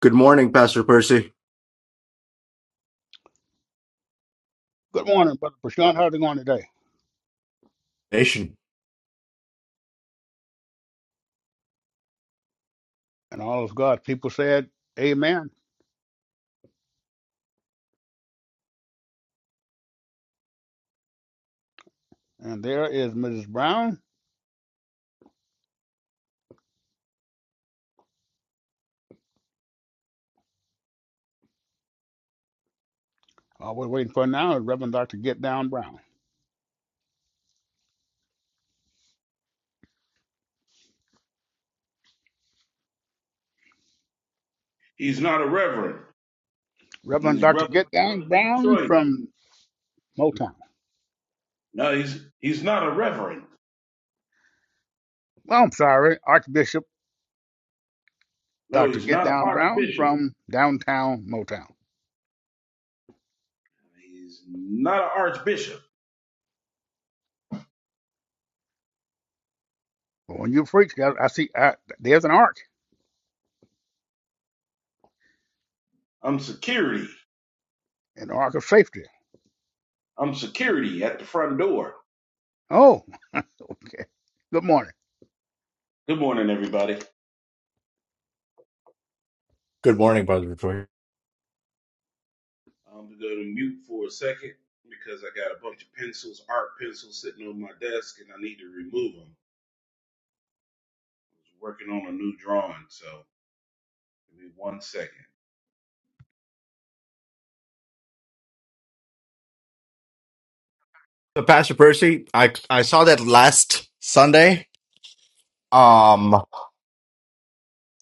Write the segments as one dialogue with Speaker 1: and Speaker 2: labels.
Speaker 1: Good morning, Pastor Percy.
Speaker 2: Good morning, Brother Prashant. How's it going today?
Speaker 1: Nation.
Speaker 2: And all of God's people said, Amen. And there is Mrs. Brown. All we're waiting for now is Reverend Dr. Get Down Brown.
Speaker 3: He's not a reverend.
Speaker 2: Reverend
Speaker 3: He's
Speaker 2: Dr.
Speaker 3: brother
Speaker 2: Get Down
Speaker 3: brother
Speaker 2: Brown
Speaker 3: Detroit.
Speaker 2: from Motown.
Speaker 3: No, he's he's not a reverend.
Speaker 2: Well, I'm sorry, Archbishop
Speaker 3: No,
Speaker 2: Dr.
Speaker 3: he's
Speaker 2: Get
Speaker 3: not an
Speaker 2: Down Brown
Speaker 3: archbishop.
Speaker 2: from downtown Motown.
Speaker 3: He's not an archbishop.
Speaker 2: But when you preach, I, I see I, there's an ark,
Speaker 3: I'm security.
Speaker 2: an ark of safety.
Speaker 3: I'm security at the front door.
Speaker 2: Oh, okay. Good morning.
Speaker 3: Good morning, everybody.
Speaker 1: Good morning, Brother Victoria.
Speaker 3: I'm gonna go to mute for a second because I got a bunch of pencils, art pencils, sitting on my desk, and I need to remove them. I was working on a new drawing, so give me one second.
Speaker 1: So, Pastor Percy, I I saw that last Sunday. Um,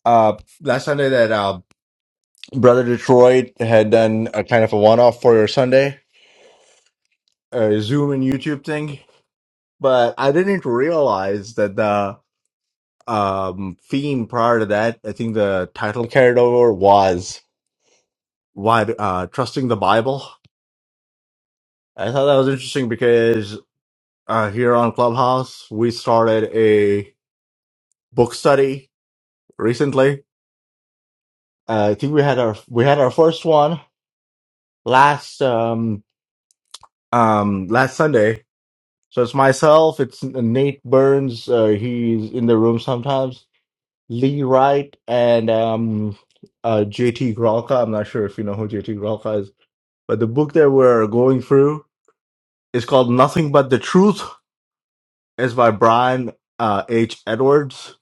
Speaker 1: uh, last Sunday that uh, Brother Detroit had done a kind of a one-off for your Sunday uh, Zoom and YouTube thing, but I didn't realize that the um theme prior to that, I think the title carried over was why uh trusting the Bible. I thought that was interesting because uh here on Clubhouse we started book study recently. Uh, I think we had our we had our first one last um um last Sunday. So it's myself, it's Nate Burns. Uh, he's in the room sometimes. Lee Wright and um uh JT Gralka. I'm not sure if you know who JT Gralka is, but the book that we're going through is called Nothing But the Truth. It's by Brian uh, H. Edwards,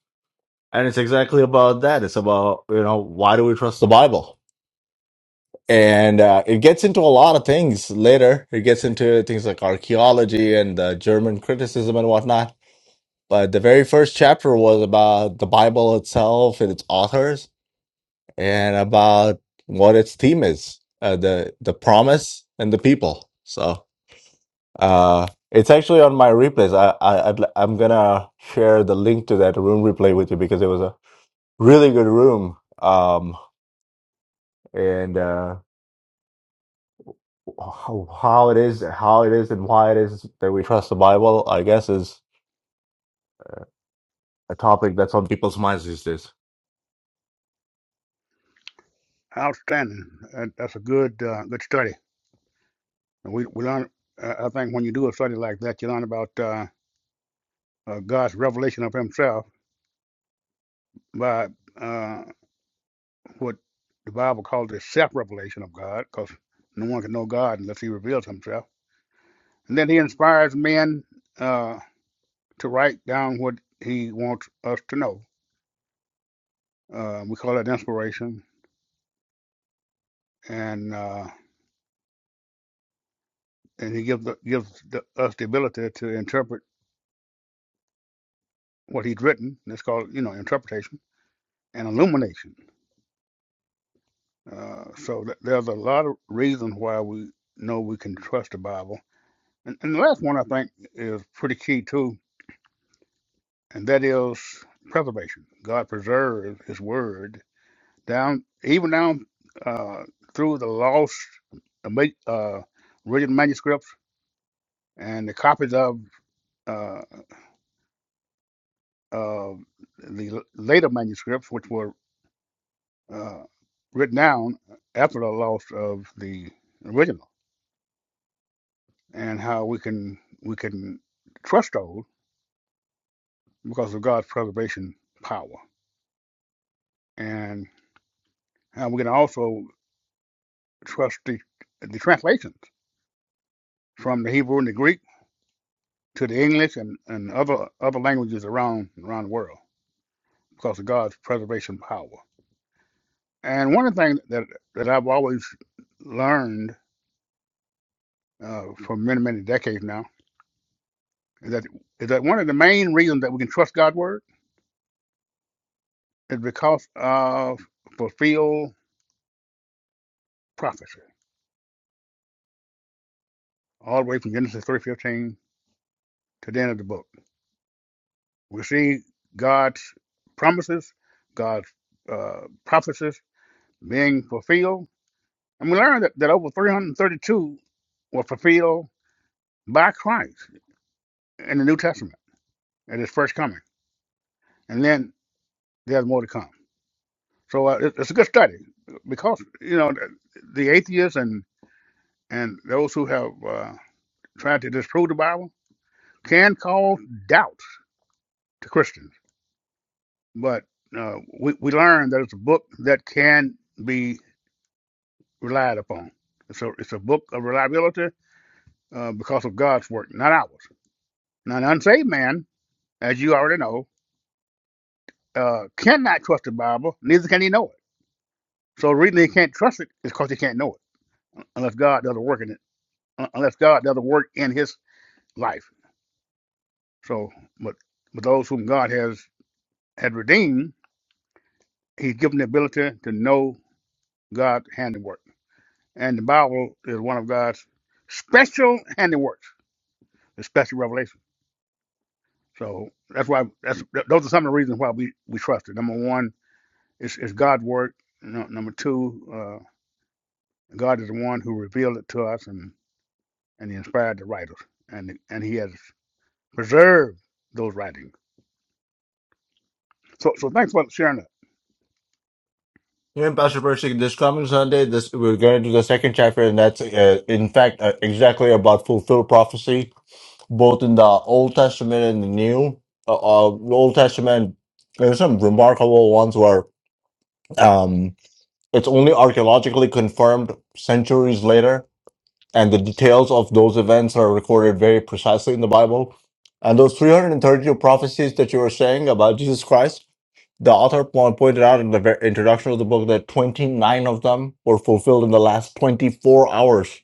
Speaker 1: and it's exactly about that. It's about you know why do we trust the Bible? and uh, it gets into a lot of things later. It gets into things like archaeology and uh, German criticism and whatnot. But the very first chapter was about the Bible itself and its authors, and about what its theme is, uh, the the promise and the people. So uh, it's actually on my replays. I, I I'd, li- I'm gonna share the link to that room replay with you because it was a really good room. Um, and uh, how how it is how it is and why it is that we trust the Bible, I guess, is a topic that's on people's minds these days.
Speaker 2: Outstanding. Uh, That's a good uh, good study. And we, we learn, uh, I think when you do a study like that, you learn about. Uh, uh, God's revelation of Himself by uh, what the Bible calls the self revelation of God, because no one can know God unless He reveals Himself. And then He inspires men uh, to write down what He wants us to know. Uh, we call that inspiration, and uh, and He gives the, gives the, us the ability to interpret what He's written. That's called you know interpretation and illumination. Uh, so th- there's a lot of reasons why we know we can trust the Bible And, and the last one I think is pretty key too, and that is preservation. God preserves His Word down, even down uh, through the lost, uh, uh, original manuscripts and the copies of uh, of the later manuscripts, which were uh, written down after the loss of the original, and how we can we can trust those because of God's preservation power, and how we can also trustee the the translations from the Hebrew and the Greek to the English and, and other other languages around around the world because of God's preservation power. And one of the things that that I've always learned uh, for many many decades now is that is that one of the main reasons that we can trust God's word is because of fulfilled prophecy, all the way from Genesis three fifteen to the end of the book. We see God's promises, God's uh, prophecies being fulfilled. And we learned that, that over 332 were fulfilled by Christ in the New Testament at his first coming. And then there's more to come. So uh, it, it's a good study because, you know, the, the atheists and, and those who have uh, tried to disprove the Bible can cause doubt to Christians. But uh, we, we learned that it's a book that can be relied upon. It's a, it's a book of reliability uh, because of God's work, not ours. Now, an unsaved man as you already know, uh, cannot trust the Bible, neither can he know it. So the reason they can't trust it is because they can't know it, unless God does a work in it, un- unless God does a work in his life. So, but but those whom God has has redeemed, He's given the ability to know God's handiwork, and the Bible is one of God's special handiworks, the special revelation. So that's why that's th- those are some of the reasons why we we trust it. Number one, it's, it's God's work. No, number two. uh, God is the one who revealed it to us and, and he inspired the writers and and he has preserved those writings. So so thanks for sharing that.
Speaker 1: Yeah, Pastor Percy, this coming Sunday, this we're going to the second chapter, and that's uh, in fact uh, exactly about fulfilled prophecy, both in the Old Testament and the New. Uh, uh, the Old Testament, there's some remarkable ones where um, it's only archaeologically confirmed centuries later, and the details of those events are recorded very precisely in the Bible. And those 332 prophecies that you were saying about Jesus Christ, the author po- pointed out in the ver- introduction of the book that 29 of them were fulfilled in the last 24 hours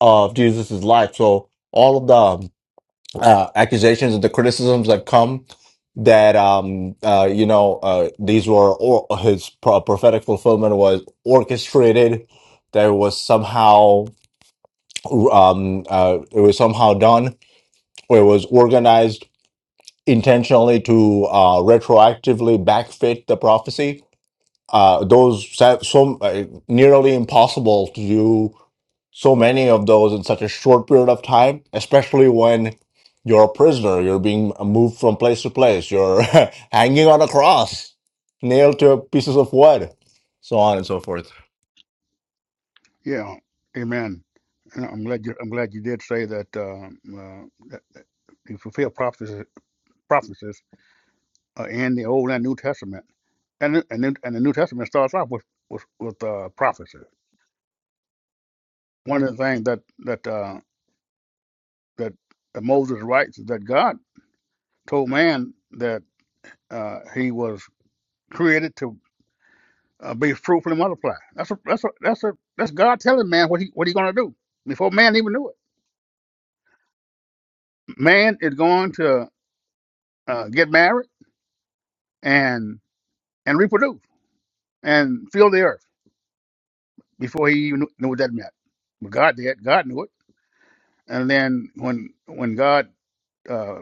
Speaker 1: of Jesus' life. So all of the uh, accusations and the criticisms that come that um uh you know uh these were or his pro- prophetic fulfillment was orchestrated there was somehow um, uh, it was somehow done or it was organized intentionally to uh, retroactively backfit the prophecy. Uh, those so so, uh, nearly impossible to do so many of those in such a short period of time, especially when you're a prisoner, you're being moved from place to place, you're hanging on a cross, nailed to pieces of wood, so on and so forth.
Speaker 2: Yeah. Amen. And I'm glad you I'm glad you did say that um uh, that you fulfill prophecies prophecies uh, in the old and new testament. And the- and the, and the New Testament starts off with with, with uh, prophecy. One of the things that that uh, that that Moses writes is that God told man that uh, he was created to. uh, be fruitful and multiply. That's a, that's a, that's a, that's God telling man what he what he gonna do before man even knew it. Man is going to uh, get married and and reproduce and fill the earth before he even knew knew what that meant. But God did. God knew it. And then when when God uh,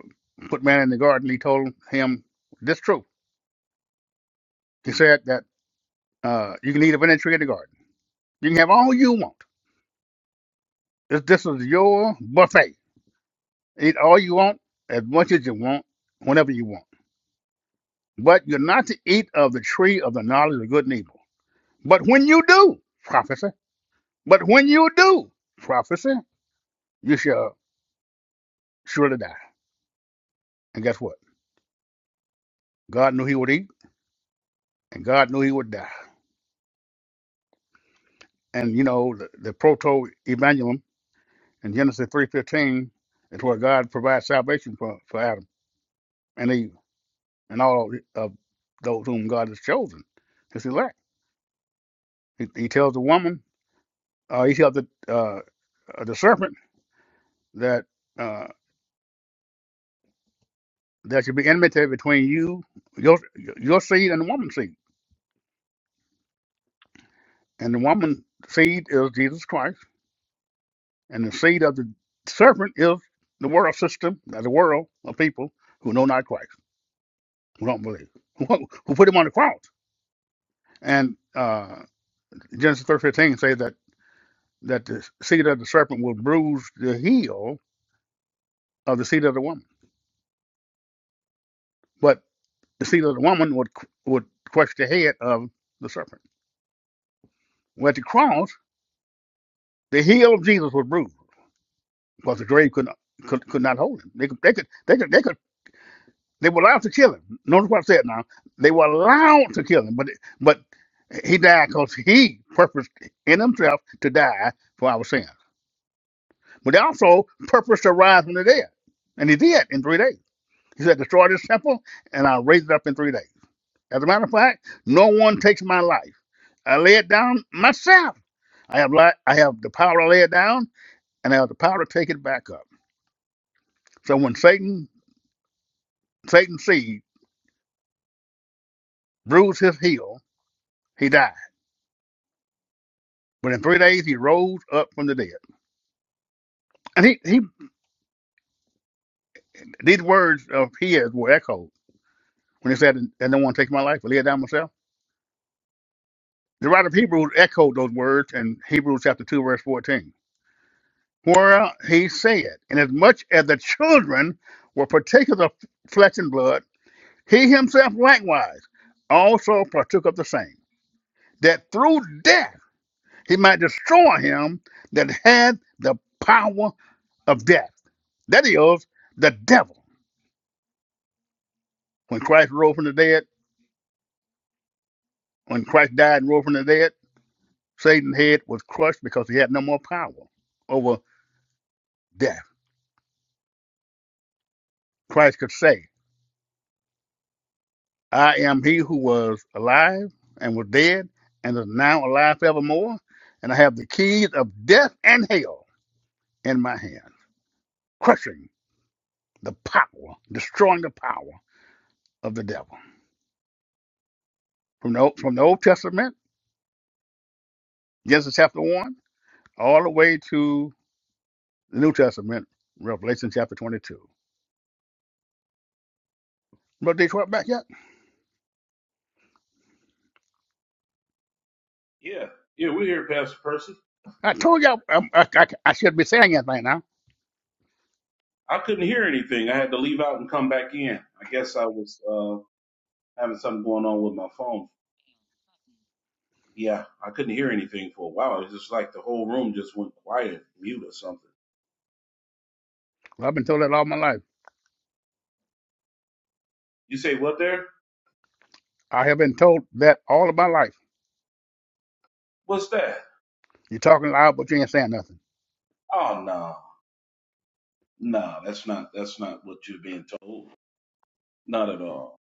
Speaker 2: put man in the garden, He told him this truth. He said that uh, you can eat of any tree in the garden. You can have all you want. This this is your buffet. Eat all you want, as much as you want, whenever you want. But you're not to eat of the tree of the knowledge of good and evil. But when you do, prophecy. But when you do, prophecy, you shall surely die. And guess what? God knew he would eat, and God knew he would die. And you know, the, the proto evangelium in Genesis three fifteen is where God provides salvation for, for Adam and Eve and all of those whom God has chosen, his elect. He, he tells the woman, uh, he tells the uh, the serpent that. uh, There should be enmity between you, your your seed, and the woman's seed. And the woman's seed is Jesus Christ, and the seed of the serpent is the world system, the world of people who know not Christ, who don't believe, who, who put him on the cross. And uh, Genesis three fifteen says that that the seed of the serpent will bruise the heel of the seed of the woman, but the seed of the woman would would crush the head of the serpent. Well, at the cross, the heel of Jesus was bruised because the grave could not could, could not hold him. They could they could they could they could they were allowed to kill him. Notice what I said now. They were allowed to kill him, but but he died because he purposed in himself to die for our sins. But they also purposed to rise from the dead, and he did in three days. He said, "Destroy this temple, and I'll raise it up in three days." As a matter of fact, no one takes my life. I lay it down myself. I have li- I have the power to lay it down, and I have the power to take it back up. So when Satan Satan sees. bruised his heel, he died. But in three days he rose up from the dead. And he, he these words of his were echoed when he said, And no one take my life, but lay it down myself. The writer of Hebrews echoed those words in Hebrews chapter 2, verse 14, where he said, Inasmuch as the children were partakers of flesh and blood, he himself likewise also partook of the same, that through death he might destroy him that had the power of death That is the devil. When Christ rose from the dead, when Christ died and rose from the dead, Satan's head was crushed because he had no more power over death. Christ could say, I am he who was alive and was dead and is now alive forevermore, and I have the keys of death and hell in my hand, crushing the power, destroying the power of the devil. From the, Old- from the Old Testament, Genesis chapter 1, all the way to the New Testament, Revelation chapter 22. But they Detroit back yet?
Speaker 3: Yeah, yeah, we're here, Pastor Percy.
Speaker 2: I told y'all um, I, I, I should be saying that right now.
Speaker 3: I couldn't hear anything. I had to leave out and come back in. I guess I was. Uh, having something going on with my phone. Yeah, I couldn't hear anything for a while. It's just like the whole room just went quiet, mute or something.
Speaker 2: I've been told that all my life.
Speaker 3: You say what there?
Speaker 2: I have been told that all of my life.
Speaker 3: What's that?
Speaker 2: You're talking loud, but you ain't saying nothing.
Speaker 3: Oh no, no, that's not that's not what you're being told. Not at all.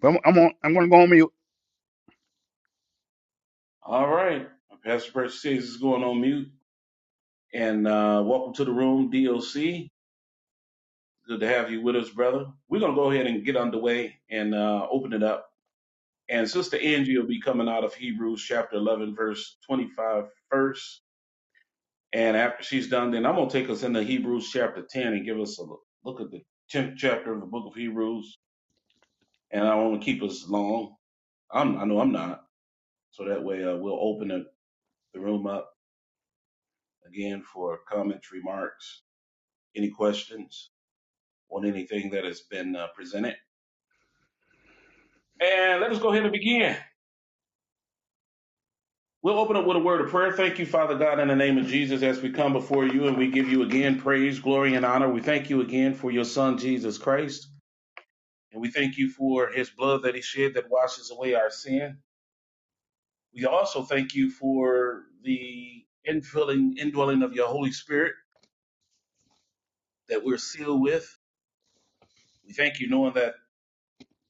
Speaker 2: But I'm, I'm, on, I'm going to go on mute.
Speaker 3: All right, Pastor Percy says is going on mute. And uh, welcome to the room, DOC. Good to have you with us, brother. We're gonna go ahead and get underway and uh, open it up. And Sister Angie will be coming out of Hebrews chapter 11, verse 25 first. And after she's done, then I'm going to take us into Hebrews chapter 10 and give us a look, look at the 10th chapter of the book of Hebrews. And I don't want to keep us long. I'm, I know I'm not. So that way uh, we'll open the the room up again for comments, remarks, any questions on anything that has been uh, presented. And let us go ahead and begin. We'll open up with a word of prayer. Thank you, Father God, in the name of Jesus, as we come before you and we give you again praise, glory, and honor. We thank you again for your Son, Jesus Christ. And we thank you for his blood that he shed that washes away our sin. We also thank you for the infilling, indwelling of your Holy Spirit that we're sealed with. We thank you knowing that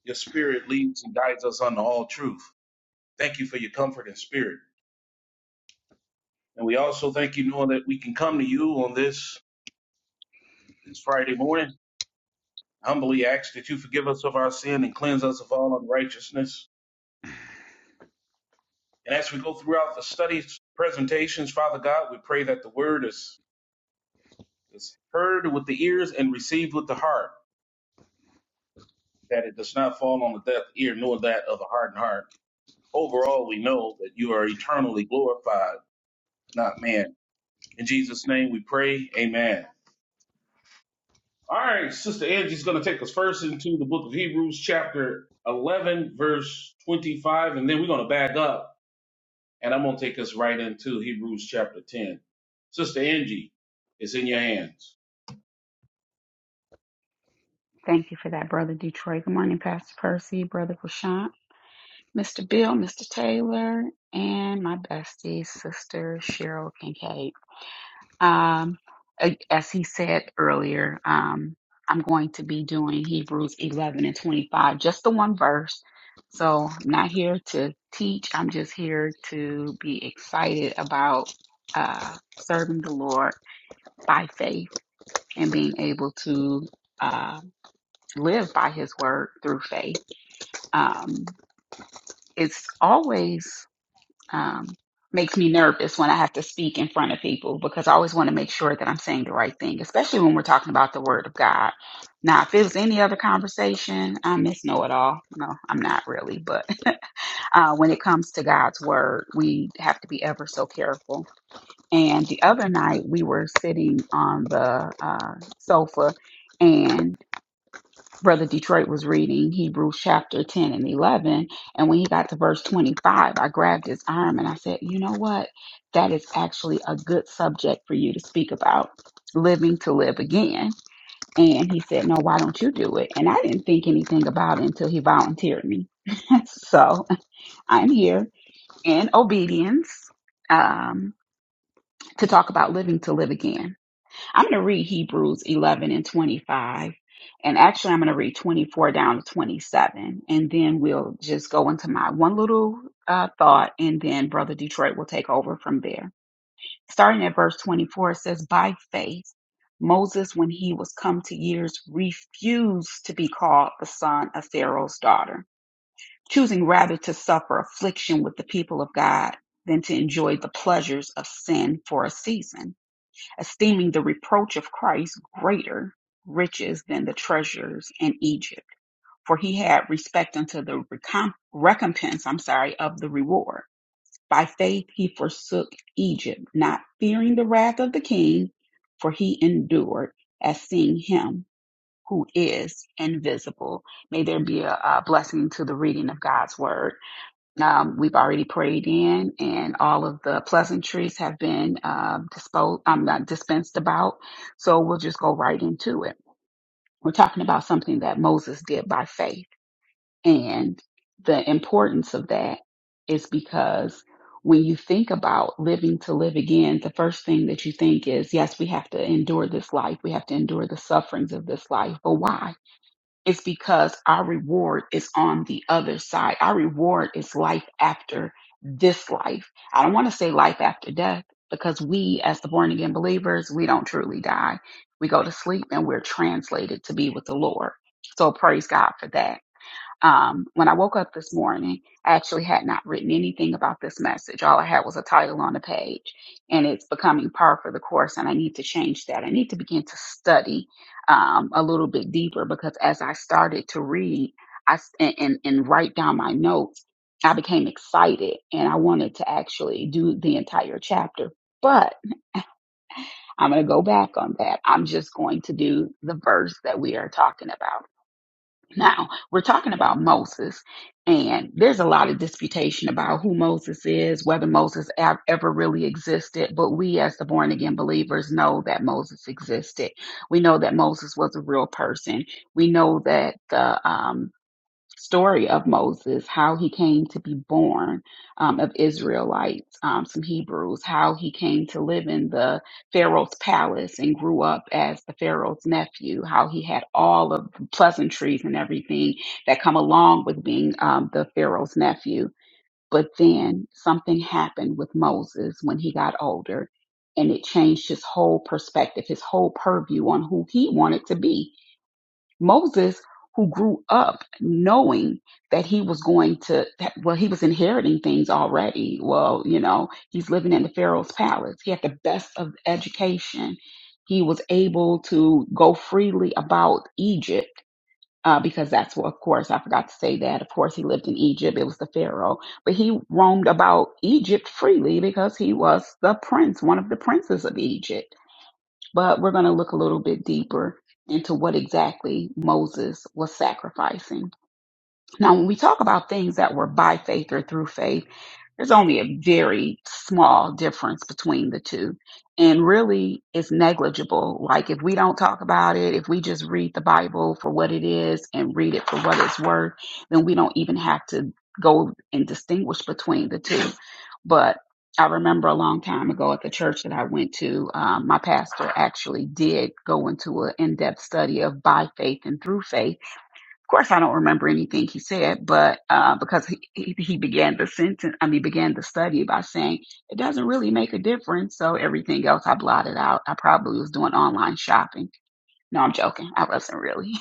Speaker 3: your spirit leads and guides us unto all truth. Thank you for your comfort and spirit. And we also thank you knowing that we can come to you on this, this Friday morning. Humbly ask that you forgive us of our sin and cleanse us of all unrighteousness. And as we go throughout the studies, presentations, Father God, we pray that the word is It's heard with the ears and received with the heart, that it does not fall on the deaf ear nor that of a hardened heart. Overall, we know that you are eternally glorified, not man. In Jesus' name we pray, amen. All right, Sister Angie's going to take us first into the book of Hebrews, chapter 11, verse 25, and then we're going to back up, and I'm going to take us right into Hebrews, chapter 10. Sister Angie, it's in your hands.
Speaker 4: Thank you for that, Brother Detroit. Good morning, Pastor Percy, Brother Prashant, Mr. Bill, Mr. Taylor, and my bestie, Sister Cheryl Kincaid. Um, a- as he said earlier, um, I'm going to be doing Hebrews 11 and 25, just the one verse. So I'm not here to teach. I'm just here to be excited about uh, serving the Lord by faith and being able to uh, live by His word through faith. um, it's always um, makes me nervous when I have to speak in front of people because I always want to make sure that I'm saying the right thing, especially when we're talking about the Word of God. Now, if it was any other conversation, I miss know it all. No, I'm not really, but uh, when it comes to God's Word, we have to be ever so careful. And the other night, we were sitting on the uh, sofa. and Brother Detroit was reading Hebrews chapter 10 and 11. And when he got to verse 25, I grabbed his arm and I said, You know what? That is actually a good subject for you to speak about living to live again. And he said, No, why don't you do it? And I didn't think anything about it until he volunteered me. so I'm here in obedience um, to talk about living to live again. I'm going to read Hebrews 11 and 25. And actually, I'm going to read 24 down to 27. And then we'll just go into my one little uh, thought. And then Brother Detroit will take over from there. Starting at verse 24, it says, By faith, Moses, when he was come to years, refused to be called the son of Pharaoh's daughter, choosing rather to suffer affliction with the people of God than to enjoy the pleasures of sin for a season esteeming the reproach of Christ greater riches than the treasures in Egypt, for he had respect unto the recom- recompense, I'm sorry, of the reward. By faith he forsook Egypt, not fearing the wrath of the king, for he endured as seeing him who is invisible. May there be a, a blessing to the reading of God's word. Um, we've already prayed in, and all of the pleasantries have been uh, disposed. i not dispensed about, so we'll just go right into it. We're talking about something that Moses did by faith, and the importance of that is because when you think about living to live again, the first thing that you think is, yes, we have to endure this life. We have to endure the sufferings of this life, but why? It's because our reward is on the other side. Our reward is life after this life. I don't want to say life after death because we, as the born again believers, we don't truly die. We go to sleep and we're translated to be with the Lord. So praise God for that um, when I woke up this morning, I actually had not written anything about this message. All I had was a title on the page, and it's becoming par for the course. And I need to change that. I need to begin to study um, a little bit deeper because as I started to read, I s- and, and and write down my notes, I became excited and I wanted to actually do the entire chapter. But I'm going to go back on that. I'm just going to do the verse that we are talking about. Now, we're talking about Moses, and there's a lot of disputation about who Moses is, whether Moses ev- ever really existed, but we as the born again believers know that Moses existed. We know that Moses was a real person. We know that the um, story of Moses, how he came to be born um, of Israelites, um, some Hebrews, how he came to live in the Pharaoh's palace and grew up as the Pharaoh's nephew, how he had all of the pleasantries and everything that come along with being um, the Pharaoh's nephew. But then something happened with Moses when he got older. And it changed his whole perspective, his whole purview on who he wanted to be Moses, who grew up knowing that he was going to, that, well, he was inheriting things already. Well, you know, he's living in the Pharaoh's palace. He had the best of education. He was able to go freely about Egypt. Uh, because that's what, of course, I forgot to say that. Of course, he lived in Egypt. It was the Pharaoh. But he roamed about Egypt freely because he was the prince, one of the princes of Egypt but we're going to look a little bit deeper into what exactly Moses was sacrificing. Now, when we talk about things that were by faith or through faith, there's only a very small difference between the two. And really, it's negligible. Like, if we don't talk about it, if we just read the Bible for what it is and read it for what it's worth, then we don't even have to go and distinguish between the two. But I remember a long time ago at the church that I went to, um, my pastor actually did go into an in depth study of by faith and through faith of course, I don't remember anything he said, but uh, because he, he he began the sentence, I mean, began the study by saying it doesn't really make a difference. So everything else I blotted out. I probably was doing online shopping. No, I'm joking. I wasn't really.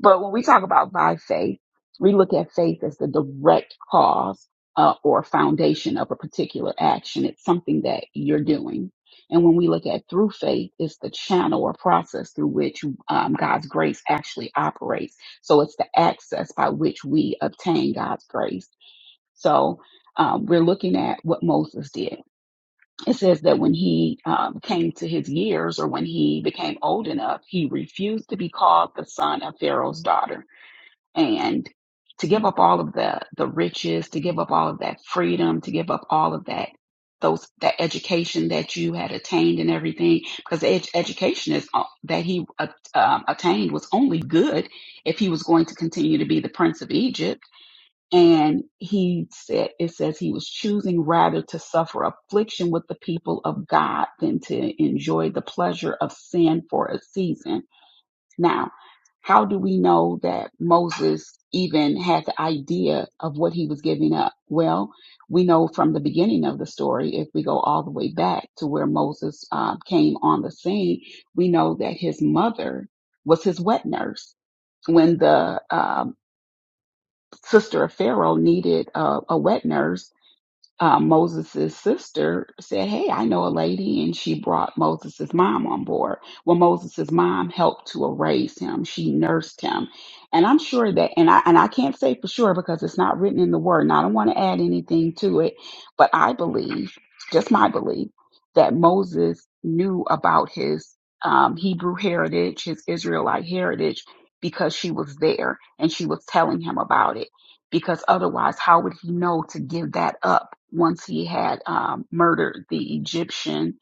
Speaker 4: But when we talk about by faith, we look at faith as the direct cause uh, or foundation of a particular action. It's something that you're doing. And when we look at through faith, it's the channel or process through which um, God's grace actually operates. So it's the access by which we obtain God's grace. So um, we're looking at what Moses did. It says that when he um, came to his years or when he became old enough, he refused to be called the son of Pharaoh's daughter and to give up all of the, the riches, to give up all of that freedom, to give up all of that, those, that education that you had attained and everything, because the ed- education is, uh, that he uh, um, attained was only good if he was going to continue to be the prince of Egypt. And he said, it says he was choosing rather to suffer affliction with the people of God than to enjoy the pleasure of sin for a season now, how do we know that Moses even had the idea of what he was giving up? Well, we know from the beginning of the story, if we go all the way back to where Moses uh, came on the scene, we know that his mother was his wet nurse. When the um sister of Pharaoh needed a, a wet nurse, uh, Moses' sister said, Hey, I know a lady, and she brought Moses' mom on board. Well, Moses' mom helped to raise him, she nursed him. And I'm sure that, and I, and I can't say for sure because it's not written in the word, and I don't want to add anything to it, but I believe, just my belief, that Moses knew about his um, Hebrew heritage, his Israelite heritage, because she was there and she was telling him about it because otherwise, how would he know to give that up once he had um, murdered the Egyptian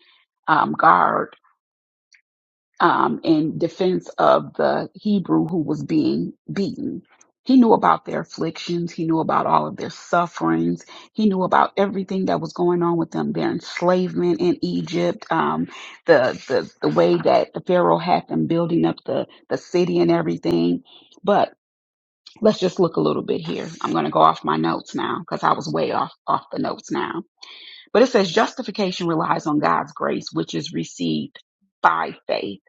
Speaker 4: um, guard um, in defense of the Hebrew who was being beaten? He knew about their afflictions. He knew about all of their sufferings. He knew about everything that was going on with them, their enslavement in Egypt, um, the, the the way that Pharaoh had them building up the the city and everything. But let's just look a little bit here. I'm going to go off my notes now because I was way off off the notes now. But it says justification relies on God's grace, which is received by faith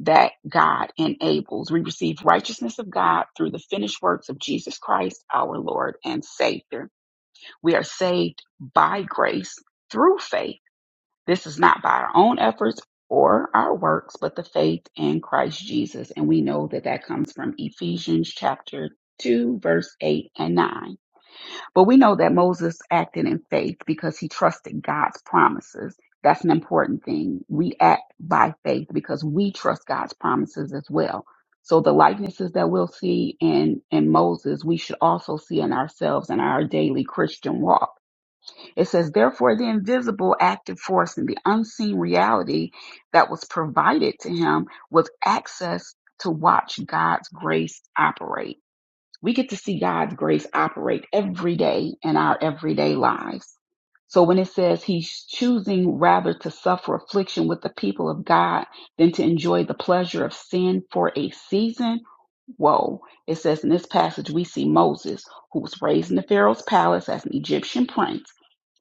Speaker 4: that God enables. We receive righteousness of God through the finished works of Jesus Christ, our Lord and Savior. We are saved by grace through faith this is not by our own efforts or our works, but the faith in Christ Jesus. And we know that that comes from Ephesians chapter 2, verse 8 and 9. But we know that Moses acted in faith because he trusted God's promises. That's an important thing. We act by faith because we trust God's promises as well. So the likenesses that we'll see in, in Moses, we should also see in ourselves in our daily Christian walk it says, therefore, the invisible active force and the unseen reality that was provided to him was access to watch God's grace operate. We get to see God's grace operate every day in our everyday lives. So when it says he's choosing rather to suffer affliction with the people of God than to enjoy the pleasure of sin for a season, whoa. It says in this passage, we see Moses, who was raised in the Pharaoh's palace as an Egyptian prince.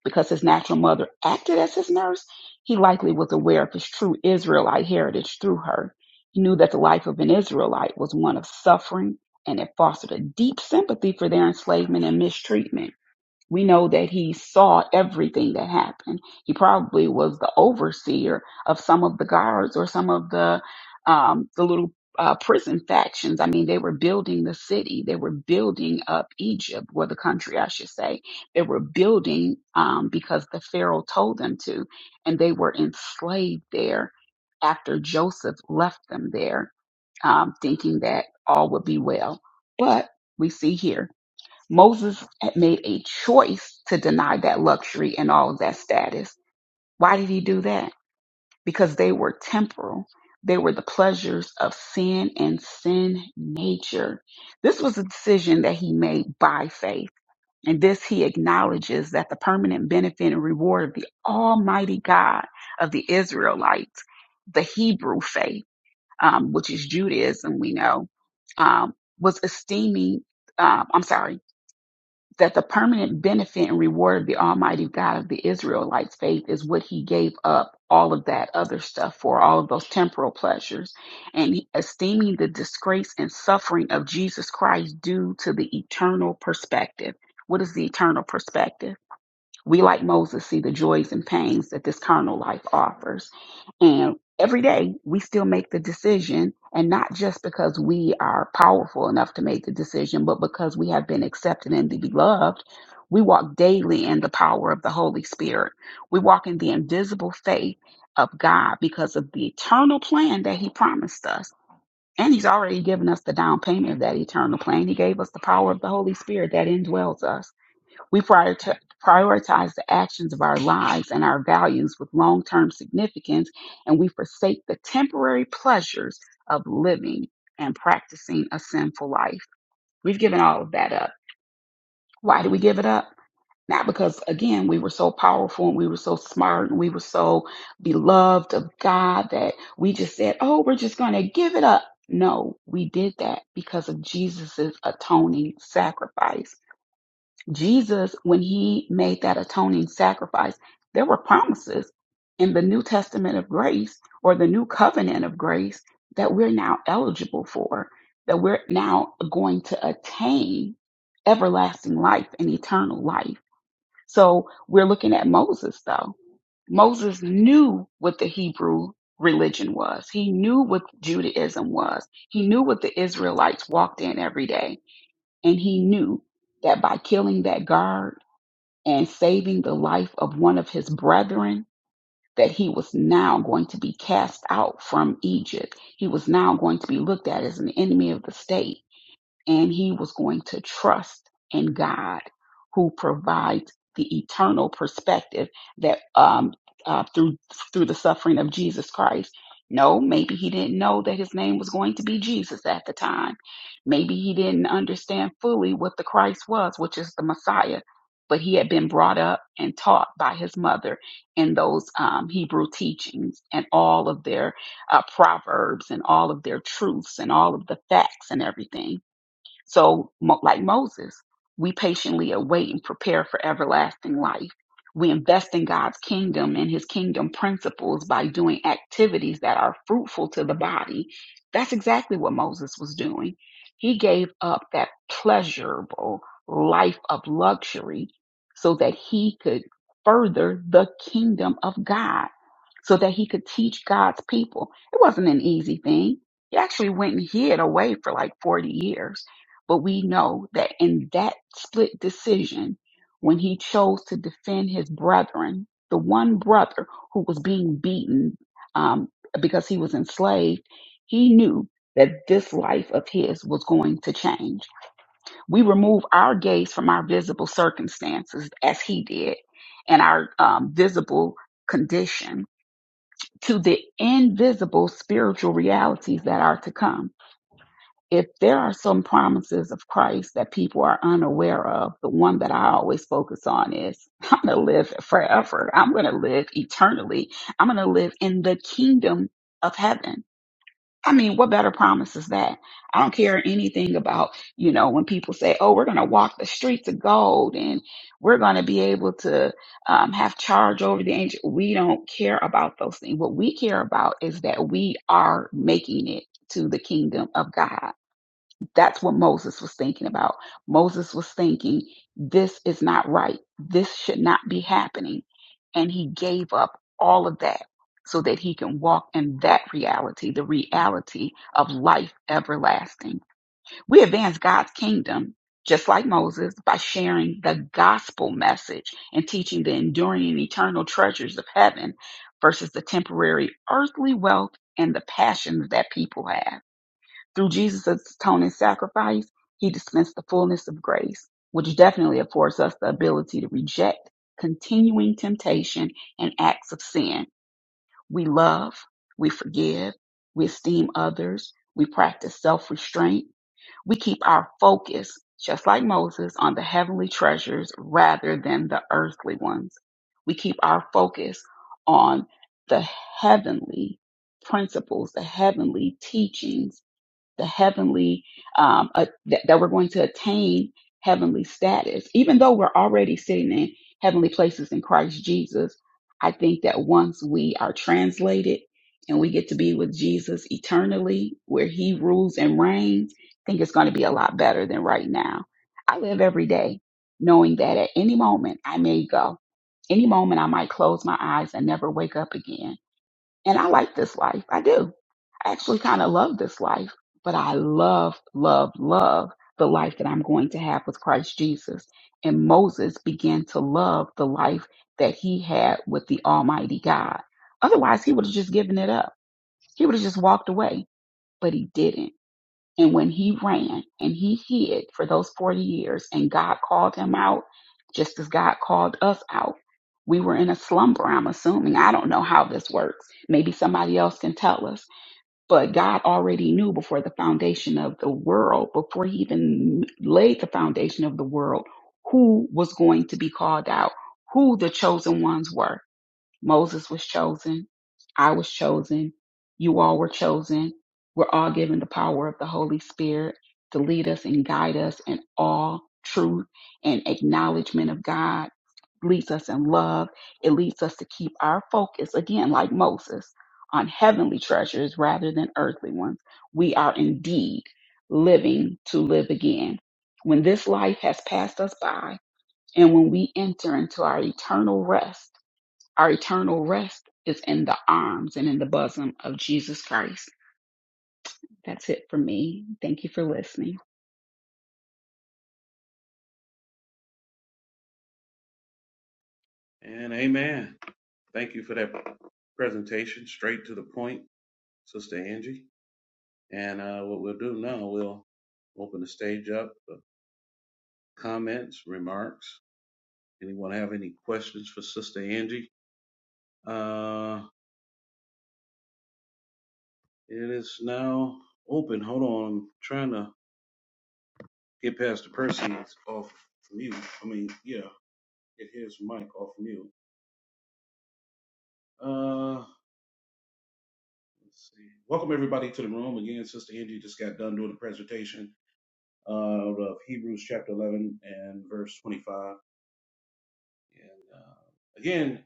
Speaker 4: Because his natural mother acted as his nurse, he likely was aware of his true Israelite heritage through her. He knew that the life of an Israelite was one of suffering and it fostered a deep sympathy for their enslavement and mistreatment. We know that he saw everything that happened. He probably was the overseer of some of the guards or some of the um, the little uh, prison factions. I mean, they were building the city. They were building up Egypt, or the country, I should say. They were building um, because the Pharaoh told them to, and they were enslaved there after Joseph left them there um, thinking that all would be well. But we see here, Moses had made a choice to deny that luxury and all of that status. Why did he do that? Because they were temporal. They were the pleasures of sin and sin nature. This was a decision that he made by faith. And this he acknowledges that the permanent benefit and reward of the Almighty God of the Israelites, the Hebrew faith um, which is Judaism, we know, um, was esteeming, uh, I'm sorry, that the permanent benefit and reward of the Almighty God of the Israelites' faith is what he gave up all of that other stuff for, all of those temporal pleasures, and he- esteeming the disgrace and suffering of Jesus Christ due to the eternal perspective. What is the eternal perspective? We, like Moses, see the joys and pains that this carnal life offers. And every day we still make the decision, and not just because we are powerful enough to make the decision, but because we have been accepted and beloved. We walk daily in the power of the Holy Spirit. We walk in the invisible faith of God because of the eternal plan that He promised us. And He's already given us the down payment of that eternal plan. He gave us the power of the Holy Spirit that indwells us. We priorita- prioritize the actions of our lives and our values with long term significance, and we forsake the temporary pleasures of living and practicing a sinful life. We've given all of that up. Why do we give it up? Not because, again, we were so powerful and we were so smart and we were so beloved of God that we just said, oh, we're just going to give it up. No, we did that because of Jesus's atoning sacrifice Jesus, when he made that atoning sacrifice, there were promises in the New Testament of grace or the New Covenant of grace that we're now eligible for, that we're now going to attain everlasting life and eternal life. So we're looking at Moses, though. Moses knew what the Hebrew religion was, he knew what Judaism was, he knew what the Israelites walked in every day, and he knew that by killing that guard, and saving the life of one of his brethren, that he was now going to be cast out from Egypt. He was now going to be looked at as an enemy of the state and he was going to trust in God who provides the eternal perspective that um, uh, through through the suffering of Jesus Christ. No, maybe he didn't know that his name was going to be Jesus at the time. Maybe he didn't understand fully what the Christ was, which is the Messiah. But he had been brought up and taught by his mother in those um, Hebrew teachings and all of their uh, proverbs and all of their truths and all of the facts and everything so, mo- like Moses, we patiently await and prepare for everlasting life. We invest in God's kingdom and his kingdom principles by doing activities that are fruitful to the body. That's exactly what Moses was doing. He gave up that pleasurable life of luxury so that he could further the kingdom of God, so that he could teach God's people. It wasn't an easy thing. He actually went and hid away for like 40 years but we know that in that split decision, when he chose to defend his brethren, the one brother who was being beaten um, because he was enslaved, he knew that this life of his was going to change. We remove our gaze from our visible circumstances as he did and our um, visible condition to the invisible spiritual realities that are to come if there are some promises of Christ that people are unaware of, the one that I always focus on is I'm going to live forever. I'm going to live eternally. I'm going to live in the kingdom of heaven. I mean, what better promise is that? I don't care anything about, you know, when people say, oh, we're going to walk the streets of gold and we're going to be able to um, have charge over the angel. We don't care about those things. What we care about is that we are making it to the kingdom of God that's what Moses was thinking about. Moses was thinking, this is not right. This should not be happening. And he gave up all of that so that he can walk in that reality, the reality of life everlasting. We advance God's kingdom just like Moses by sharing the gospel message and teaching the enduring and eternal treasures of heaven versus the temporary earthly wealth and the passions that people have through Jesus' atoning sacrifice, he dispensed the fullness of grace, which definitely affords us the ability to reject continuing temptation and acts of sin. We love, we forgive, we esteem others, we practice self restraint, we keep our focus, just like Moses, on the heavenly treasures rather than the earthly ones. We keep our focus on the heavenly principles, the heavenly teachings the heavenly um, uh, that, that we're going to attain heavenly status even though we're already sitting in heavenly places in christ jesus i think that once we are translated and we get to be with jesus eternally where he rules and reigns i think it's going to be a lot better than right now i live every day knowing that at any moment i may go any moment i might close my eyes and never wake up again and I like this life. I do. I actually kind of love this life, but I love, love, love the life that I'm going to have with Christ Jesus. And Moses began to love the life that he had with the Almighty God. Otherwise, he would have just given it up. He would have just walked away, but he didn't and when he ran and he hid for those 40 years and God called him out, just as God called us out, we were in a slumber, I'm assuming. I don't know how this works. Maybe somebody else can tell us. But God already knew before the foundation of the world, before he even laid the foundation of the world, who was going to be called out, who the chosen ones were. Moses was chosen. I was chosen. You all were chosen. We're all given the power of the Holy Spirit to lead us and guide us in all truth and acknowledgement of God. Leads us in love. It leads us to keep our focus, again, like Moses, on heavenly treasures rather than earthly ones. We are indeed living to live again. When this life has passed us by and when we enter into our eternal rest, our eternal rest is in the arms and in the bosom of Jesus Christ. That's it for me. Thank you for listening.
Speaker 3: And amen. Thank you for that presentation, straight to the point. Sister Angie. And uh, what we'll do now, we'll open the stage up for comments, remarks. Anyone have any questions for Sister Angie? Uh, it is now open. Hold on, I'm trying to get past the person off mute. I mean, yeah, get his mic off mute. Uh, let's see. Welcome everybody to the room again. Sister Angie just got done doing the presentation uh, of Hebrews chapter 11 and verse 25. And uh, again.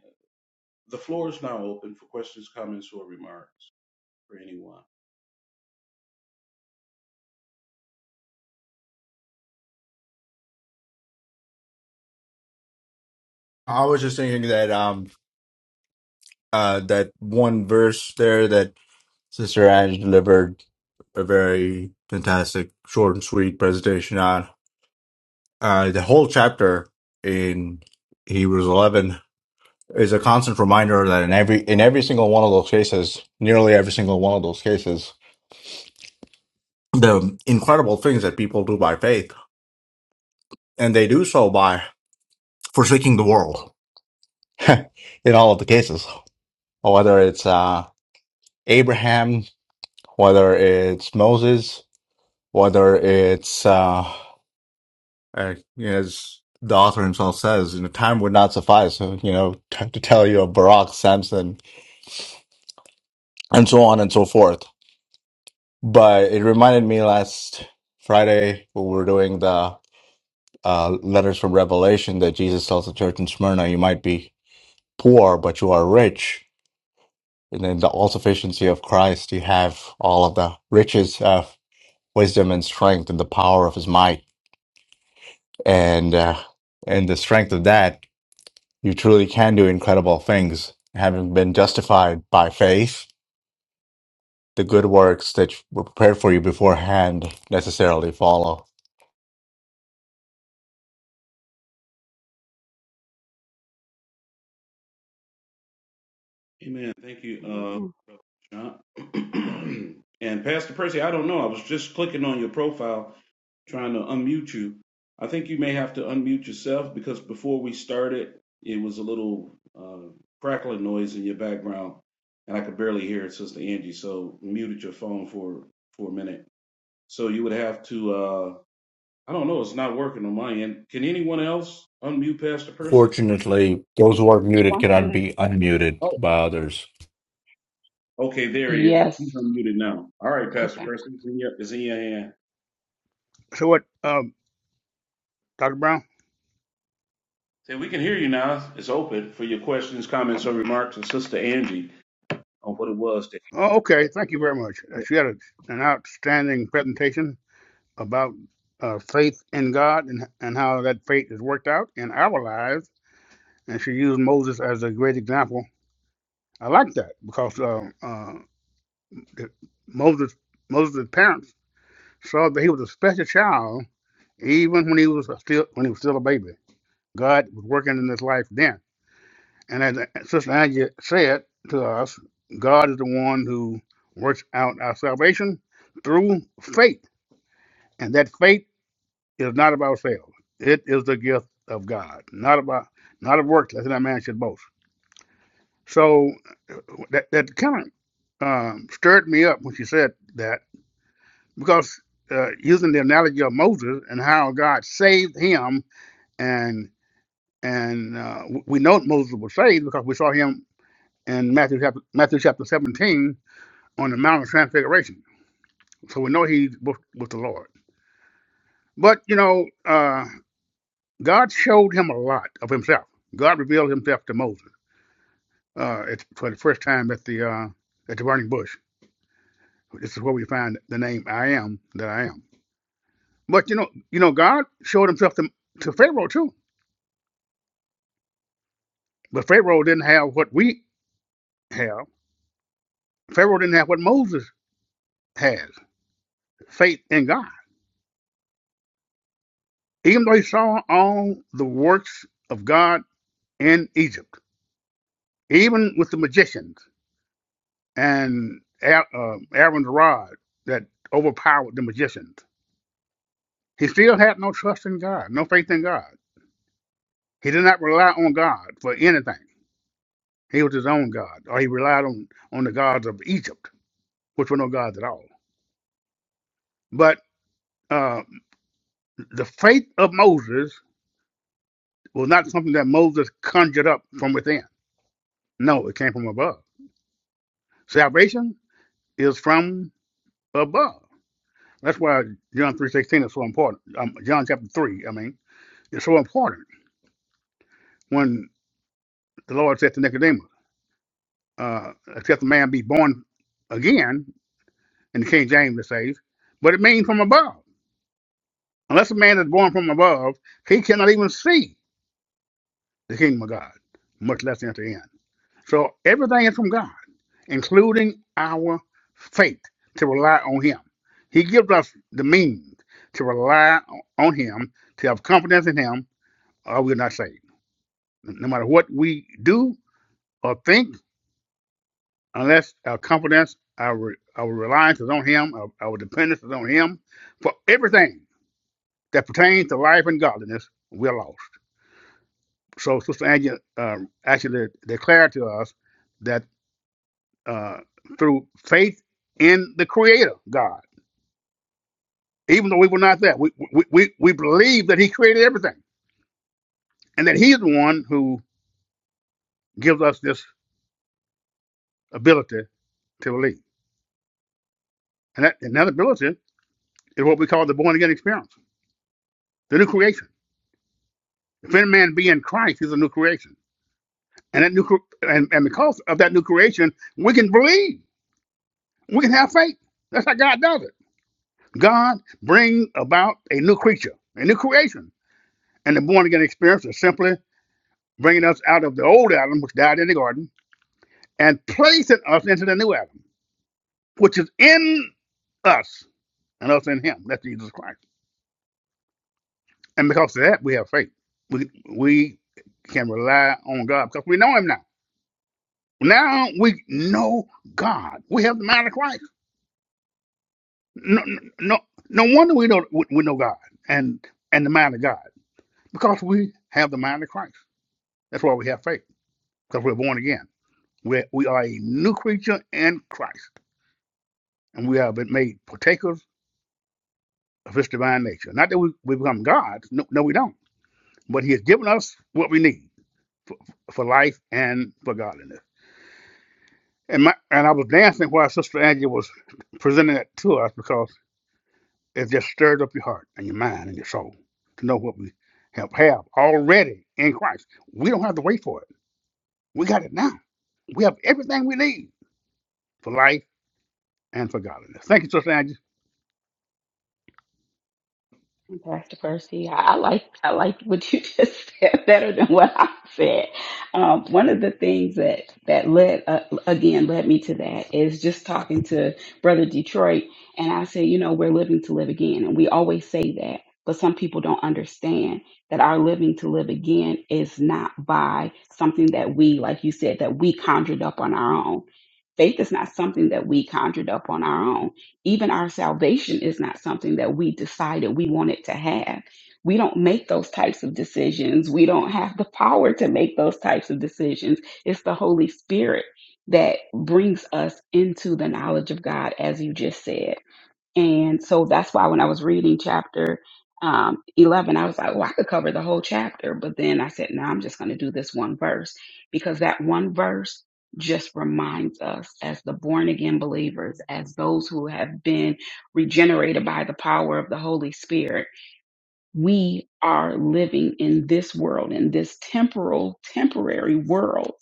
Speaker 3: The floor is now open for questions, comments, or remarks for anyone.
Speaker 1: I was just thinking that um uh that one verse there Sister Ange delivered a very fantastic, short and sweet presentation on uh, the whole chapter in Hebrews 11 is a constant reminder that in every in every single one of those cases, nearly every single one of those cases, the incredible things that people do by faith, and they do so by forsaking the world. in all of the cases, whether it's uh, Abraham, whether it's Moses, whether it's uh, Uh, as the author himself says, you know, time would not suffice, uh, you know, t- to tell you of Barack Samson and so on and so forth. But it reminded me last Friday when we were doing the uh, letters from Revelation that Jesus tells the church in Smyrna, you might be poor, but you are rich. And in the all sufficiency of Christ, you have all of the riches of wisdom and strength and the power of his might. And, uh, and the strength of that You truly can do incredible things, having been justified by faith. The good works that were prepared for you beforehand necessarily follow.
Speaker 3: Amen. Thank you,
Speaker 4: Amen.
Speaker 3: uh, Brother John. and Pastor Percy, I don't know. I was just clicking on your profile, trying to unmute you. I think you may have to unmute yourself because before we started, it was a little uh, crackling noise in your background, and I could barely hear it, Sister Angie. So muted your phone for for a minute. So you would have to. Uh, I don't know. It's not working on my end. Can anyone else unmute Pastor Percy?
Speaker 1: Fortunately, those who are muted
Speaker 4: Once
Speaker 1: cannot
Speaker 4: you,
Speaker 1: be unmuted
Speaker 3: Oh,
Speaker 1: by others.
Speaker 3: okay, there he is.
Speaker 4: yes.
Speaker 3: He's unmuted now. All right, Pastor
Speaker 4: Okay.
Speaker 3: Percy, it's in your, it's in your hand.
Speaker 2: So what, um, Dr. Brown?
Speaker 3: Say, we can hear you now. It's open for your questions, comments, or remarks to Sister Angie on what it was that
Speaker 2: Oh, okay. Thank you very much.
Speaker 3: he
Speaker 2: She had a, an outstanding presentation about uh, faith in God and, and how that faith is worked out in our lives. And she used Moses as a great example. I like that because uh, uh, Moses, Moses' parents So that he was a special child, even when he was still when he was still a baby. God was working in his life then. And as Sister Angie said to us, God is the one who works out our salvation through faith. And that faith is not of ourselves. It is the gift of God, not about not of works, lest that man should boast. So that that kind of um, stirred me up when she said that because uh, using the analogy of Moses and how God saved him and and uh, we know Moses was saved because we saw him in Matthew chapter Matthew chapter 17 on the Mount of Transfiguration. So we know he was with the Lord. But you know, uh, God showed him a lot of Himself. God revealed Himself to Moses uh, it's for the first time at the uh, at the burning bush. This is where we find the name I am that I am. But you know, you know, God showed Himself to, to Pharaoh too. But Pharaoh didn't have what we have. Pharaoh didn't have what Moses has. faith in God, even though he saw all the works of God in Egypt, even with the magicians and uh, Aaron's rod that overpowered the magicians. He still had no trust in God, no faith in God. He did not rely on God for anything. He was his own God, or he relied on, on the gods of Egypt, which were no gods at all. But uh, the faith of Moses was not something that Moses conjured up from within. No, it came from above. Salvation is from above. That's why John three sixteen is so important. Um, John chapter three, I mean, it's so important when the Lord said to Nicodemus, uh, "Except a man be born again," in the King James it says, but it means from above. Unless a man is born from above, he cannot even see the kingdom of God, much less enter in. So everything is from God, including our faith to rely on Him. He gives us the means to rely on Him, to have confidence in Him, or we're not saved. No matter what we do or think, unless our confidence, our, our reliance is on Him, our, our dependence is on Him, for everything that pertains to life and godliness, we're lost. So Sister Angela uh, actually declared to us that. uh, through faith in the Creator God. Even though we were not that, we we we we believe that He created everything, and that He's the one who gives us this ability to believe. And that, and that ability is what we call the born again experience, the new creation. If any man be in Christ, he's a new creation. And that new cre- and, and because of that new creation, we can believe, we can have faith. That's how God does it. God brings about a new creature, a new creation, and the born again experience is simply bringing us out of the old Adam, which died in the garden, and placing us into the new Adam, which is in us and us in him. That's Jesus Christ. And because of that, we have faith. We, we can rely on God because we know him now. Now we know God. We have the mind of Christ. No, no, no wonder we know, we know God and, and the mind of God because we have the mind of Christ. That's why we have faith because we're born again. we we are a new creature in Christ and we have been made partakers of his divine nature. Not that we, we become gods. No, no, we don't. But he has given us what we need for life and for godliness. And my and I was dancing while Sister Angie was presenting that to us because it just stirred up your heart and your mind and your soul to know what we have, have already in Christ. We don't have to wait for it. We got it now. We have everything we need for life and for godliness. Thank you, Sister Angie.
Speaker 4: And Pastor Percy, I, I like I like what you just said better than what I said. Um, one of the things that that led uh, again led me to that is just talking to Brother Detroit, and I said, you know, we're living to live again, and we always say that, but some people don't understand that our living to live again is not by something that we, like you said, that we conjured up on our own. Faith is not something that we conjured up on our own even our salvation is not something that we decided we wanted to have. We don't make those types of decisions. We don't have the power to make those types of decisions. It's the Holy Spirit that brings us into the knowledge of God, as you just said. And so that's why when I was reading chapter um, 11, I was like, well, I could cover the whole chapter. But then I said, no, I'm just going to do this one verse because that one verse just reminds us as the born again believers, as those who have been regenerated by the power of the Holy Spirit we are living in this world, in this temporal, temporary world.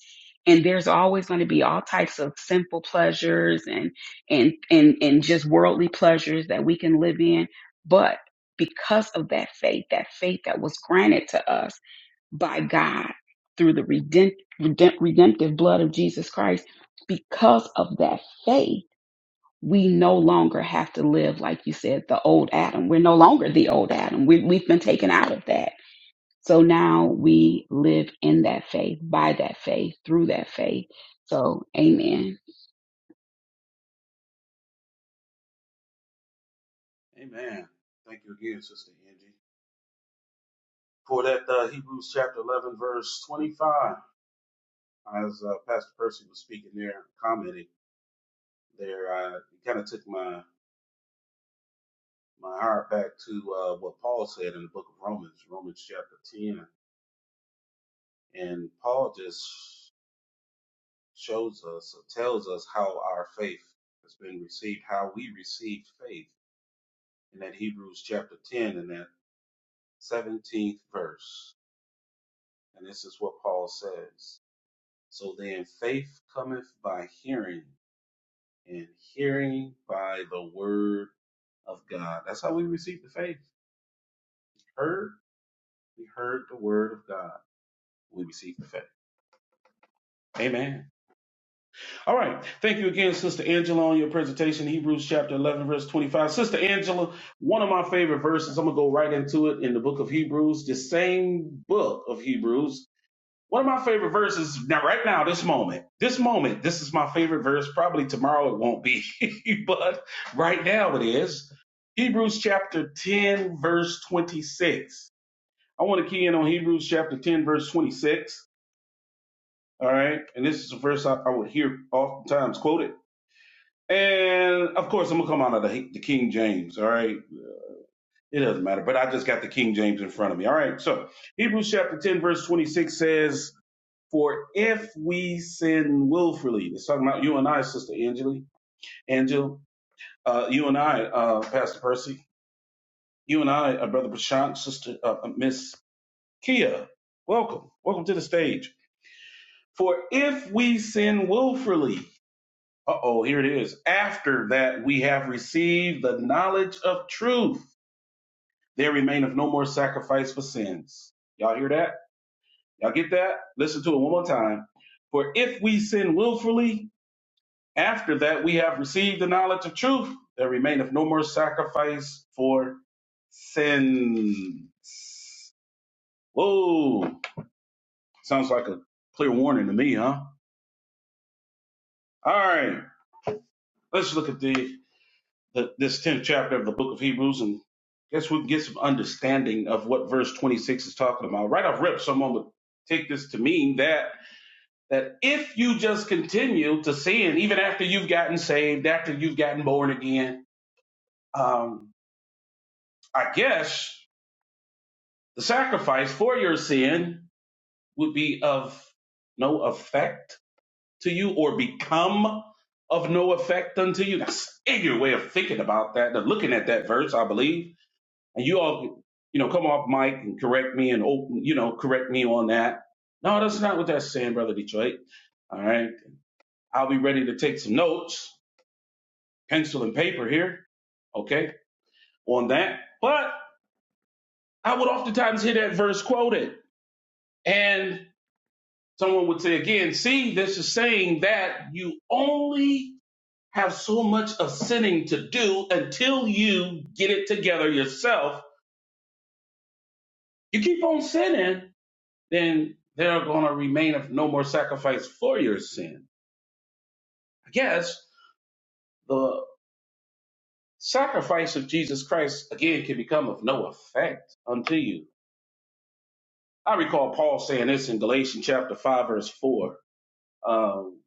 Speaker 4: And there's always going to be all types of sinful pleasures and, and, and, and just worldly pleasures that we can live in. But because of that faith, that faith that was granted to us by God through the redempt, redempt, redemptive blood of Jesus Christ, because of that faith, we no longer have to live, like you said, the old Adam. We're no longer the old Adam. We, we've been taken out of that. So now we live in that faith, by that faith, through that faith. So, amen.
Speaker 3: did. Amen. Thank you again, Sister Angie, for that uh, Hebrews chapter 11, verse 25. As uh, Pastor Percy was speaking there, commenting there, I it kind of took my, my heart back to uh, what Paul said in the book of Romans, Romans chapter 10. And Paul just shows us or tells us how our faith has been received, how we received faith in that Hebrews chapter 10 and that 17th verse. And this is what Paul says. So then faith cometh by hearing and hearing by the word of God. That's how we receive the faith. Heard, we heard the word of God. We received the faith. Amen. All right. Thank you again, Sister Angela, on your presentation, Hebrews chapter 11, verse 25. Sister Angela, one of my favorite verses, I'm going to go right into it in the book of Hebrews, the same book of Hebrews. One of my favorite verses now, right now, this moment, this moment, this is my favorite verse. Probably tomorrow it won't be, but right now it is. Hebrews chapter 10, verse 26. I want to key in on Hebrews chapter 10, verse 26. All right. And this is a verse I, I would hear oftentimes quoted. And of course, I'm gonna come out of the, the King James. All right, it doesn't matter, but I just got the King James in front of me. All right, so Hebrews chapter 10, verse 26 says, "For if we sin willfully," it's talking about you and I, Sister Angeli, Angel, uh, you and I, uh, Pastor Percy, you and I, uh, Brother Prashant, Sister uh, uh, Miss Kia, welcome, welcome to the stage. For if we sin willfully, uh oh, here it is. After that, we have received the knowledge of truth There remaineth no more sacrifice for sins. Y'all hear that? Y'all get that? Listen to it one more time. For if we sin willfully, after that we have received the knowledge of truth, there remaineth no more sacrifice for sins. Whoa. Sounds like a clear warning to me, huh? All right. Let's look at the, the this 10th chapter of the book of Hebrews and guess we can get some understanding of what verse 26 is talking about. Right off rip, someone would take this to mean that that if you just continue to sin, even after you've gotten saved, after you've gotten born again, um, I guess the sacrifice for your sin would be of no effect to you or become of no effect unto you. That's a your way of thinking about that, of looking at that verse, I believe. And you all, you know, come off mic and correct me and open, you know, correct me on that. No, that's not what that's saying, Brother Detroit. All right. I'll be ready to take some notes pencil and paper here, okay, on that. But I would oftentimes hear that verse quoted, and someone would say again, see, this is saying that you only have so much of sinning to do until you get it together yourself. You keep on sinning, then there are going to remain of no more sacrifice for your sin. I guess the sacrifice of Jesus Christ again can become of no effect unto you I recall Paul saying this in Galatians chapter 5, verse 4. Um,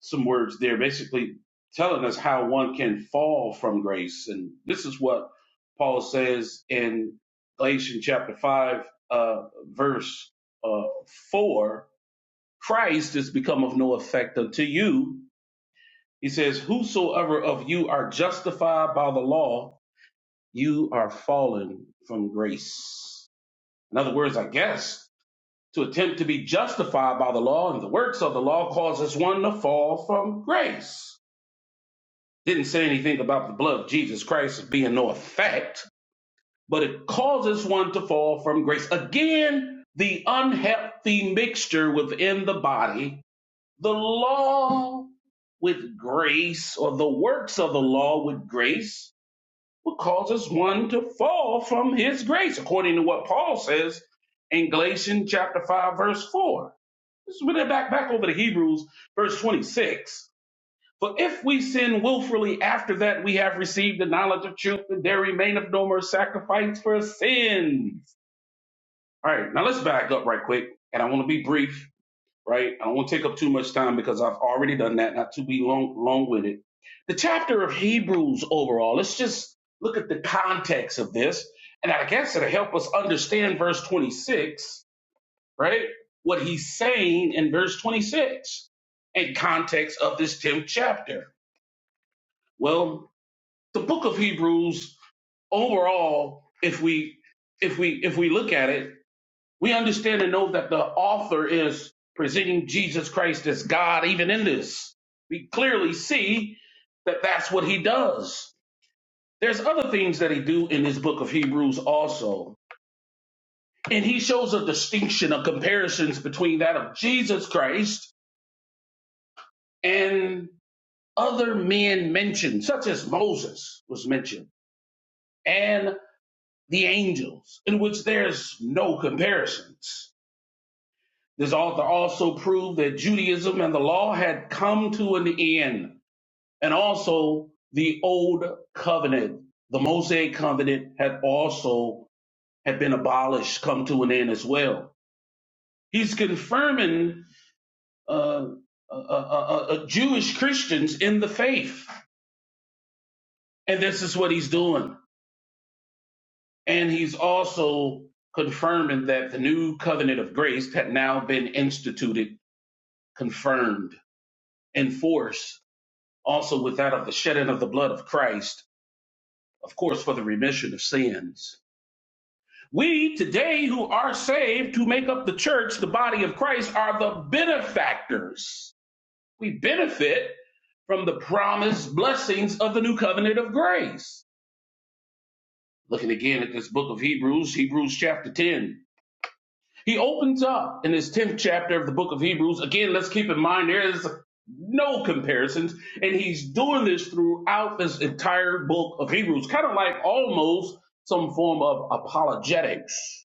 Speaker 3: some words there basically telling us how one can fall from grace. And this is what Paul says in Galatians chapter 5, uh, verse uh, 4 Christ is become of no effect unto you. He says, Whosoever of you are justified by the law, you are fallen from grace. In other words, I guess To attempt to be justified by the law and the works of the law causes one to fall from grace. Didn't say anything about the blood of Jesus Christ as being no effect, but it causes one to fall from grace. Again, the unhealthy mixture within the body, the law with grace or the works of the law with grace will causes one to fall from his grace, according to what Paul says in Galatians chapter 5, verse 4 this is where they back back over to Hebrews verse 26. For if we sin willfully after that we have received the knowledge of truth, that there remaineth no more sacrifice for sins. All right, now let's back up right quick, and I want to be brief, right? I don't want to take up too much time because I've already done that, not to be long long with it. The chapter of Hebrews overall, let's just look at the context of this, and I guess it'll help us understand verse 26 right? What he's saying in verse 26 in context of this 10th chapter. Well, the book of Hebrews overall, if we if we if we look at it, we understand and know that the author is presenting Jesus Christ as God even in this. We clearly see that that's what he does. There's other things that he do in this book of Hebrews also. And he shows a distinction, of comparisons between that of Jesus Christ and other men mentioned, such as Moses was mentioned, and the angels, in which there's no comparisons. This author also proved that Judaism and the law had come to an end, and also the old covenant, the Mosaic covenant, had also had been abolished, come to an end as well. He's confirming uh, uh, uh, uh, uh, Jewish Christians in the faith, and this is what he's doing. And he's also confirming that the new covenant of grace had now been instituted, confirmed, in force, also with that of the shedding of the blood of Christ, of course, for the remission of sins. We today who are saved, who make up the church, the body of Christ, are the benefactors. We benefit from the promised blessings of the new covenant of grace. Looking again at this book of Hebrews, Hebrews chapter 10. He opens up in his 10th chapter of the book of Hebrews. Again, let's keep in mind there is no comparisons, and he's doing this throughout this entire book of Hebrews, kind of like almost some form of apologetics.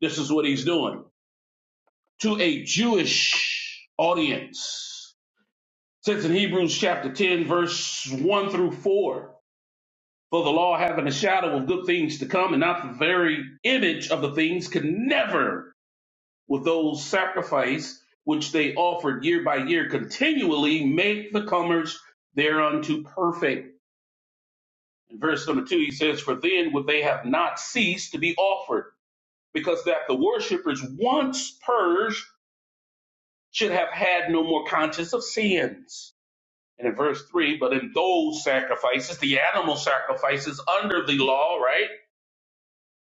Speaker 3: This is what he's doing to a Jewish audience. It Says in Hebrews chapter 10, verse 1 through 4. For the law having a shadow of good things to come and not the very image of the things could never with those sacrifice which they offered year by year continually make the comers thereunto perfect. In verse number two, he says, For then would they have not ceased to be offered, because that the worshippers once purged should have had no more conscience of sins. And in verse three, but in those sacrifices, the animal sacrifices under the law, right?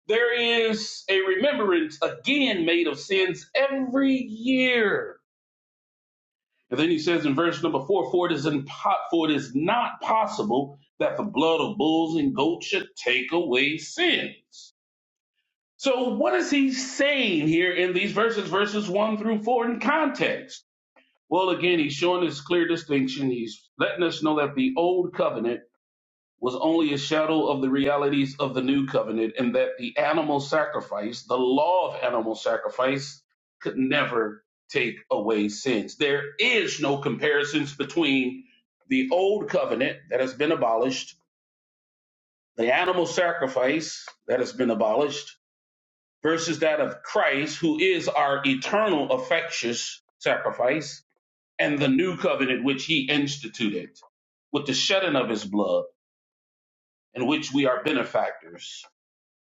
Speaker 3: There is a remembrance again made of sins every year And then he says in verse number four, for it is impo- for it is not possible that the blood of bulls and goats should take away sins. So what is he saying here in these verses, verses one through four in context? Well, again, he's showing this clear distinction. He's letting us know that the old covenant was only a shadow of the realities of the new covenant, and that the animal sacrifice, the law of animal sacrifice, could never take away sins. There is no comparisons between the old covenant that has been abolished, the animal sacrifice that has been abolished, versus that of Christ, who is our eternal, effectuous sacrifice, and the new covenant which he instituted with the shedding of his blood, in which we are benefactors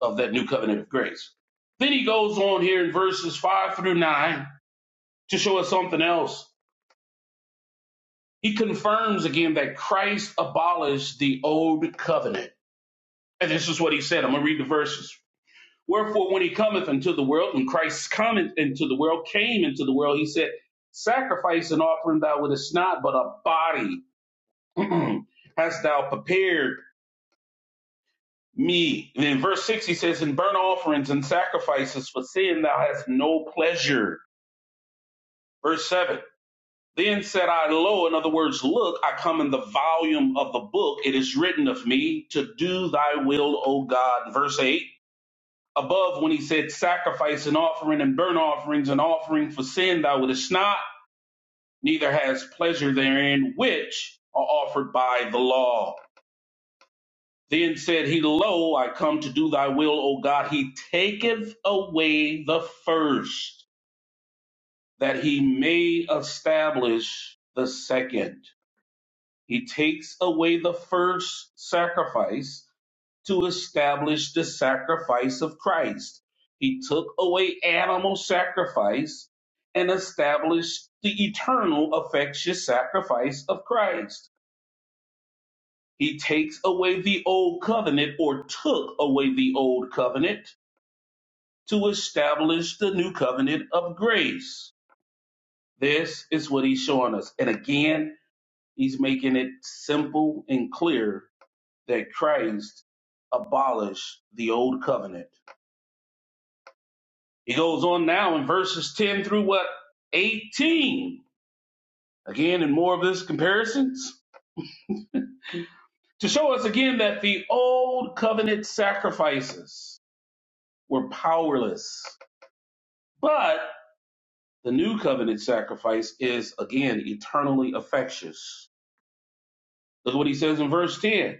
Speaker 3: of that new covenant of grace. Then he goes on here in verses five through nine to show us something else. He confirms again that Christ abolished the old covenant. And this is what he said. I'm going to read the verses. Wherefore, when he cometh into the world, when Christ cometh into the world, came into the world, he said, Sacrifice and offering thou wouldest not, but a body hast thou prepared me. And in verse 6, he says, In burnt offerings and sacrifices for sin thou hast no pleasure. Verse 7 Then said I, Lo, in other words, look, I come in the volume of the book. It is written of me to do thy will, O God. Verse 8 Above, when he said, Sacrifice and offering and burnt offerings and offering for sin, thou wouldest not, neither has pleasure therein, which are offered by the law. Then said he, Lo, I come to do thy will, O God. He taketh away the first, that he may establish the second. He takes away the first sacrifice to establish the sacrifice of Christ. He took away animal sacrifice and established the eternal, affectious sacrifice of Christ. He takes away the old covenant or took away the old covenant to establish the new covenant of grace. This is what he's showing us. And again, he's making it simple and clear that Christ abolished the old covenant. It goes on now in verses 10 through what? 18. Again, in more of this comparisons to show us again that the old covenant sacrifices were powerless, but the new covenant sacrifice is again eternally effectuous. Look at what he says in verse 10.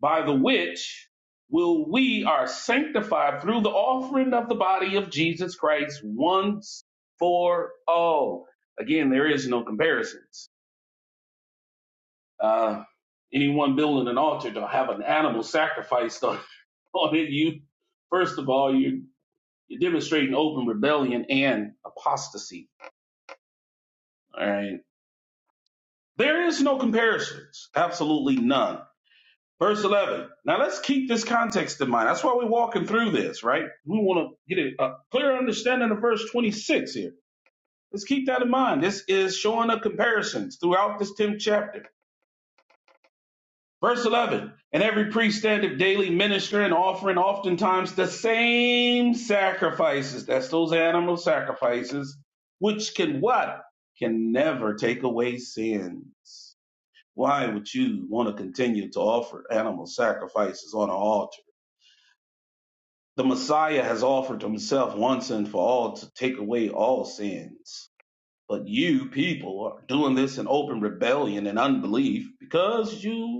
Speaker 3: by the which will we are sanctified through the offering of the body of Jesus Christ once for all. Again, there is no comparisons. Uh, anyone building an altar to have an animal sacrificed on, on it, you first of all you you're demonstrating open rebellion and apostasy. All right, there is no comparisons, absolutely none. Verse 11. Now let's keep this context in mind. That's why we're walking through this, right? We want to get a, a clear understanding of verse 26 here. Let's keep that in mind. This is showing up comparisons throughout this 10th chapter. Verse 11. And every priest standeth daily ministering, offering oftentimes the same sacrifices. That's those animal sacrifices, which can what? Can never take away sin. Why would you want to continue to offer animal sacrifices on an altar? The Messiah has offered himself once and for all to take away all sins. But you people are doing this in open rebellion and unbelief because you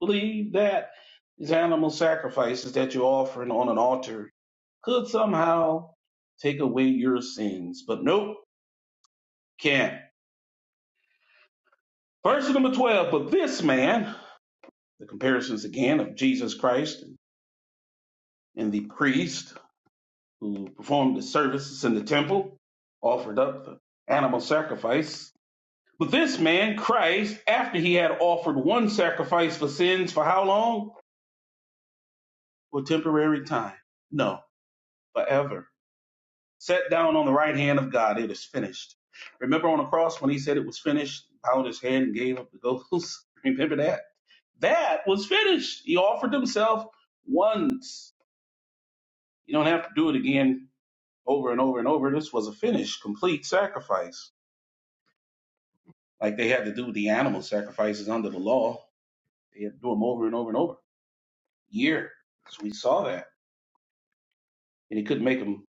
Speaker 3: believe that these animal sacrifices that you're offering on an altar could somehow take away your sins. But nope, can't. Verse number 12, but this man, the comparisons again of Jesus Christ and the priest, who performed the services in the temple, offered up the animal sacrifice. But this man, Christ, after he had offered one sacrifice for sins for how long? For temporary time. No, forever. Sat down on the right hand of God. It is finished. Remember on the cross when he said it was finished, bowed his head and gave up the ghost? Remember that? That was finished. He offered himself once. You don't have to do it again over and over and over. This was a finished, complete sacrifice like they had to do the animal sacrifices under the law. They had to do them over and over and over, year. Because we saw that, and he couldn't make them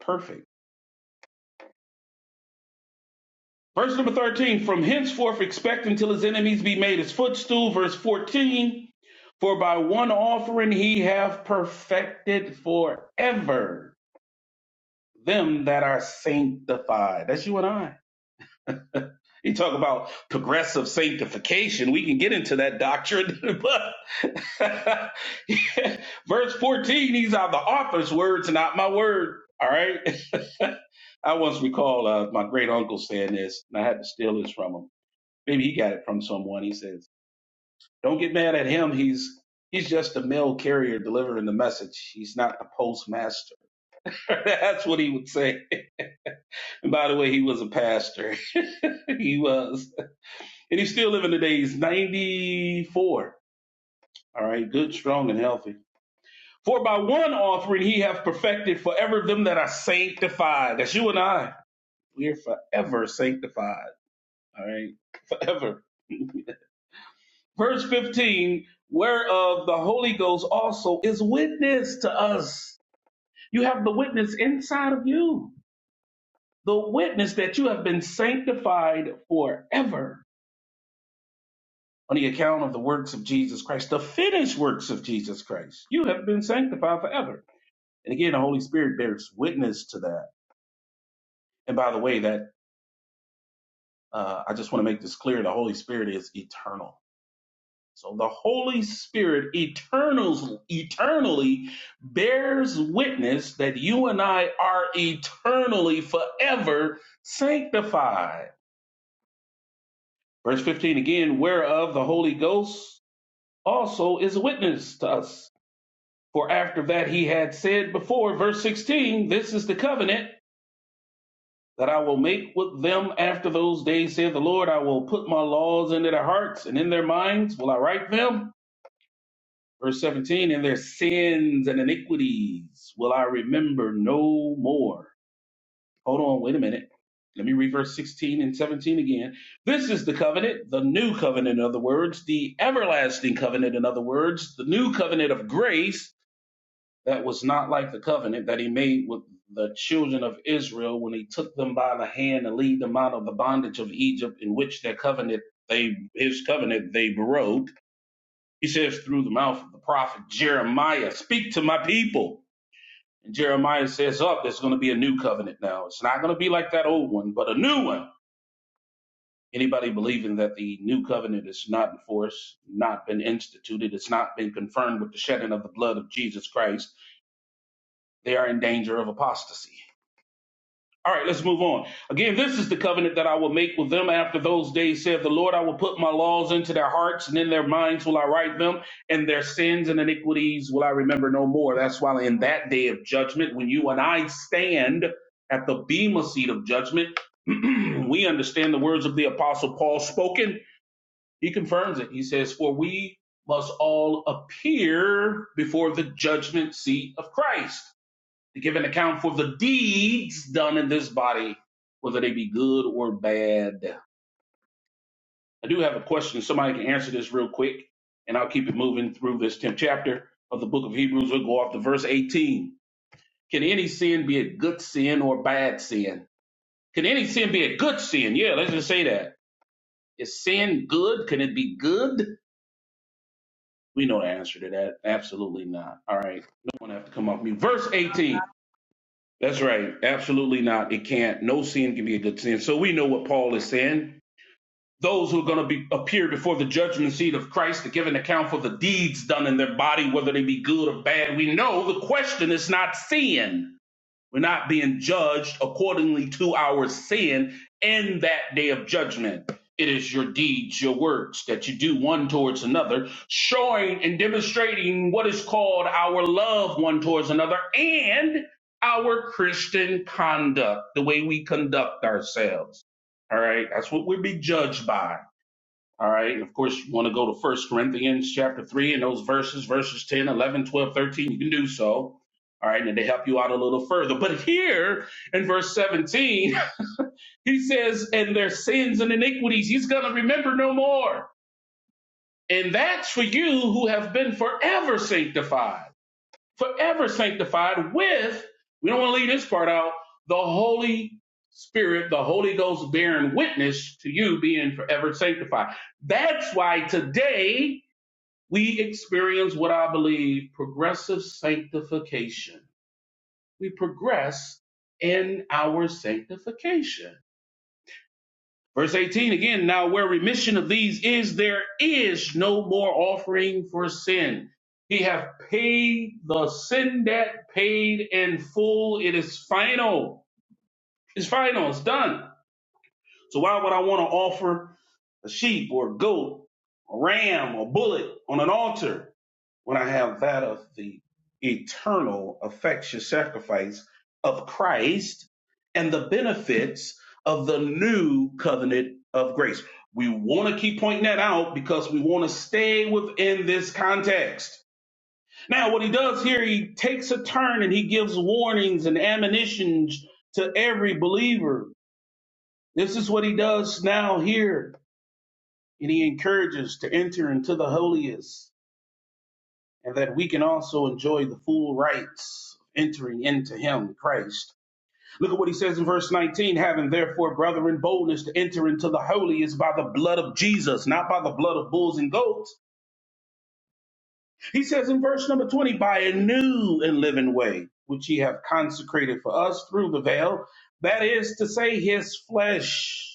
Speaker 3: perfect. Verse number 13, from henceforth expect until his enemies be made his footstool. Verse 14, for by one offering he hath perfected forever them that are sanctified. That's you and I. You talk about progressive sanctification. We can get into that doctrine, but verse 14, these are the author's words, not my word. All right. I once recall uh, my great uncle saying this, and I had to steal this from him. Maybe he got it from someone. He says, Don't get mad at him. He's he's just a mail carrier delivering the message. He's not the postmaster. That's what he would say. And by the way, he was a pastor. he was. And he's still living today. He's 94. All right, good, strong, and healthy. For by one offering he hath perfected forever them that are sanctified. That's you and I. We are forever sanctified. All right, forever. Verse 15, whereof the Holy Ghost also is witness to us. You have the witness inside of you, the witness that you have been sanctified forever on the account of the works of Jesus Christ, the finished works of Jesus Christ. You have been sanctified forever. And again, the Holy Spirit bears witness to that. And by the way, that uh, I just want to make this clear: the Holy Spirit is eternal. So the Holy Spirit eternals, eternally bears witness that you and I are eternally, forever sanctified. Verse 15 again, whereof the Holy Ghost also is a witness to us. For after that he had said before, verse 16, This is the covenant that I will make with them after those days, saith the Lord. I will put my laws into their hearts, and in their minds will I write them. Verse 17, And their sins and iniquities will I remember no more. Hold on, wait a minute. Let me read verse 16 and 17 again. This is the covenant, the new covenant, in other words, the everlasting covenant, in other words, the new covenant of grace that was not like the covenant that he made with the children of Israel when he took them by the hand and lead them out of the bondage of Egypt in which their covenant they his covenant they broke. He says through the mouth of the prophet Jeremiah, speak to my people. And Jeremiah says, Up, oh, there's gonna be a new covenant now. It's not gonna be like that old one, but a new one. Anybody believing that the new covenant is not in force, not been instituted, it's not been confirmed with the shedding of the blood of Jesus Christ, they are in danger of apostasy. All right, let's move on. Again, this is the covenant that I will make with them after those days, saith the Lord. I will put my laws into their hearts, and in their minds will I write them, and their sins and iniquities will I remember no more. That's why in that day of judgment, when you and I stand at the Bema seat of judgment, we understand the words of the Apostle Paul spoken. He confirms it. He says, For we must all appear before the judgment seat of Christ to give an account for the deeds done in this body, whether they be good or bad. I do have a question. Somebody can answer this real quick, and I'll keep it moving through this 10th chapter of the book of Hebrews. We'll go off to verse 18. Can any sin be a good sin or bad sin? Can any sin be a good sin? Yeah, let's just say that. Is sin good? Can it be good? We know the answer to that. Absolutely not. All right. No one have to come off me. Verse 18. That's right. Absolutely not. It can't. No sin can be a good sin. So we know what Paul is saying. Those who are going to be, appear before the judgment seat of Christ to give an account for the deeds done in their body, whether they be good or bad, we know the question is not sin. We're not being judged accordingly to our sin in that day of judgment. It is your deeds, your works that you do one towards another, showing and demonstrating what is called our love one towards another and our Christian conduct, the way we conduct ourselves. All right, that's what we'll be judged by. All right. Of course, you want to go to First Corinthians chapter 3 and those verses, verses ten, eleven, twelve, thirteen. You can do so. All right. And they help you out a little further. But here in verse 17, he says, and their sins and iniquities, he's going to remember no more. And that's for you who have been forever sanctified, forever sanctified with, we don't want to leave this part out, the Holy Spirit, the Holy Ghost bearing witness to you being forever sanctified. That's why today, we experience what I believe progressive sanctification. We progress in our sanctification. Verse 18 again, now where remission of these is, there is no more offering for sin. He hath paid the sin debt, paid in full. It is final. It's final. It's done. So why would I want to offer a sheep or a goat, a ram, a bullet on an altar? when I have that of the eternal, effectual sacrifice of Christ and the benefits of the new covenant of grace. We want to keep pointing that out because we want to stay within this context. Now, what he does here, he takes a turn and he gives warnings and admonitions to every believer. This is what he does now here, and he encourages to enter into the holiest and that we can also enjoy the full rights of entering into him, Christ. Look at what he says in verse 19, having therefore, brethren, boldness to enter into the holy is by the blood of Jesus, not by the blood of bulls and goats. He says in verse number 20, by a new and living way, which he have consecrated for us through the veil, that is to say, his flesh.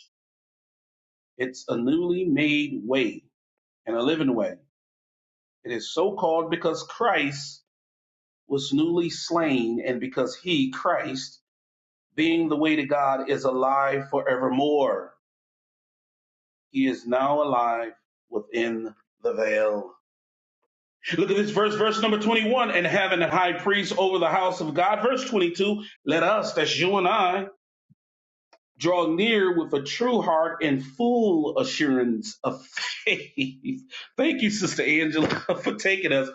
Speaker 3: It's a newly made way and a living way. It is so called because Christ was newly slain, and because he, Christ, being the way to God, is alive forevermore, he is now alive within the veil. Look at this verse, verse number 21. And having a high priest over the house of God, verse 22, let us, that's you and I, Draw near with a true heart and full assurance of faith. Thank you, Sister Angela, for taking us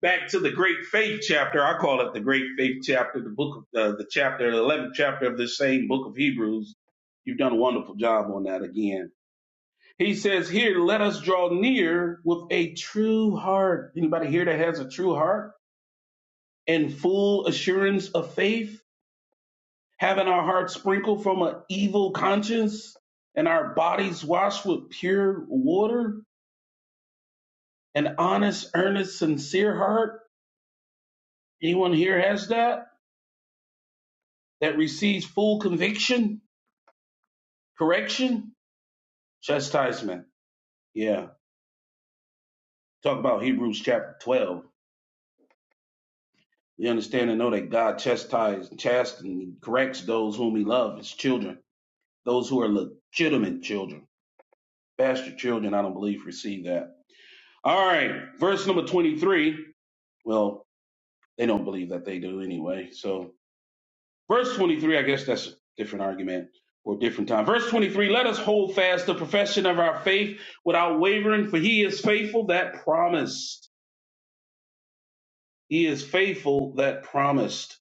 Speaker 3: back to the Great Faith chapter. I call it the Great Faith chapter, the book of uh, the chapter, the 11th chapter of this same book of Hebrews. You've done a wonderful job on that again. He says here, let us draw near with a true heart. Anybody here that has a true heart and full assurance of faith? having our hearts sprinkled from an evil conscience and our bodies washed with pure water, an honest, earnest, sincere heart. Anyone here has that? That receives full conviction, correction, chastisement. Yeah. Talk about Hebrews chapter 12. We understand and know that God chastises, chasts, and corrects those whom he loves, his children, those who are legitimate children. Bastard children, I don't believe, receive that. All right. Verse number 23. Well, They don't believe that they do anyway. So, verse 23, I guess that's a different argument or different time. Verse 23, let us hold fast the profession of our faith without wavering, for he is faithful that promised. He is faithful that promised.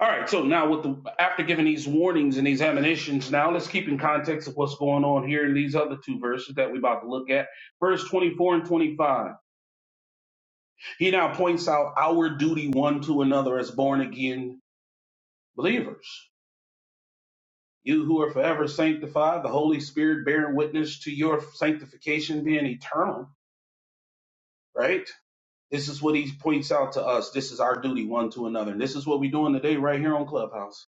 Speaker 3: All right, so now with the after giving these warnings and these admonitions, now let's keep in context of what's going on here in these other two verses that we're about to look at. Verse 24 and 25. He now points out our duty one to another as born again believers. You who are forever sanctified, the Holy Spirit bearing witness to your sanctification being eternal, right? This is what he points out to us. This is our duty one to another. And this is what we're doing today right here on Clubhouse.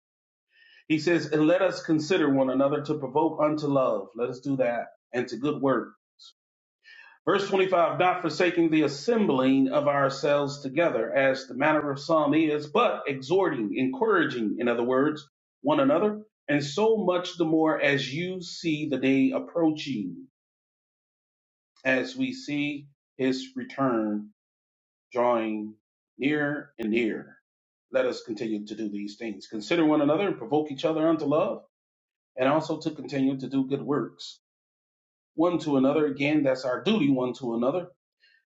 Speaker 3: He says, and let us consider one another to provoke unto love. Let us do that and to good work Verse 25, not forsaking the assembling of ourselves together, as the manner of some is, but exhorting, encouraging, in other words, one another, and so much the more as you see the day approaching, as we see his return drawing near and near. Let us continue to do these things. Consider one another and provoke each other unto love, and also to continue to do good works. One to another, again, that's our duty, one to another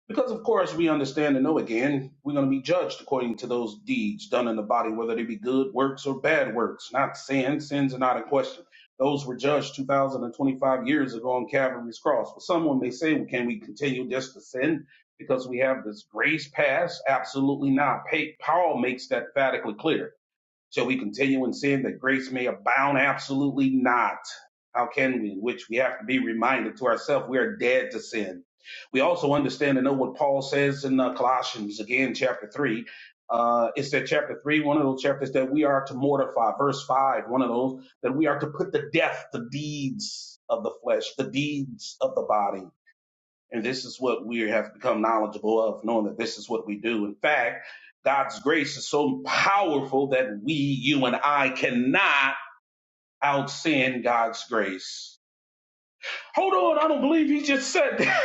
Speaker 3: Because of course we understand and know again, we're going to be judged according to those deeds done in the body, whether they be good works or bad works, not sin. Sins are not a question. Those were judged 2025 years ago on Calvary's cross. But someone may say, well, can we continue just to sin because we have this grace pass? Absolutely not. Pa- Paul makes that emphatically clear. Shall we continue in sin that grace may abound? Absolutely not. How can we? Which we have to be reminded to ourselves we are dead to sin. We also understand and know what Paul says in uh, Colossians, again, chapter 3. Uh, it's that chapter 3, one of those chapters that we are to mortify. Verse 5, one of those that we are to put to death the deeds of the flesh, the deeds of the body and this is what we have become knowledgeable of, knowing that this is what we do. In fact, God's grace is so powerful that we, you and I cannot out-sin God's grace. Hold on, I don't believe he just said that.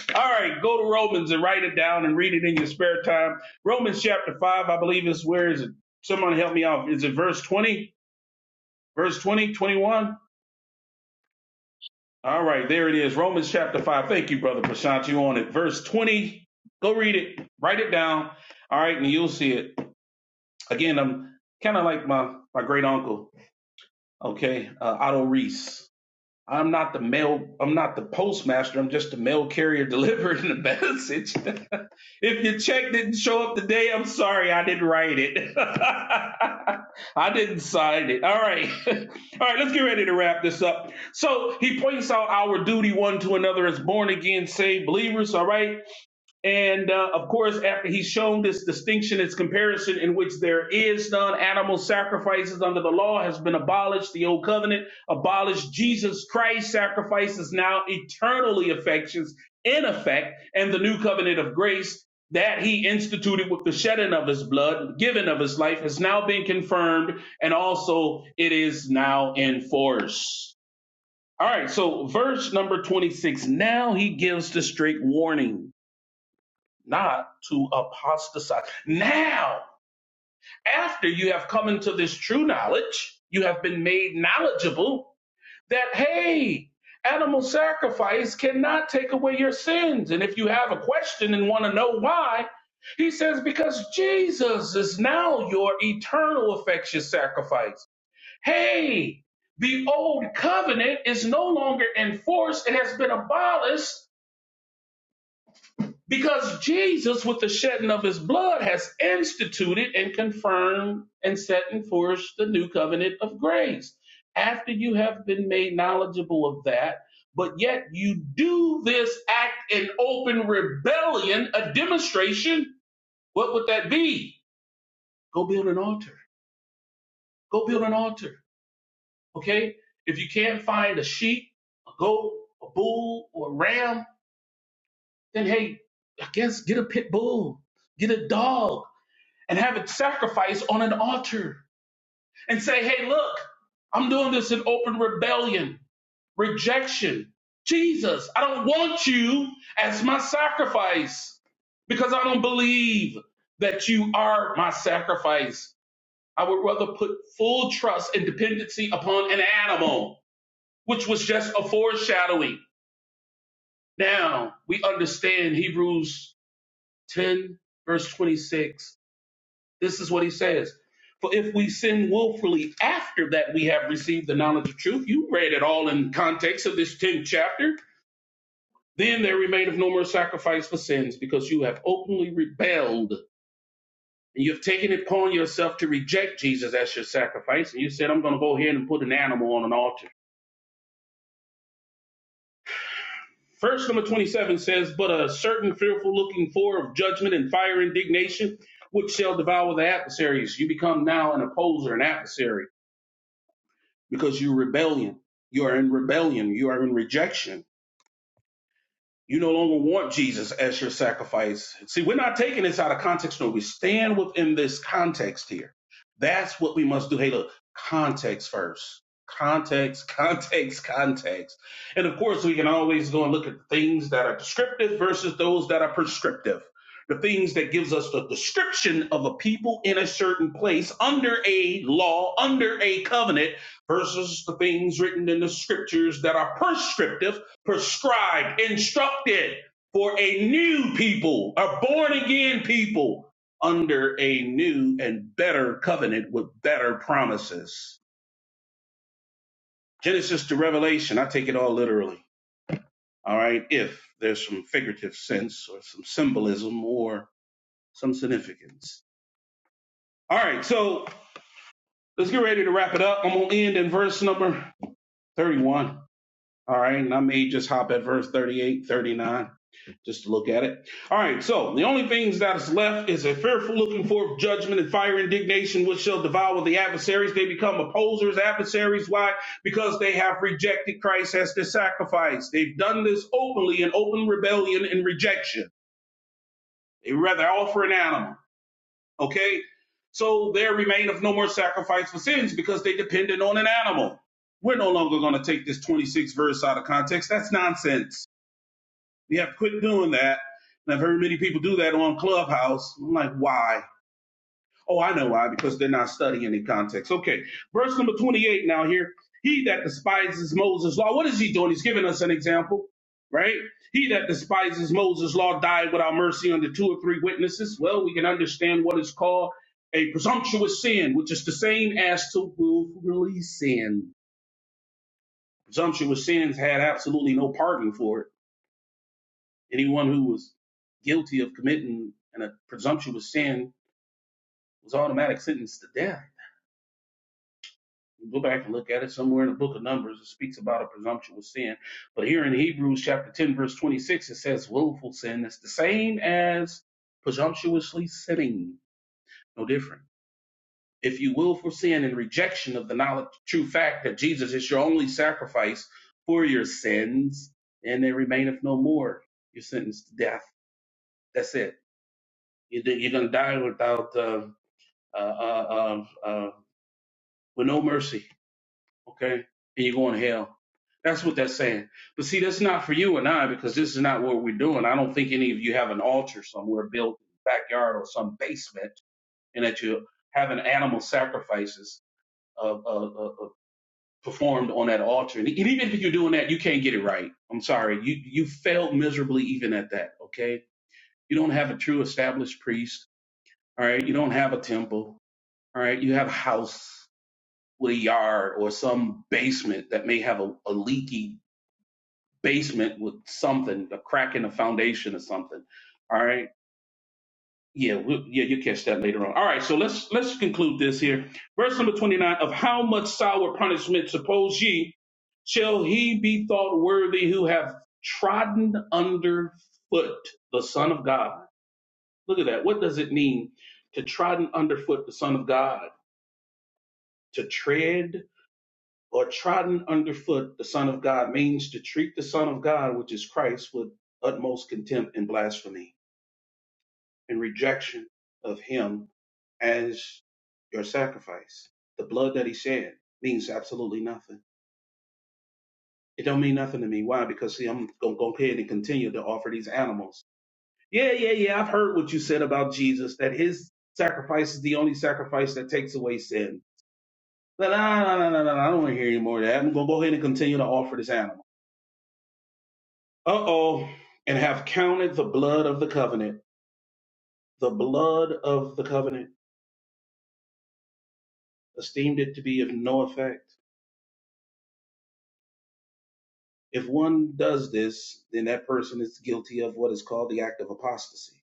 Speaker 3: All right, go to Romans and write it down and read it in your spare time. Romans chapter 5, I believe is where is it? Someone help me out. Is it verse 20? Verse 20, 21. All right, there it is. Romans chapter 5. Thank you, Brother Prashant. You on it. Verse 20. Go read it. Write it down. All right, and you'll see it. Again, I'm kind of like my, my great uncle, okay, uh, Otto Reese. I'm not the mail. I'm not the postmaster. I'm just the mail carrier delivering the message. if your check didn't show up today, I'm sorry. I didn't write it. I didn't sign it. All right. All right. Let's get ready to wrap this up. So he points out our duty one to another as born again saved believers. All right. And uh, of course, after he's shown this distinction, its comparison in which there is none, animal sacrifices under the law has been abolished, the old covenant abolished, Jesus Christ's sacrifices now eternally affections in effect, and the new covenant of grace that he instituted with the shedding of his blood, giving of his life, has now been confirmed, and also it is now in force. All right, so verse number 26 now he gives the straight warning not to apostatize. Now, after you have come into this true knowledge, you have been made knowledgeable that, hey, animal sacrifice cannot take away your sins. And if you have a question and want to know why, he says, because Jesus is now your eternal effectual sacrifice. Hey, the old covenant is no longer enforced, it has been abolished Because Jesus, with the shedding of his blood, has instituted and confirmed and set in force the new covenant of grace. After you have been made knowledgeable of that, but yet you do this act in open rebellion, a demonstration, what would that be? Go build an altar. Go build an altar. Okay? If you can't find a sheep, a goat, a bull, or a ram, then hey, I guess get a pit bull, get a dog and have it sacrificed on an altar and say, hey, look, I'm doing this in open rebellion, rejection. Jesus, I don't want you as my sacrifice because I don't believe that you are my sacrifice. I would rather put full trust and dependency upon an animal, which was just a foreshadowing. Now we understand Hebrews 10, verse 26 This is what he says. For if we sin willfully after that we have received the knowledge of truth, you read it all in context of this 10th chapter, then there remaineth no more sacrifice for sins because you have openly rebelled and you've taken it upon yourself to reject Jesus as your sacrifice. And you said, I'm going to go ahead and put an animal on an altar. Verse number 27 says, But a certain fearful looking for of judgment and fire indignation, which shall devour the adversaries. You become now an opposer, an adversary because you're rebellion. You are in rebellion. You are in rejection. You no longer want Jesus as your sacrifice. See, we're not taking this out of context, no. We stand within this context here. That's what we must do. Hey, look, context first. Context, context, context. And of course, we can always go and look at the things that are descriptive versus those that are prescriptive. The things that gives us the description of a people in a certain place under a law, under a covenant, versus the things written in the scriptures that are prescriptive prescribed, instructed for a new people, a born again people under a new and better covenant with better promises. Genesis to Revelation, I take it all literally. All right. If there's some figurative sense or some symbolism or some significance. All right. So let's get ready to wrap it up. I'm going to end in verse number 31. All right, and I may just hop at verse 38, 39, just to look at it. All right, so the only things that is left is a fearful looking for judgment and fire indignation, which shall devour the adversaries. They become opposers, adversaries. Why? Because they have rejected Christ as their sacrifice. They've done this openly in open rebellion and rejection. They rather offer an animal. Okay? So there remaineth no more sacrifice for sins because they depended on an animal. We're no longer going to take this 26 verse out of context. That's nonsense. We have quit doing that. And I've heard many people do that on Clubhouse. I'm like, why? Oh, I know why, because they're not studying the context. Okay. Verse number 28 now here. He that despises Moses' law, what is he doing? He's giving us an example, right? He that despises Moses' law died without mercy under two or three witnesses. Well, we can understand what is called a presumptuous sin, which is the same as to willfully sin. Presumptuous sins had absolutely no pardon for it. Anyone who was guilty of committing an, a presumptuous sin was automatic sentenced to death Go back and look at it somewhere in the book of Numbers. It speaks about a presumptuous sin. But here in Hebrews chapter 10, verse 26, it says willful sin is the same as presumptuously sinning. No different. If you will for sin in rejection of the knowledge, true fact that Jesus is your only sacrifice for your sins, and they remaineth no more, you're sentenced to death. That's it. You're, you're going to die without, uh, uh, uh, uh, uh, with no mercy okay? And you're going to hell. That's what that's saying. But see, that's not for you and I because this is not what we're doing. I don't think any of you have an altar somewhere built in the backyard or some basement and that you're having animal sacrifices uh, uh, uh, uh, performed on that altar. And even if you're doing that, you can't get it right. I'm sorry. You, you failed miserably even at that, okay? You don't have a true established priest, all right? You don't have a temple, all right? You have a house with a yard or some basement that may have a, a leaky basement with something, a crack in the foundation or something. All right. Yeah, we'll, yeah, you catch that later on. All right, so let's let's conclude this here. Verse number twenty nine of how much sour punishment suppose ye shall he be thought worthy who have trodden under foot the Son of God? Look at that. What does it mean to trodden underfoot the Son of God? To tread or trodden underfoot, the Son of God means to treat the Son of God, which is Christ, with utmost contempt and blasphemy and rejection of him as your sacrifice. The blood that he shed means absolutely nothing. It don't mean nothing to me. Why? Because see, I'm gonna go ahead and continue to offer these animals. Yeah, yeah, yeah. I've heard what you said about Jesus, that his sacrifice is the only sacrifice that takes away sin. But no, no, no, no, no, I don't want to hear any more of that. I'm gonna go ahead and continue to offer this animal. Uh oh. And have counted the blood of the covenant, the blood of the covenant, esteemed it to be of no effect. If one does this, then that person is guilty of what is called the act of apostasy.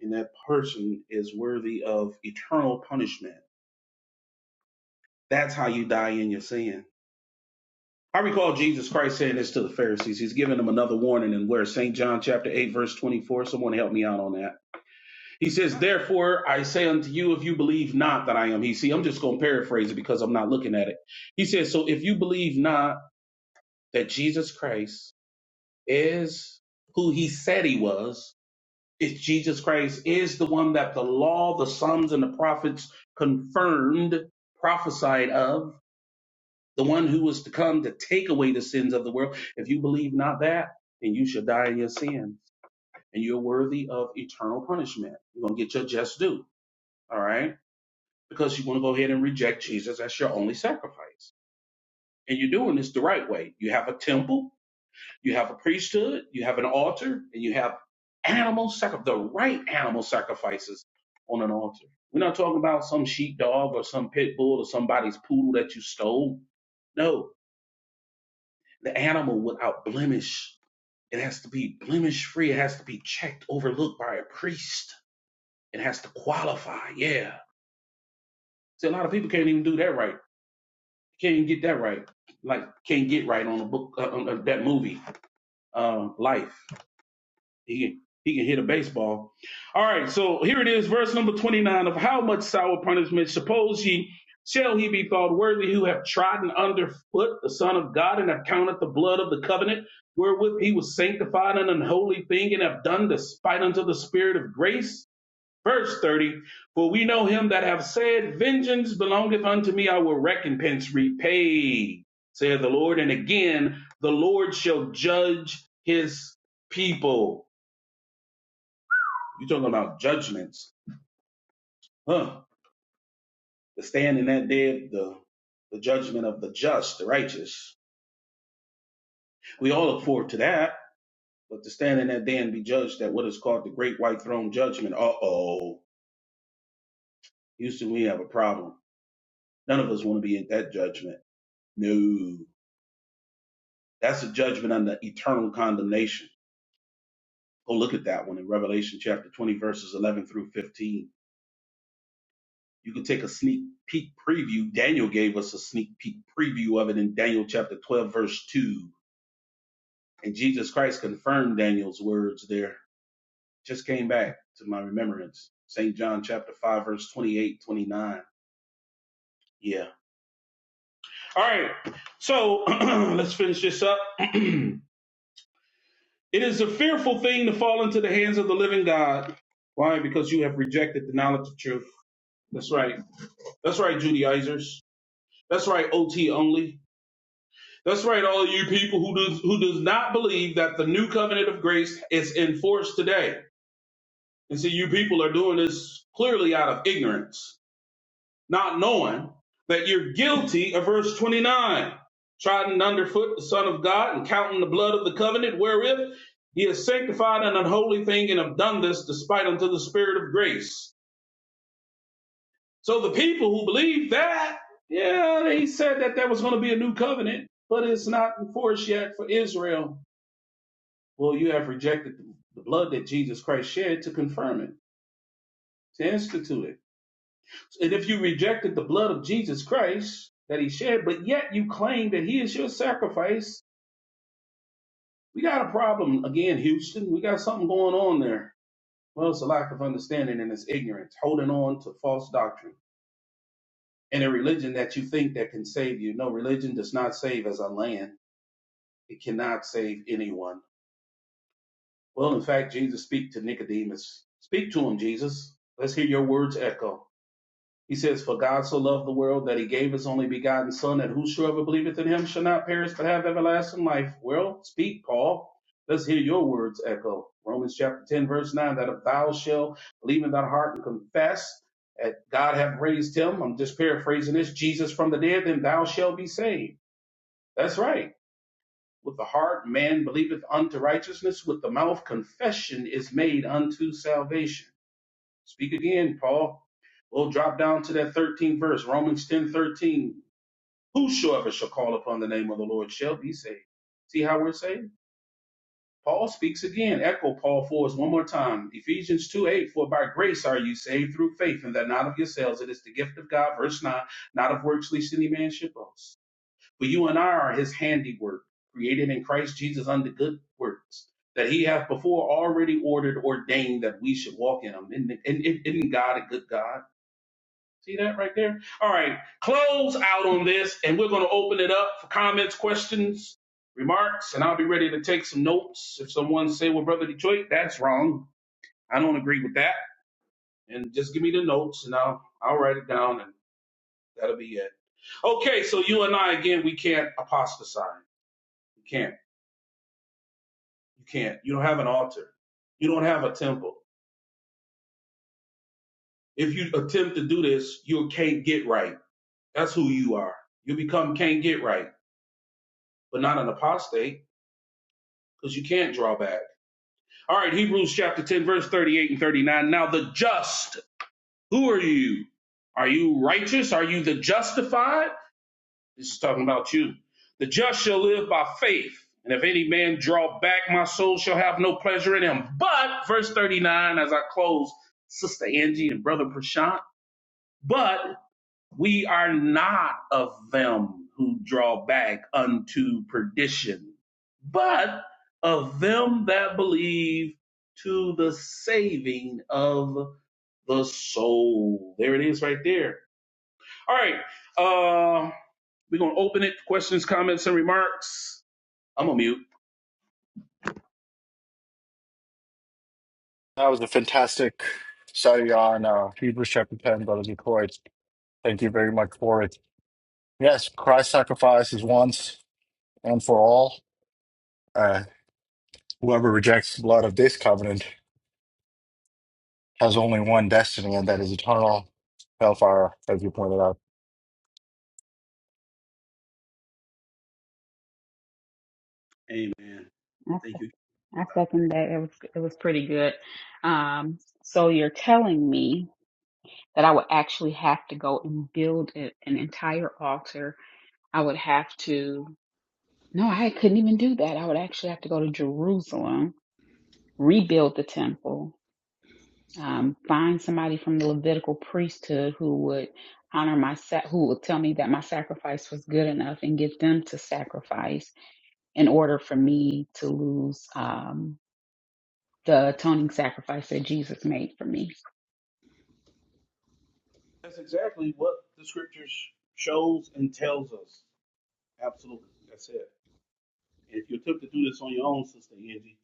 Speaker 3: And that person is worthy of eternal punishment. That's how you die in your sin. I recall Jesus Christ saying this to the Pharisees. He's giving them another warning in where St. John chapter 8, verse 24. Someone help me out on that. He says, Therefore, I say unto you, if you believe not that I am He. See, I'm just going to paraphrase it because I'm not looking at it. He says, So if you believe not that Jesus Christ is who He said He was, is Jesus Christ is the one that the law, the Psalms, and the prophets confirmed, prophesied of, the one who was to come to take away the sins of the world. If you believe not that, then you shall die in your sins, and you're worthy of eternal punishment. You're going to get your just due. All right. because you want to go ahead and reject Jesus as your only sacrifice. And you're doing this the right way. You have a temple, you have a priesthood, you have an altar, and you have animal sac- the right animal sacrifices on an altar. We're not talking about some sheepdog or some pit bull or somebody's poodle that you stole. No, the animal without blemish. It has to be blemish free. It has to be checked, overlooked by a priest. It has to qualify. Yeah. See, a lot of people can't even do that right now. can't get that right. Like can't get right on a book uh, on, uh, that movie. Um, life. He can, he can hit a baseball. All right. So here it is, verse number twenty nine of how much sour punishment suppose ye shall he be thought worthy who have trodden under foot the Son of God and have counted the blood of the covenant wherewith he was sanctified an unholy thing and have done despite unto the Spirit of grace. Verse 30 For we know him that have said, Vengeance belongeth unto me, I will recompense, repay, saith the Lord. And again, the Lord shall judge his people. You're talking about judgments. Huh. The stand in that day, the, the judgment of the just, the righteous. We all look forward to that, but to stand in that day and be judged at what is called the great white throne judgment. Uh oh. Houston, we have a problem. None of us want to be at that judgment. No. That's a judgment under eternal condemnation. Go look at that one in Revelation chapter 20, verses 11 through 15. You can take a sneak peek preview. Daniel gave us a sneak peek preview of it in Daniel chapter 12, verse 2. And Jesus Christ confirmed Daniel's words there. Just came back to my remembrance. St. John chapter 5, verse 28, 29. Yeah. All right. So let's finish this up. It is a fearful thing to fall into the hands of the living God. Why? Because you have rejected the knowledge of truth. That's right. That's right, Judaizers. That's right, OT only. That's right, all you people who does who does not believe that the new covenant of grace is in force today. And see, you people are doing this clearly out of ignorance. not knowing that you're guilty of verse 29, trodden underfoot the Son of God and counting the blood of the covenant wherewith he has sanctified an unholy thing and have done this despite unto the Spirit of grace. So the people who believe that, yeah, they said that there was going to be a new covenant, but it's not in force yet for Israel. Well, you have rejected the blood that Jesus Christ shed to confirm it, to institute it. And if you rejected the blood of Jesus Christ that he shed, but yet you claim that he is your sacrifice, we got a problem again, Houston. We got something going on there. Well, it's a lack of understanding and it's ignorance, holding on to false doctrine and a religion that you think that can save you. No, religion does not save as a land. It cannot save anyone. Well, in fact, Jesus speak to Nicodemus. Speak to him, Jesus. Let's hear your words echo. He says, For God so loved the world that he gave his only begotten Son, that whosoever believeth in him shall not perish but have everlasting life. Well, speak, Paul. Let's hear your words echo. Romans chapter 10, verse 9 that if thou shalt believe in thy heart and confess that God hath raised him, I'm just paraphrasing this, Jesus from the dead, then thou shalt be saved. That's right. With the heart man believeth unto righteousness, with the mouth confession is made unto salvation. Speak again, Paul. We'll drop down to that 13th verse, Romans ten thirteen. Whosoever shall call upon the name of the Lord shall be saved. See how we're saved? Paul speaks again. Echo Paul for us one more time. Ephesians 2 8, for by grace are you saved through faith, and that not of yourselves. It is the gift of God. Verse 9, not of works, lest any man should boast. For you and I are his handiwork, created in Christ Jesus unto good works, that he hath before already ordered, ordained that we should walk in them. Isn't, isn't isn't God a good God? See that right there? All right, close out on this, and we're going to open it up for comments, questions, remarks, and I'll be ready to take some notes. If someone say, "Well, brother Detroit, that's wrong. I don't agree with that," and just give me the notes, and I'll I'll write it down, and that'll be it. Okay, so you and I again, we can't apostatize. You can't. You can't. You don't have an altar. You don't have a temple. If you attempt to do this, you can't get right. That's who you are. You become can't get right, but not an apostate because you can't draw back. All right, Hebrews chapter 10, verse 38 and 39. Now, the just, who are you? Are you righteous? Are you the justified? This is talking about you. The just shall live by faith. And if any man draw back, my soul shall have no pleasure in him. But, verse 39, as I close, Sister Angie and Brother Prashant, but we are not of them who draw back unto perdition, but of them that believe to the saving of the soul. There it is right there. All right. Uh, we're going to open it. Questions, comments, and remarks. I'm gonna mute.
Speaker 1: That was a fantastic study on uh, Hebrews chapter 10, Brother Detroit. Thank you very much for it. Yes, Christ's sacrifice is once and for all. Uh, whoever rejects the blood of this covenant has only one destiny, and that is eternal hellfire, as you pointed out.
Speaker 3: Amen.
Speaker 4: I,
Speaker 3: Thank you.
Speaker 4: se- I second that. It was, it was pretty good. Um, so you're telling me that I would actually have to go and build a, an entire altar. I would have to, no, I couldn't even do that. I would actually have to go to Jerusalem, rebuild the temple, um, find somebody from the Levitical priesthood who would honor my sa- who would tell me that my sacrifice was good enough and get them to sacrifice in order for me to lose um, the atoning sacrifice that Jesus made for me.
Speaker 3: That's exactly what the scriptures shows and tells us. Absolutely. That's it. If you attempt to do this on your own, Sister Angie,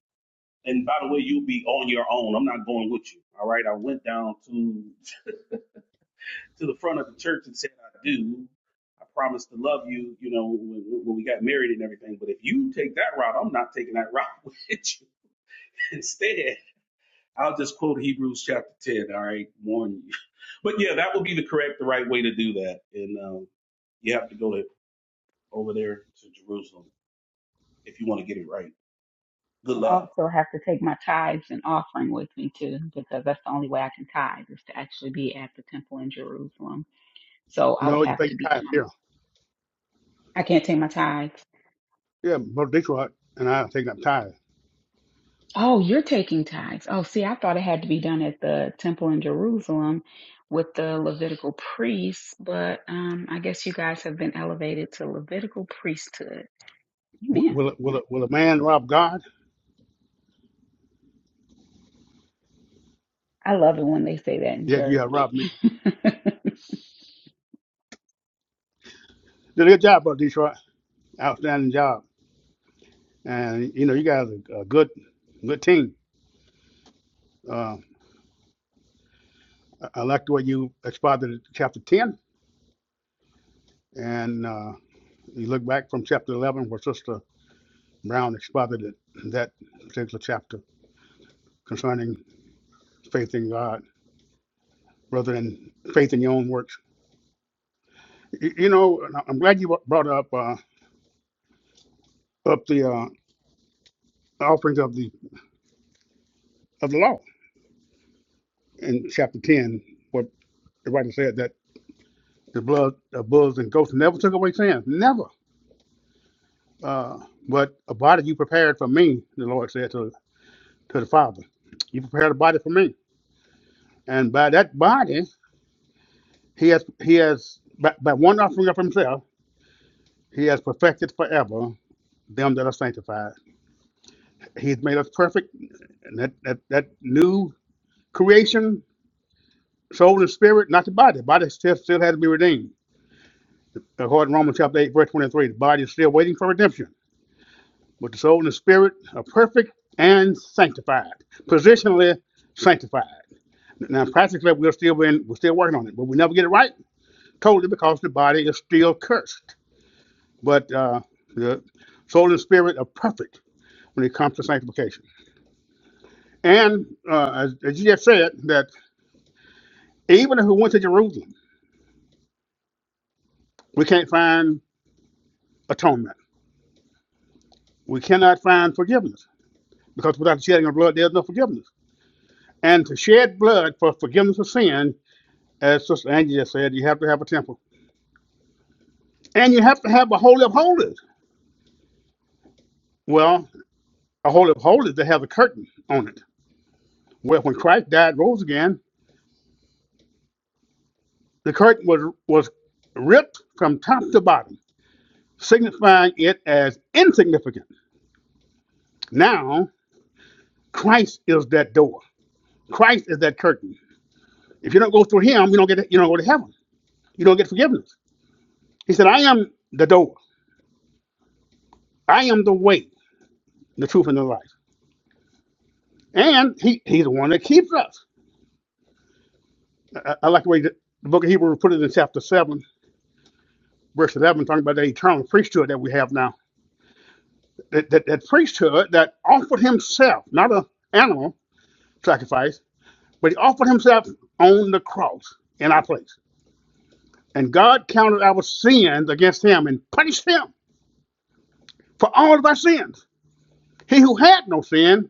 Speaker 3: And by the way, you'll be on your own. I'm not going with you. All right. I went down to to the front of the church and said, I do. I promised to love you, you know, when, when we got married and everything. But if you take that route, I'm not taking that route with you. Instead, I'll just quote Hebrews chapter 10. All right. Warn you. But yeah, that would be the correct, the right way to do that. And um, you have to go to over there to Jerusalem if you want to get it right. Good
Speaker 4: I'd
Speaker 3: luck.
Speaker 4: also have to take my tithes and offering with me too, because that's the only way I can tithe is to actually be at the temple in Jerusalem. So I
Speaker 2: No,
Speaker 4: would
Speaker 2: you
Speaker 4: have
Speaker 2: pay
Speaker 4: to
Speaker 2: your
Speaker 4: be
Speaker 2: tithe. Yeah,
Speaker 4: doing. I can't take my tithes.
Speaker 2: yeah, Brother Detroit and I are taking up tithe.
Speaker 4: Oh, you're taking tithes. Oh, see, I thought it had to be done at the temple in Jerusalem with the Levitical priests, but um, I guess you guys have been elevated to Levitical priesthood.
Speaker 2: Will,
Speaker 4: Amen.
Speaker 2: will, it, will, it, will a man rob God?
Speaker 4: I love it when they say that in
Speaker 2: Yeah, you have
Speaker 4: church.
Speaker 2: robbed me. Did a good job, brother Detroit. Outstanding job. And you know, you guys are a good, good team. Uh, I I like the way you exposited chapter ten, and uh, you look back from chapter eleven, where Sister Brown exposited that particular chapter concerning faith in God rather than faith in your own works. You, you know, and I- I'm glad you brought up uh, up the uh, offerings of the of the law in chapter ten, what the writer said that. The blood, the bulls and goats never took away sins, never. Uh, but a body you prepared for me, the Lord said to, to the Father, you prepared a body for me, and by that body, he has he has by, by one offering of himself, he has perfected forever them that are sanctified. He's made us perfect, and that that, that new creation, soul and spirit, not the body. The body still still has to be redeemed. According to Romans chapter eight, verse twenty three, the body is still waiting for redemption with the soul and the spirit are perfect and sanctified, positionally sanctified. Now, practically, we're still in, we're still working on it, but we never get it right totally because the body is still cursed. But uh, the soul and spirit are perfect when it comes to sanctification. And uh, as, as you just said, that even if we went to Jerusalem, we can't find atonement. We cannot find forgiveness because without the shedding of blood, there's no forgiveness. And to shed blood for forgiveness of sin, as Sister Angie just said, you have to have a temple And you have to have a holy of holies. Well, a holy of holies that has a curtain on it. Well, when Christ died, rose again, the curtain was was ripped from top to bottom, signifying it as insignificant. Now Christ is that door. Christ is that curtain. If you don't go through Him, you don't get you don't go to heaven. You don't get forgiveness. He said, "I am the door. I am the way, the truth, and the life." And He He's the one that keeps us. I, I like the way the Book of Hebrews put it in chapter seven verse 11, talking about the eternal priesthood that we have now. That, that, that priesthood that offered himself, not a animal sacrifice, but he offered himself on the cross in our place. And God counted our sins against him and punished him for all of our sins. He who had no sin,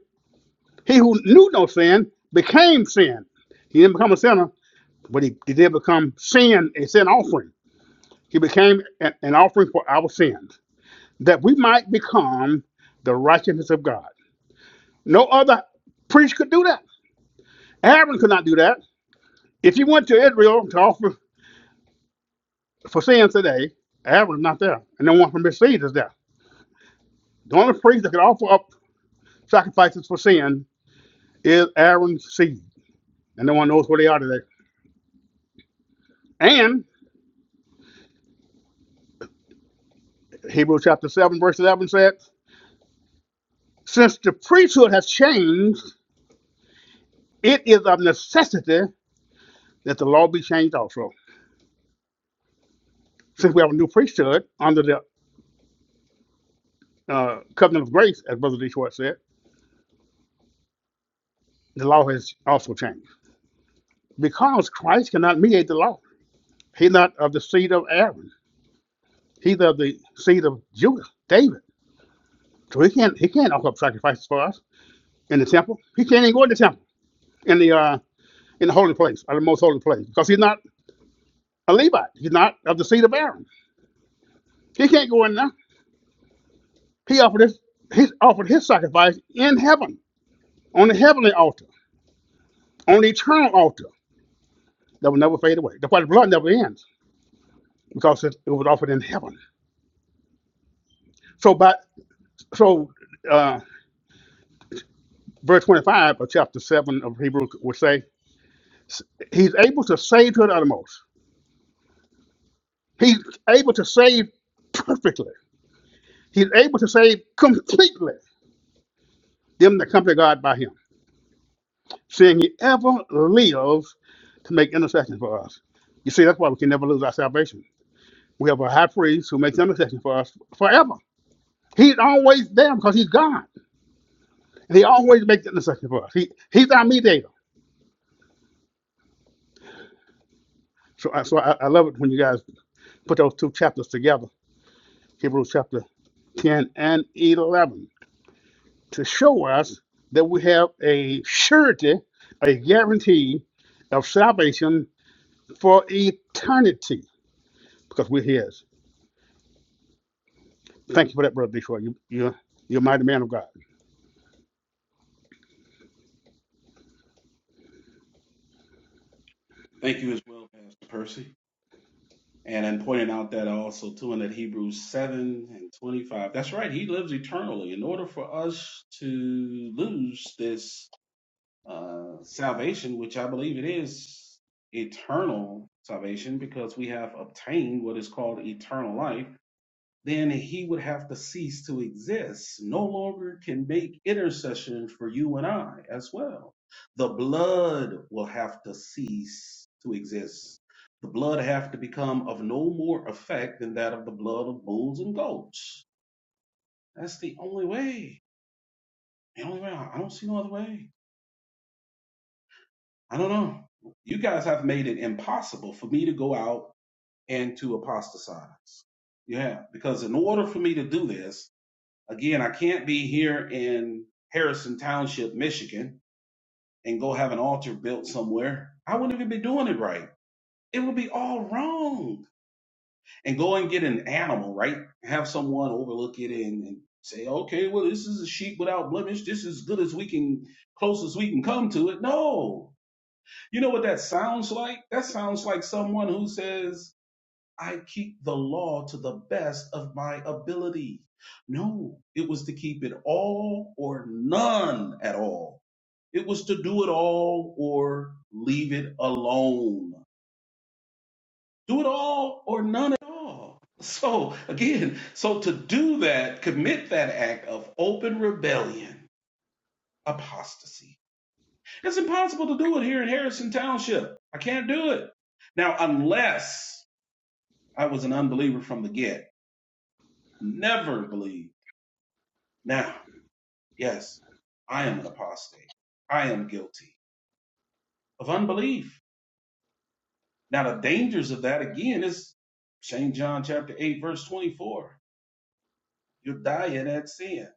Speaker 2: he who knew no sin, became sin. He didn't become a sinner, but he, he did become sin, a sin offering. He became an offering for our sins, that we might become the righteousness of God. No other priest could do that. Aaron could not do that. If you went to Israel to offer for sins today, Aaron's not there, and no one from his seed is there. The only priest that could offer up sacrifices for sin is Aaron's seed, and no one knows where they are today. And Hebrews chapter 7, verse 11 said, Since the priesthood has changed, it is of necessity that the law be changed also. Since we have a new priesthood under the uh, covenant of grace, as Brother D. Detroit said, the law has also changed. because Christ cannot mediate the law. He's not of the seed of Aaron. He's of the seed of Judah, David. So he can't he can't offer up sacrifices for us in the temple. He can't even go in the temple in the uh, in the holy place, or the most holy place, because he's not a Levite. He's not of the seed of Aaron. He can't go in there. He offered his he offered his sacrifice in heaven on the heavenly altar, on the eternal altar that will never fade away. That's why the blood never ends because it, it was offered in heaven. So by so. uh, verse 25 of chapter 7 of Hebrews would say, He's able to save to the uttermost. He's able to save perfectly. He's able to save completely them that come to God by Him, seeing He ever lives to make intercession for us. You see, that's why we can never lose our salvation. We have a high priest who makes intercession for us forever. He's always there because He's God. And he always makes intercession for us. He, he's our mediator. So, I so I, I love it when you guys put those two chapters together Hebrews chapter 10 and 11, to show us that we have a surety, a guarantee of salvation for eternity, because we're His. Thank you for that, Brother Detroit. You, you're, you're a mighty man of God.
Speaker 3: Thank you as well, Pastor Percy. And then pointing out that also too in that Hebrews 7 and 25. That's right, he lives eternally. In order for us to lose this uh, salvation, which I believe it is eternal salvation, because we have obtained what is called eternal life then he would have to cease to exist, no longer can make intercession for you and I as well. The blood will have to cease to exist. The blood have to become of no more effect than that of the blood of bulls and goats. That's the only way. The only way. I don't see no other way. I don't know. You guys have made it impossible for me to go out and to apostatize. Yeah, because in order for me to do this, Again, I can't be here in Harrison Township, Michigan, and go have an altar built somewhere. I wouldn't even be doing it right. It would be all wrong. And go and get an animal, right? Have someone overlook it and, and say, okay, well, this is a sheep without blemish. This is good as we can, close as we can come to it. No. You know what that sounds like? That sounds like someone who says, I keep the law to the best of my ability. No, it was to keep it all or none at all. It was to do it all or leave it alone. Do it all or none at all. So, again, so to do that, commit that act of open rebellion, apostasy. It's impossible to do it here in Harrison Township. I can't do it. Now, unless I was an unbeliever from the get, never believed Now, yes, I am an apostate. I am guilty of unbelief. Now, the dangers of that again is St. John chapter 8, verse 24. You die in that sin.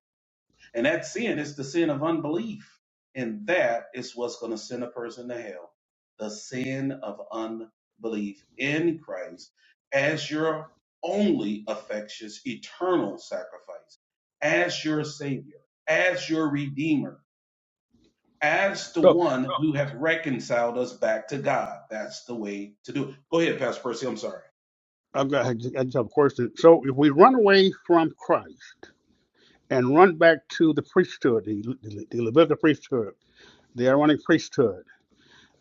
Speaker 3: And that sin is the sin of unbelief. And that is what's going to send a person to hell. The sin of unbelief in Christ as your only affectious eternal sacrifice, as your Savior, as your Redeemer as the
Speaker 2: So,
Speaker 3: one No, who have reconciled us back to God. That's the way to do it. Go ahead, Pastor Percy. I'm sorry.
Speaker 2: I've got, I just have a question. So, if we run away from Christ and run back to the priesthood, the, the, the Levitical priesthood, the Aaronic priesthood,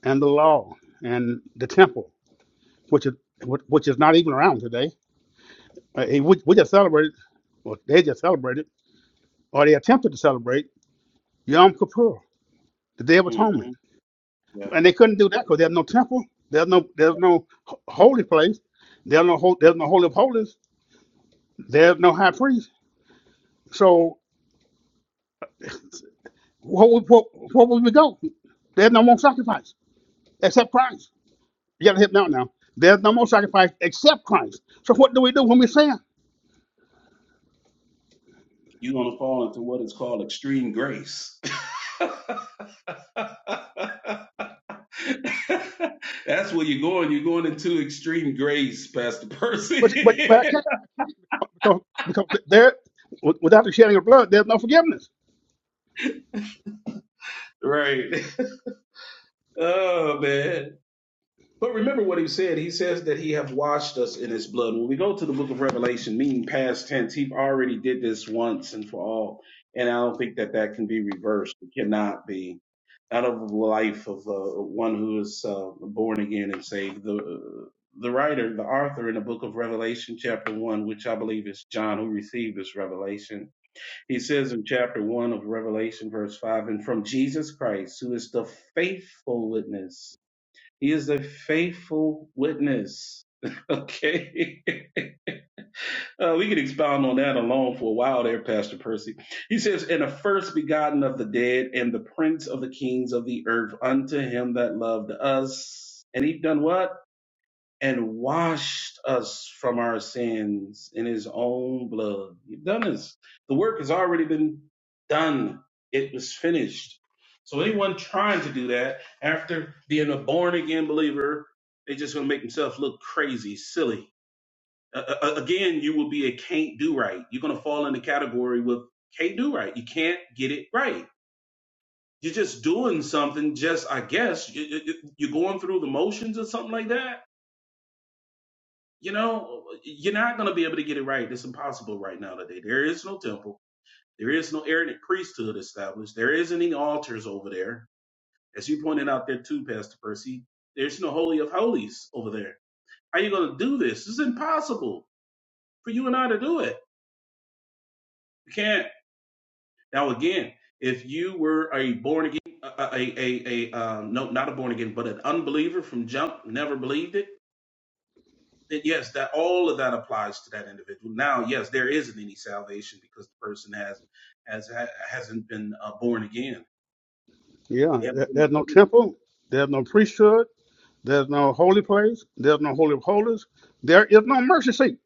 Speaker 2: and the law, and the temple, which is, which is not even around today Uh, and we, we just celebrated, well, they just celebrated, or they attempted to celebrate Yom Kippur, the Day of Atonement.
Speaker 3: hmm Yeah.
Speaker 2: And they couldn't do that because there's no temple, there's no there's
Speaker 3: yeah.
Speaker 2: no holy place, there's no there's no holy of holies, there's no high priest. So what what, what would we go? There's no more sacrifice except Christ. You gotta hit me out now. There's no more sacrifice except Christ. So what do we do when we sin?
Speaker 3: You're going to fall into what is called extreme grace. That's where you're going. You're going into extreme grace, Pastor
Speaker 2: But but but
Speaker 3: Percy.
Speaker 2: I can't, I can't because because there without the shedding of blood, there's no forgiveness.
Speaker 3: right. Oh, man. But remember what he said. He says that he have washed us in his blood. When we go to the book of Revelation, meaning past tense, he already did this once and for all. And I don't think that that can be reversed. It cannot be out of the life of uh, one who is uh, born again and saved. The uh, the writer, the author in the book of Revelation, chapter one, which I believe is John who received this revelation, he says in chapter one of Revelation, verse five, and from Jesus Christ, who is the faithful witness he is a faithful witness. Okay. Uh, we could expound on that alone for a while there, Pastor Percy. He says, And the first begotten of the dead and the prince of the kings of the earth unto him that loved us. And he done what? and washed us from our sins in his own blood. You've done this. The work has already been done. It was finished. So anyone trying to do that after being a born again believer, they just going to make themselves look crazy, silly. Uh, uh, again, you will be a can't do right. You're going to fall in the category with can't do right. You can't get it right. You're just doing something, just, I guess, you, you, you- you're going through the motions or something like that you know, you're not going to be able to get it right. It's impossible right now today. There is no temple. There is no Aaronic priesthood established. There isn't any altars over there. As you pointed out there too, Pastor Percy, there's no Holy of Holies over there. How are you going to do this? It's impossible for you and I to do it. You can't. Now, again, if you were a born again, a, a, a, a um, no, not a born again, but an unbeliever from jump, never believed it that yes, that all of that applies to that individual. Now, yes, there isn't any salvation because the person has has hasn't been uh, born again.
Speaker 2: Yeah,
Speaker 3: They haven't
Speaker 2: there- there's
Speaker 3: been
Speaker 2: no
Speaker 3: redeemed.
Speaker 2: temple, there's no priesthood, there's no holy place, there's no holy of holies, there is no mercy seat.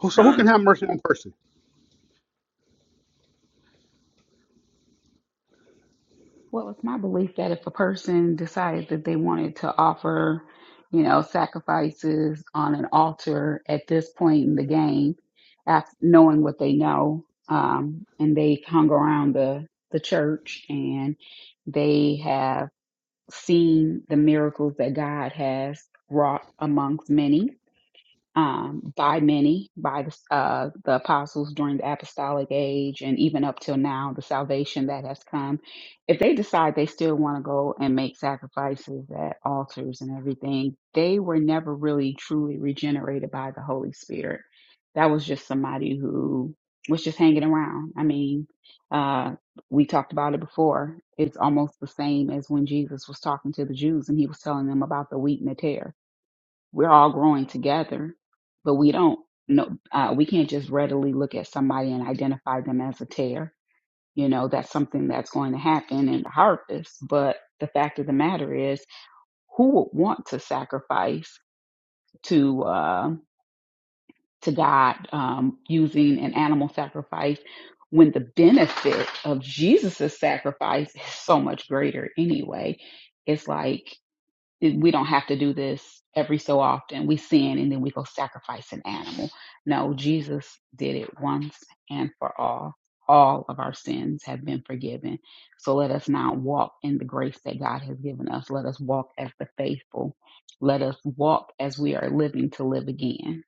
Speaker 2: Who- So who can
Speaker 3: None.
Speaker 2: have mercy on mercy?
Speaker 4: Well, it's my belief that if a person decided that they wanted to offer, you know, sacrifices on an altar at this point in the game, after knowing what they know, um, and they hung around the, the church and they have seen the miracles that God has wrought amongst many, um, by many, by the, uh, the apostles during the apostolic age, and even up till now, the salvation that has come. If they decide they still want to go and make sacrifices at altars and everything, they were never really truly regenerated by the Holy Spirit. That was just somebody who was just hanging around. I mean, uh, we talked about it before. It's almost the same as when Jesus was talking to the Jews and he was telling them about the wheat and the tares we're all growing together, but we don't know, uh, we can't just readily look at somebody and identify them as a tear. You know, that's something that's going to happen in the harvest. But the fact of the matter is, who would want to sacrifice to, uh, to God um, using an animal sacrifice when the benefit of Jesus' sacrifice is so much greater anyway? It's like it- we don't have to do this every so often. We sin and then we go sacrifice an animal. No, Jesus did it once and for all. All of our sins have been forgiven. So let us now walk in the grace that God has given us. Let us walk as the faithful. Let us walk as we are living to live again.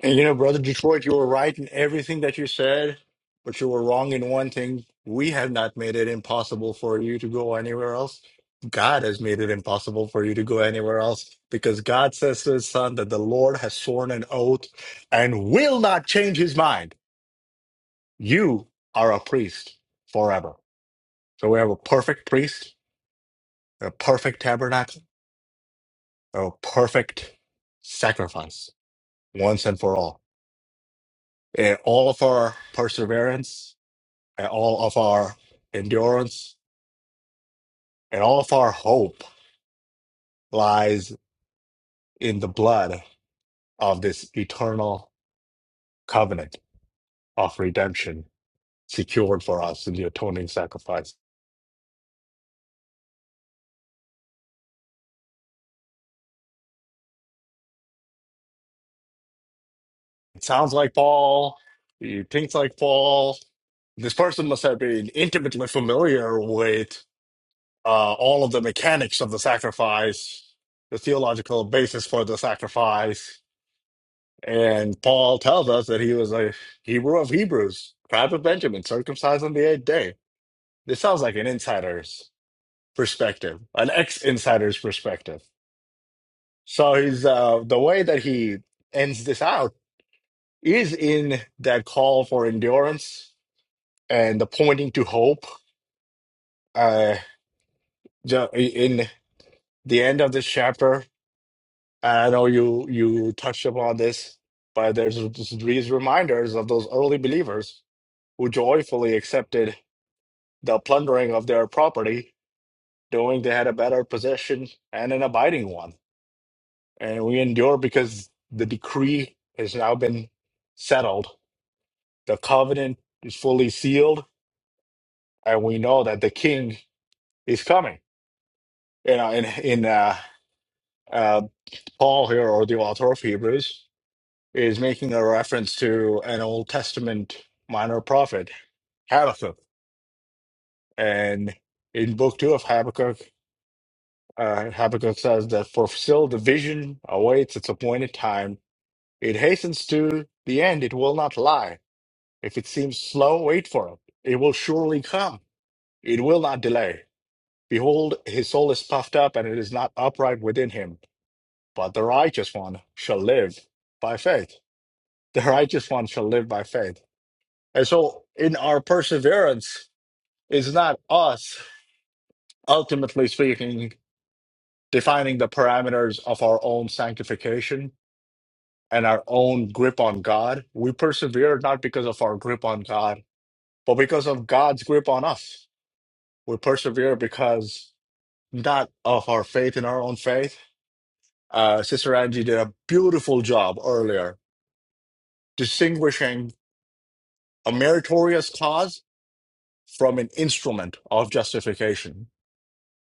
Speaker 1: And you know, brother Detroit, you were right in everything that you said, but you were wrong in one thing. We have not made it impossible for you to go anywhere else. God has made it impossible for you to go anywhere else because God says to his son that the Lord has sworn an oath and will not change his mind. You are a priest forever. So we have a perfect priest, a perfect tabernacle, a perfect sacrifice once and for all. And all of our perseverance and all of our endurance and all of our hope lies in the blood of this eternal covenant of redemption secured for us in the atoning sacrifice. It sounds like Paul, he thinks like Paul. This person must have been intimately familiar with uh, all of the mechanics of the sacrifice, the theological basis for the sacrifice, And Paul tells us that he was a Hebrew of Hebrews, tribe of Benjamin, circumcised on the eighth day. This sounds like an insider's perspective, an ex-insider's perspective. So he's uh, the way that he ends this out is in that call for endurance and the pointing to hope. Uh, ju- in the end of this chapter, I know you you touched upon this, but there's these reminders of those early believers who joyfully accepted the plundering of their property, knowing they had a better possession and an abiding one. And we endure because the decree has now been settled. The covenant is fully sealed, and we know that the king is coming. You know, in in uh, uh, Paul here, or the author of Hebrews, is making a reference to an Old Testament minor prophet, Habakkuk. And in book two of Habakkuk, Uh, Habakkuk says that for still the vision awaits its appointed time. It hastens to the end. It will not lie. If it seems slow, wait for it. It will surely come. It will not delay. Behold, his soul is puffed up and it is not upright within him. But the righteous one shall live by faith. The righteous one shall live by faith. And so in our perseverance is not us, ultimately speaking, defining the parameters of our own sanctification and our own grip on God, we persevere not because of our grip on God, but because of God's grip on us. We persevere because not of our faith in our own faith. Uh, Sister Angie did a beautiful job earlier distinguishing a meritorious cause from an instrument of justification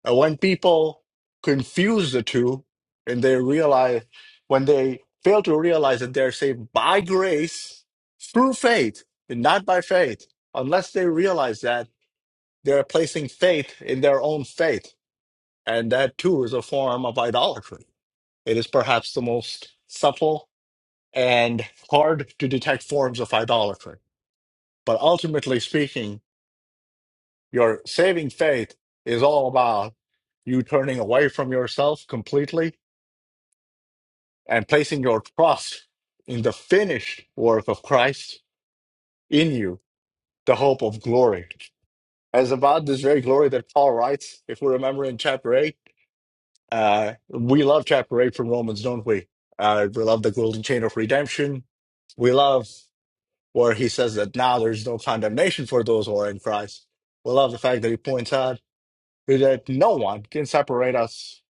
Speaker 1: And when people confuse the two and they realize, when they fail to realize that they're saved by grace through faith and not by faith, unless they realize that they're placing faith in their own faith. And that too is a form of idolatry. It is perhaps the most subtle and hard to detect forms of idolatry. But ultimately speaking, your saving faith is all about you turning away from yourself completely and placing your trust in the finished work of Christ in you, the hope of glory. As about this very glory that Paul writes, if we remember in chapter 8, uh, we love chapter 8 from Romans, don't we? Uh, we love the golden chain of redemption. We love where he says that now there's no condemnation for those who are in Christ. We love the fact that he points out that no one can separate us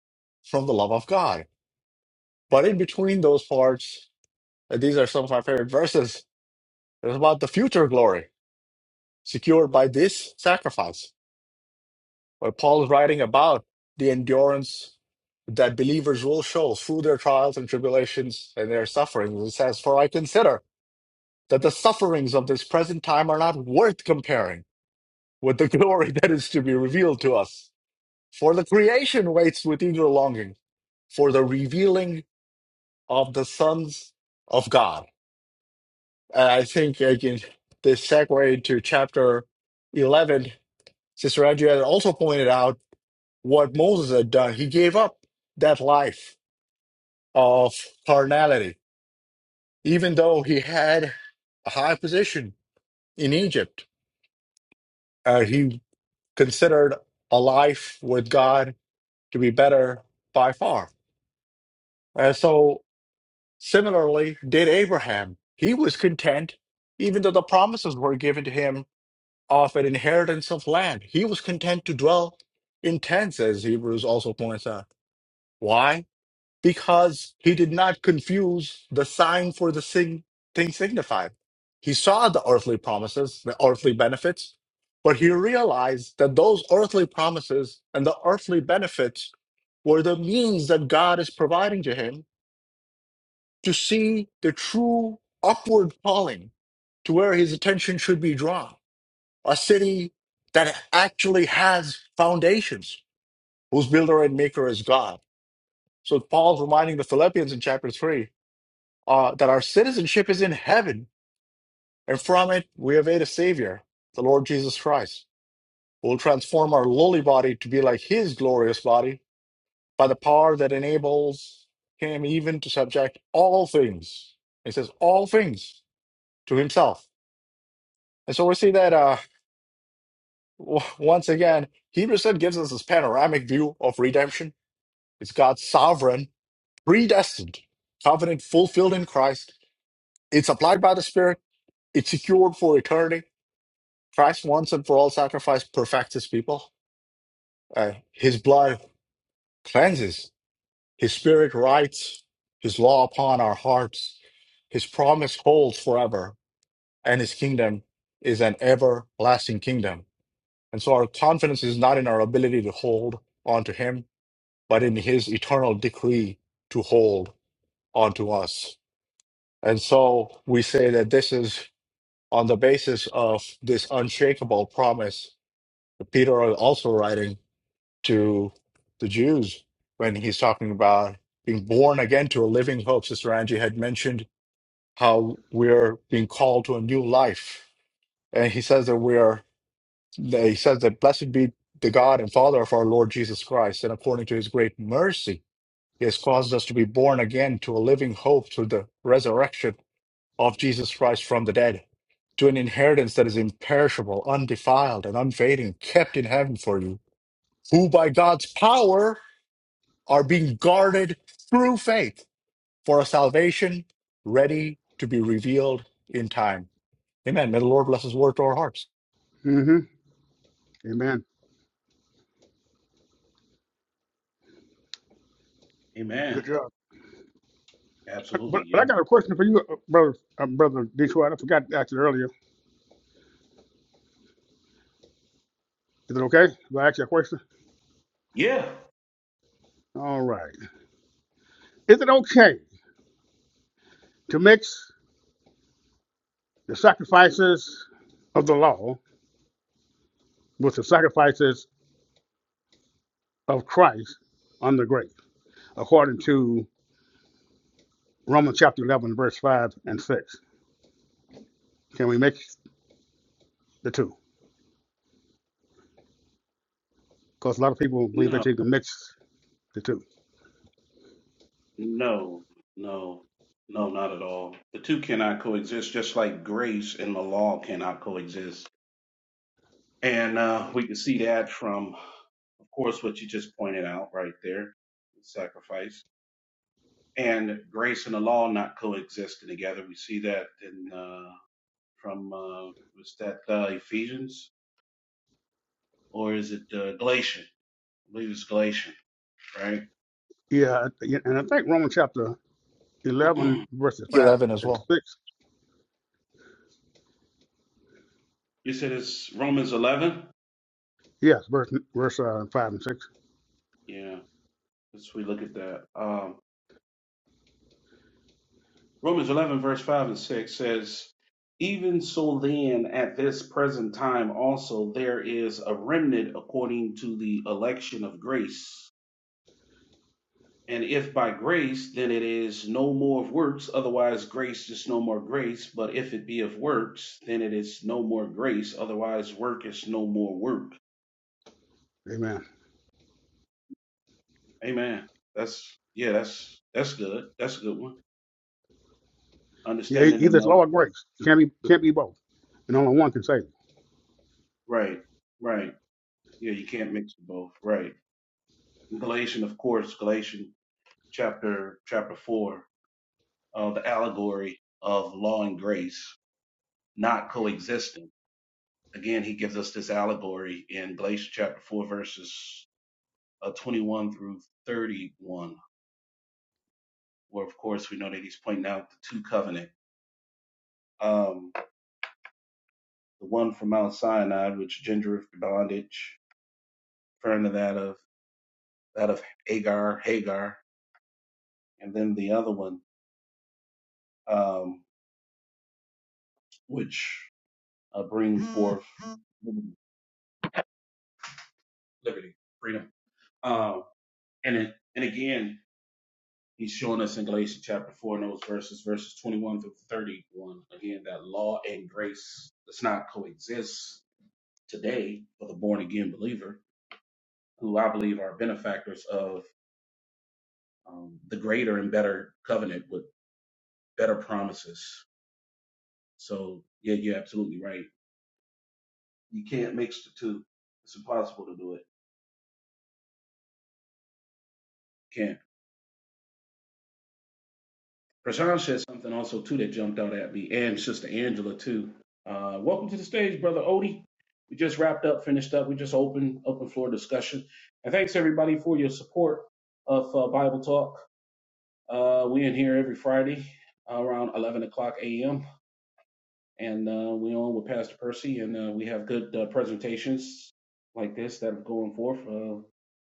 Speaker 1: from the love of God. But in between those parts, uh, these are some of my favorite verses It was about the future glory secured by this sacrifice, where Paul is writing about the endurance that believers will show through their trials and tribulations and their sufferings. He says, For I consider that the sufferings of this present time are not worth comparing with the glory that is to be revealed to us. For the creation waits with eager longing for the revealing of the sons of God. And I think I can this segue to chapter 11 Sister Andrea had also pointed out what Moses had done. He gave up that life of carnality, even though he had a high position in Egypt. Uh, he considered a life with God to be better by far. And so, similarly, did Abraham. He was content, even though the promises were given to him of an inheritance of land. He was content to dwell in tents, as Hebrews also points out. Why? because he did not confuse the sign for the sig- thing signified. He saw the earthly promises, the earthly benefits, but he realized that those earthly promises and the earthly benefits were the means that God is providing to him to see the true upward calling to where his attention should be drawn. A city that actually has foundations, whose builder and maker is God. So Paul's reminding the Philippians in chapter 3 uh, that our citizenship is in heaven, and from it we await a Savior, the Lord Jesus Christ, who will transform our lowly body to be like His glorious body by the power that enables Him even to subject all things. It says, all things to Himself. And so we see that uh, w- once again, Hebrews 10 gives us this panoramic view of redemption. It's God's sovereign, predestined covenant fulfilled in Christ. It's applied by the Spirit, it's secured for eternity Christ once and for all sacrifice perfects his people. Uh, his blood cleanses. His spirit writes his law upon our hearts. His promise holds forever, and his kingdom is an everlasting kingdom. And so our confidence is not in our ability to hold on to him, but in his eternal decree to hold on to us. And so we say that this is on the basis of this unshakable promise. that Peter is also writing to the Jews when he's talking about being born again to a living hope. Sister Angie had mentioned how we're being called to a new life. And he says that we're, that he says that blessed be the God and Father of our Lord Jesus Christ. And according to his great mercy, he has caused us to be born again to a living hope through the resurrection of Jesus Christ from the dead, to an inheritance that is imperishable, undefiled, and unfading, kept in heaven for you, who by God's power are being guarded through faith for a salvation ready to be revealed in time. Amen. May the Lord bless his word to our hearts.
Speaker 2: hmm Amen. Good
Speaker 3: Amen.
Speaker 2: job.
Speaker 3: Absolutely.
Speaker 2: But but I
Speaker 3: Yeah.
Speaker 2: got a question for you, uh, brother, uh, brother Detroit. I forgot to ask it earlier. Is it okay if I ask you a question?
Speaker 3: Yeah.
Speaker 2: All right. Is it okay to mix the sacrifices of the law with the sacrifices of Christ on the grave, according to Romans chapter 11, verse 5 and 6? Can we make? the two, because a lot of people believe that
Speaker 3: No.
Speaker 2: you can mix the two.
Speaker 3: No. No. No. Not at all. The two cannot coexist, just like grace and the law cannot coexist. And uh, we can see that from, of course, what you just pointed out right there, sacrifice and grace and the law not coexisting together. We see that in uh, from uh, was that uh, Ephesians or is it uh, Galatian? I believe it's Galatian, right?
Speaker 2: Yeah, yeah, and I think Romans chapter 11, verses 5
Speaker 1: 11 as
Speaker 2: and
Speaker 1: well.
Speaker 2: 6.
Speaker 3: you said it's Romans eleven.
Speaker 2: Yes, verse, verse uh, 5 and 6.
Speaker 3: Yeah, let's we look at that. Um, Romans eleven verse five and six says, "Even so, then at this present time also there is a remnant according to the election of grace." And if by grace, then it is no more of works, otherwise grace is no more grace. But if it be of works, then it is no more grace, otherwise work is no more work.
Speaker 2: Amen.
Speaker 3: Amen. That's yeah, that's that's good. That's a good one.
Speaker 2: Yeah, e-
Speaker 3: Understanding the
Speaker 2: either it's
Speaker 3: know.
Speaker 2: law or grace. Can't be, can't be both. And only one can save.
Speaker 3: Right, right. Yeah, you can't mix them both. Right. In Galatian, of course, Galatian chapter chapter four, uh, the allegory of law and grace not coexisting again, he gives us this allegory in Galatians chapter 4, verses uh, 21 through 31, where, of course, we know that he's pointing out the two covenant. Um, the one from Mount Sinai, which gingereth bondage, referring to that of that of Hagar, Hagar, and then the other one, um, which uh, bring forth liberty, freedom. Um, and it, and again, He's showing us in Galatians chapter 4 and those verses, verses 21 through 31, again, that law and grace does not coexist today for the born again believer, who I believe are benefactors of um, the greater and better covenant with better promises. So, yeah, you're absolutely right. You can't mix the two, it's impossible to do it. Can't. Prashant said something also too that jumped out at me, and Sister Angela too. Uh, welcome to the stage, Brother Odie. We just wrapped up, finished up. We just opened open floor discussion, and thanks everybody for your support of uh, Bible Talk. Uh, we in here every Friday around 11 o'clock a.m and uh, we all with Pastor Percy, and uh, we have good uh, presentations like this that are going forth. Uh,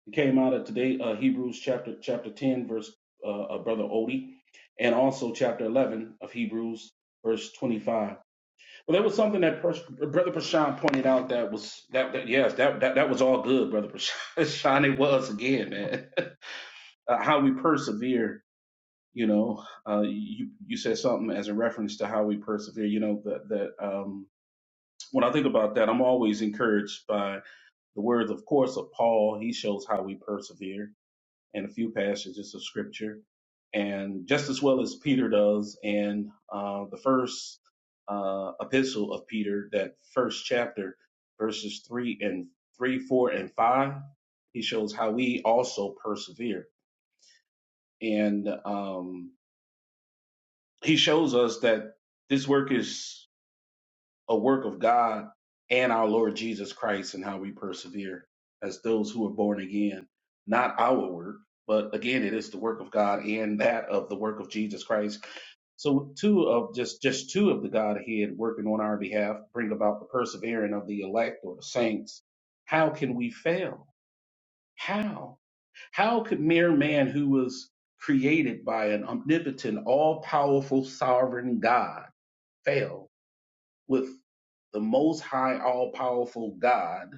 Speaker 3: it came out of today uh, Hebrews chapter chapter ten, verse uh, uh, brother Odie, and also chapter eleven of Hebrews, verse twenty five. Well, there was something that Pers- brother Prashant pointed out that was that, that yes that, that that was all good, brother Prashant. It was again, man. uh, how we persevere. You know, uh, you you said something as a reference to how we persevere. You know that that. Um, when I think about that, I'm always encouraged by the words, of course, of Paul. He shows how we persevere in a few passages of scripture, and just as well as Peter does in uh, the first uh, epistle of Peter, that first chapter, verses three and three, four, and five. He shows how we also persevere, and um, he shows us that this work is a work of God and our Lord Jesus Christ and how we persevere as those who are born again. Not our work, but again, it is the work of God and that of the work of Jesus Christ. So two of just just two of the Godhead working on our behalf bring about the persevering of the elect or the saints. How can we fail? How? How could mere man who was created by an omnipotent, all powerful, sovereign God fail? with the most high, all powerful God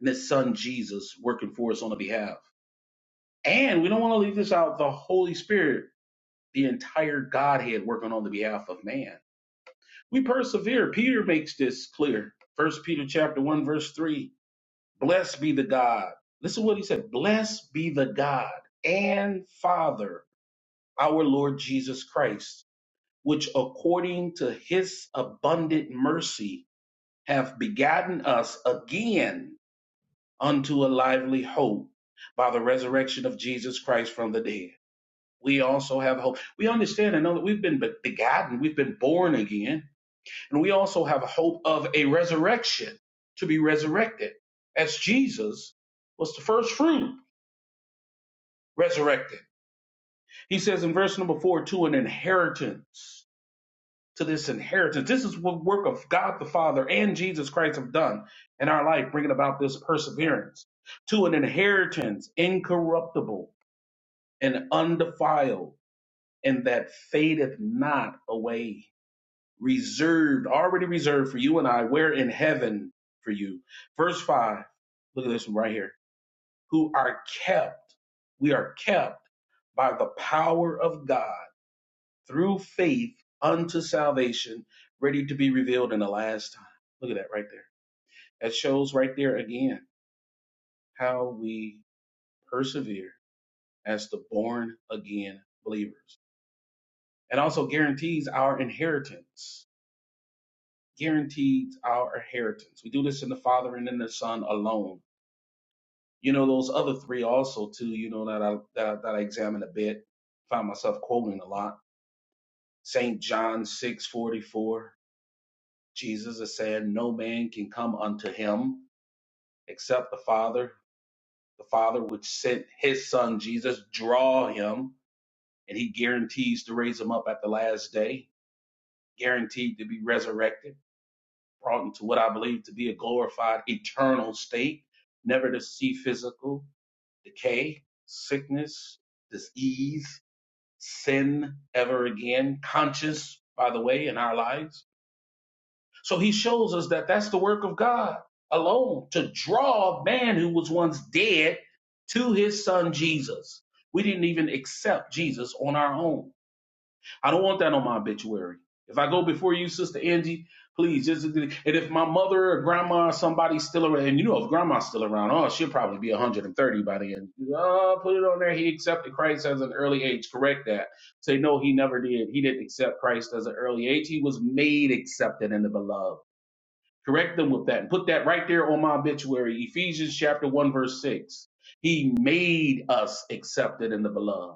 Speaker 3: and his son Jesus working for us on the behalf. And we don't want to leave this out the Holy Spirit, the entire Godhead working on the behalf of man. We persevere. Peter makes this clear. First Peter chapter 1, verse 3. Blessed be the God. Listen to what he said. Blessed be the God and Father, our Lord Jesus Christ, which according to his abundant mercy have begotten us again unto a lively hope by the resurrection of Jesus Christ from the dead. We also have hope. We understand and know that we've been begotten, we've been born again, and we also have a hope of a resurrection to be resurrected, as Jesus was the first fruit resurrected. He says in verse number four, to an inheritance, to this inheritance. This is what work of God the Father and Jesus Christ have done in our life, bringing about this perseverance, to an inheritance incorruptible and undefiled, and that fadeth not away, reserved, already reserved for you and I, where in heaven for you. Verse 5, look at this one right here. Who are kept, we are kept by the power of God through faith unto salvation, ready to be revealed in the last time. Look at that right there. That shows right there again how we persevere as the born again believers. It also guarantees our inheritance. Guarantees our inheritance. We do this in the Father and in the Son alone. You know those other three also too. You know that I that, I- that I examine a bit. Find myself quoting a lot. Saint John six forty four. Jesus is saying, "No man can come unto him except the Father. The Father which sent His Son Jesus draw him, and He guarantees to raise him up at the last day. Guaranteed to be resurrected." brought into what I believe to be a glorified eternal state, never to see physical decay, sickness, disease, sin ever again, conscious, by the way, in our lives. So he shows us that that's the work of God alone to draw a man who was once dead to his son Jesus. We didn't even accept Jesus on our own. I don't want that on my obituary. If I go before you, Sister Angie, please just and if my mother or grandma or somebody's still around, and you know if grandma's still around, oh, she'll probably be 130 by the end. Oh, put it on there. He accepted Christ as an early age. Correct that. Say no, he never did. He didn't accept Christ as an early age. He was made accepted in the beloved. Correct them with that and put that right there on my obituary. Ephesians chapter one verse six. He made us accepted in the beloved.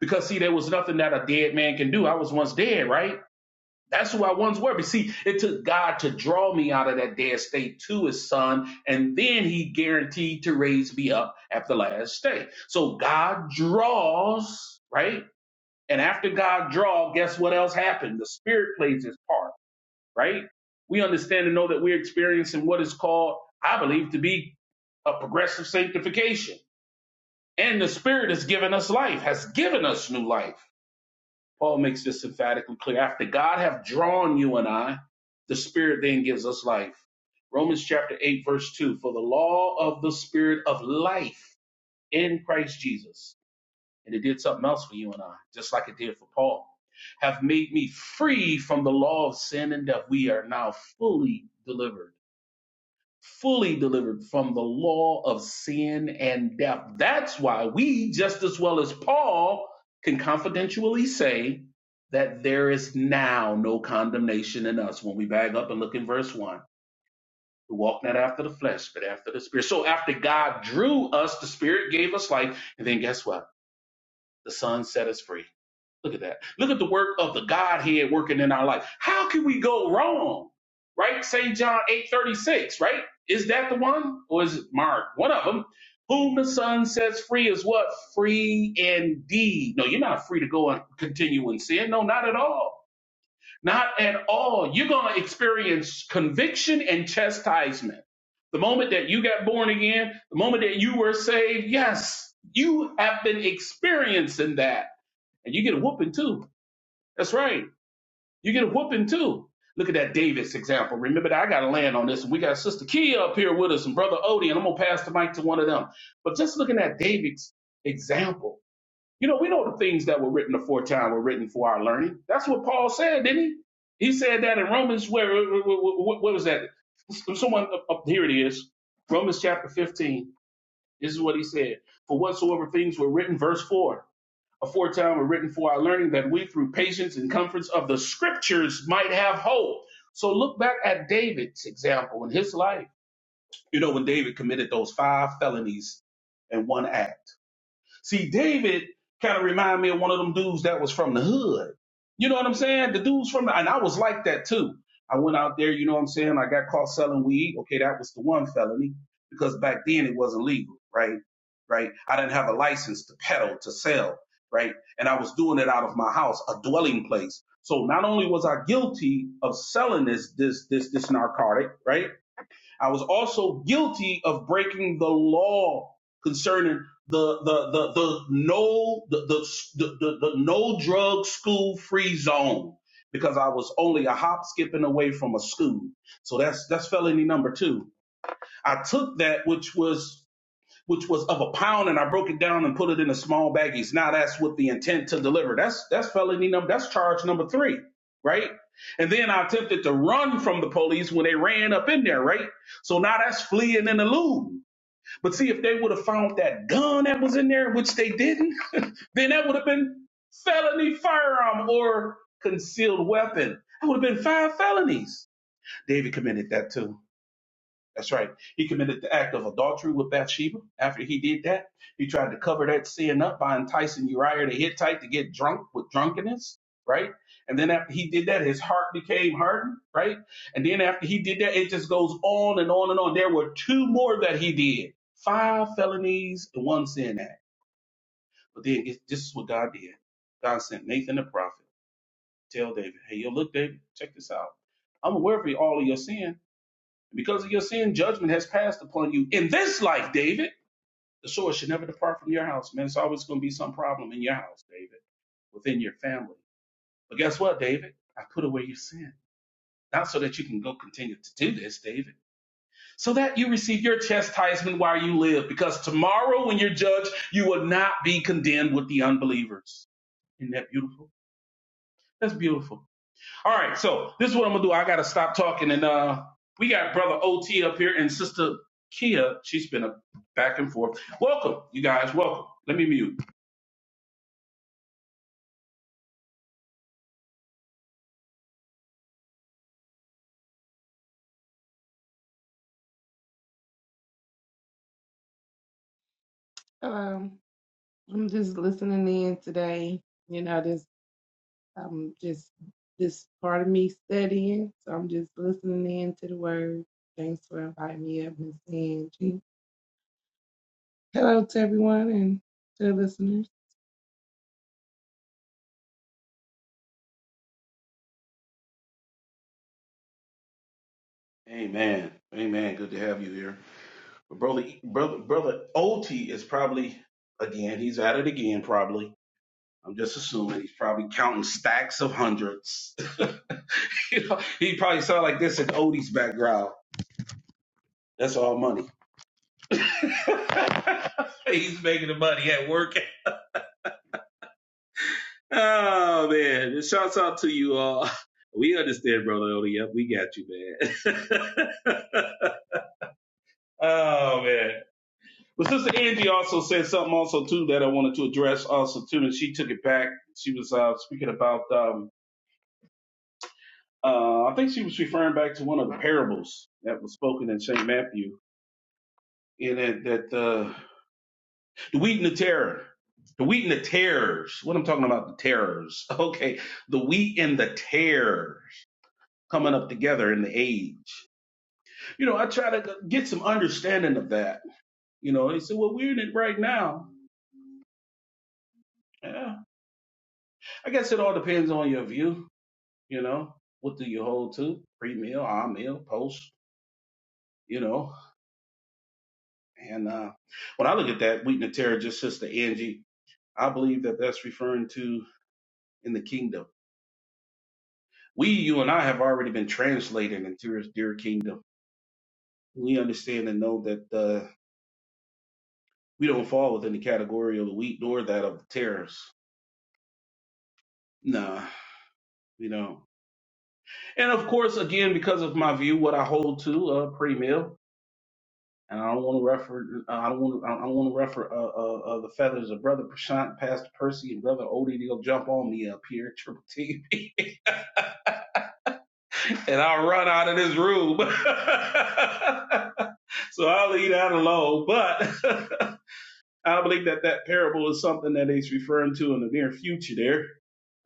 Speaker 3: Because see, there was nothing that a dead man can do. I was once dead, right? That's who I once were. But see, it took God to draw me out of that dead state to his son, and then he guaranteed to raise me up at the last day. So God draws, right? And after God draws, guess what else happened? The spirit plays his part, right? We understand and know that we're experiencing what is called, I believe, to be a progressive sanctification. And the spirit has given us life, has given us new life Paul makes this emphatically clear. After God have drawn you and I, the Spirit then gives us life. Romans chapter 8, verse 2 For the law of the Spirit of life in Christ Jesus, and it did something else for you and I, just like it did for Paul, have made me free from the law of sin and death. We are now fully delivered fully delivered from the law of sin and death. That's why we, just as well as Paul, can confidentially say that there is now no condemnation in us when we back up and look in verse 1. We walk not after the flesh, but after the spirit. So after God drew us, the spirit gave us life. And then guess what? The Son set us free. Look at that. Look at the work of the Godhead working in our life. How can we go wrong? Right? St. John 8 36, right? Is that the one? Or is it Mark? One of them. Whom the Son sets free is what? Free indeed. No, you're not free to go and continue in sin. No, not at all. Not at all. You're going to experience conviction and chastisement. The moment that you got born again, the moment that you were saved, yes, you have been experiencing that and you get a whooping too. That's right. You get a whooping too. Look at that Davis example. Remember that I got to land on this. And we got Sister Kia up here with us and Brother Odie, and I'm going to pass the mic to one of them. But just looking at David's example, you know, we know the things that were written aforetime were written for our learning. That's what Paul said, didn't he? He said that in Romans, where, where, where where was that? Someone, up here it is. Romans chapter 15. This is what he said. For whatsoever things were written, verse 4 aforetime were written for our learning that we through patience and comforts of the scriptures might have hope. So look back at David's example in his life. You know, when David committed those five felonies in one act. See, David kind of reminded me of one of them dudes that was from the hood. You know what I'm saying? The dudes from the, and I was like that too. I went out there, you know what I'm saying? I got caught selling weed. Okay, that was the one felony because back then it wasn't legal, right? Right? I didn't have a license to peddle, to sell, right? And I was doing it out of my house, a dwelling place. So not only was I guilty of selling this, this, this, this narcotic, right? I was also guilty of breaking the law concerning the the the, the no the the, the the the no drug school free zone because I was only a hop skipping away from a school. So that's that's felony number two. I took that which was which was of a pound, and I broke it down and put it in a small baggies. Now that's with the intent to deliver. That's that's felony number. That's charge number three, right? And then I attempted to run from the police when they ran up in there, right? So now that's fleeing and eluding. But see, if they would have found that gun that was in there, which they didn't, then that would have been felony firearm or concealed weapon. That would have been five felonies. David committed that too. That's right. He committed the act of adultery with Bathsheba. After he did that, he tried to cover that sin up by enticing Uriah the Hittite to get drunk with drunkenness, right? And then after he did that, his heart became hardened, right? And then after he did that, it just goes on and on and on. There were two more that he did five felonies and one sin act. But then it, this is what God did God sent Nathan the prophet. to Tell David, hey, yo, look, David, check this out. I'm aware of all of your sin, because of your sin, judgment has passed upon you in this life, David. The sword should never depart from your house, man. It's always going to be some problem in your house, David, within your family. But guess what, David? I put away your sin. Not so that you can go continue to do this, David, so that you receive your chastisement while you live, because tomorrow when you're judged, you will not be condemned with the unbelievers. Isn't that beautiful? That's beautiful. All right, so this is what I'm gonna do. I gotta stop talking, and uh, we got brother OT up here and sister Kia. She's been a back and forth. Welcome, you guys. Welcome. Let me mute.
Speaker 5: Um, I'm just listening in today. You know, this I'm just this part of me studying, so I'm just listening in to the word. Thanks for inviting me up, Miss Angie. Hello to everyone and to the listeners.
Speaker 3: Amen. Amen. Good to have you here. But brother, brother, brother OT is probably again. He's at it again. Probably. I'm just assuming he's probably counting stacks of hundreds. you know, he probably sound like this in Odie's background. That's all money. he's making the money at work. Oh man, shouts out to you all. We understand, brother Odie. Yep, we got you, man. oh man. But Sister Angie also said something also too that I wanted to address also too, and she took it back. She was uh, speaking about um, uh, I think she was referring back to one of the parables that was spoken in Saint Matthew, and that, that uh, the wheat and the terror, the wheat and the terrors. What I'm talking about, the terrors. Okay, the wheat and the tares. coming up together in the age. You know, I try to get some understanding of that. You know, they say, well, we're in it right now. Yeah. I guess it all depends on your view. You know, what do you hold to? Pre meal, our meal, post, you know. And uh, when I look at that, Wheaton and Terra, just sister Angie, I believe that that's referring to in the kingdom. We, you and I, have already been translated into his dear kingdom. We understand and know that uh, we don't fall within the category of the wheat nor that of the tares. Nah. you know. And of course, again, because of my view, what I hold to uh, pre-mill, and I don't want to refer, uh, I don't want, to, I don't want to refer uh, uh, uh, the feathers of brother Prashant, Pastor Percy, and brother Odie to go jump on me up here, Triple T, and I'll run out of this room. so I'll leave that alone. But I believe that that parable is something that he's referring to in the near future. There,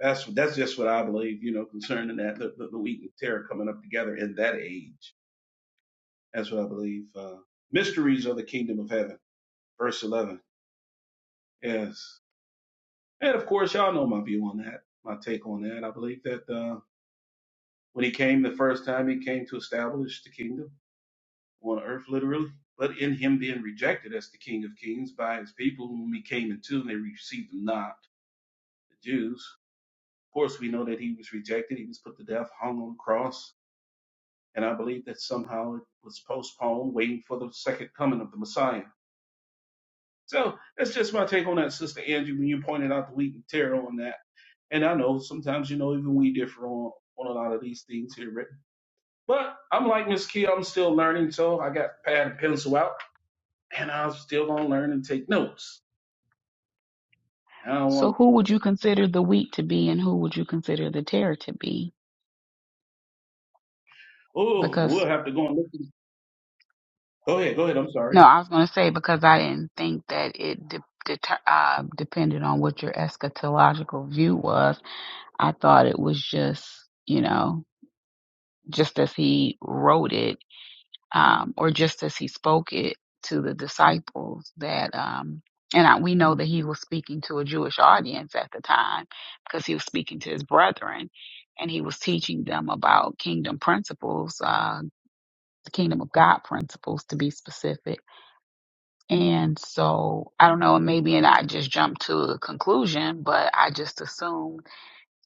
Speaker 3: that's that's just what I believe, you know, concerning that the, the, the wheat and terror coming up together in that age That's what I believe. Uh, Mysteries of the Kingdom of Heaven, verse 11. Yes. And of course, y'all know my view on that, my take on that. I believe that uh, when he came the first time, he came to establish the kingdom on earth, literally. But in him being rejected as the King of Kings by his people, whom he came into, and they received him not, the Jews. Of course, we know that he was rejected. He was put to death, hung on the cross. And I believe that somehow it was postponed, waiting for the second coming of the Messiah So that's just my take on that, Sister Angie, when you pointed out the wheat and tear on that. And I know sometimes, you know, even we differ on, on a lot of these things here, Rick. But I'm like Miss Kia, I'm still learning, so I got pad and pencil out, and I'm still going to learn and take notes. I don't
Speaker 4: So,
Speaker 3: want to,
Speaker 4: who would you consider the wheat to be and who would you consider the tare to be?
Speaker 3: oh,
Speaker 4: Because.
Speaker 3: we'll have to go and look. Go ahead, go ahead, I'm sorry.
Speaker 4: No, I was going to say because I didn't think that it de- deter- uh, depended on what your eschatological view was. I thought it was just, you know, just as he wrote it, um, or just as he spoke it to the disciples that, um, and I, we know that he was speaking to a Jewish audience at the time because he was speaking to his brethren and he was teaching them about kingdom principles, uh, the kingdom of God principles to be specific And so I don't know, maybe and I just jumped to a conclusion, but I just assumed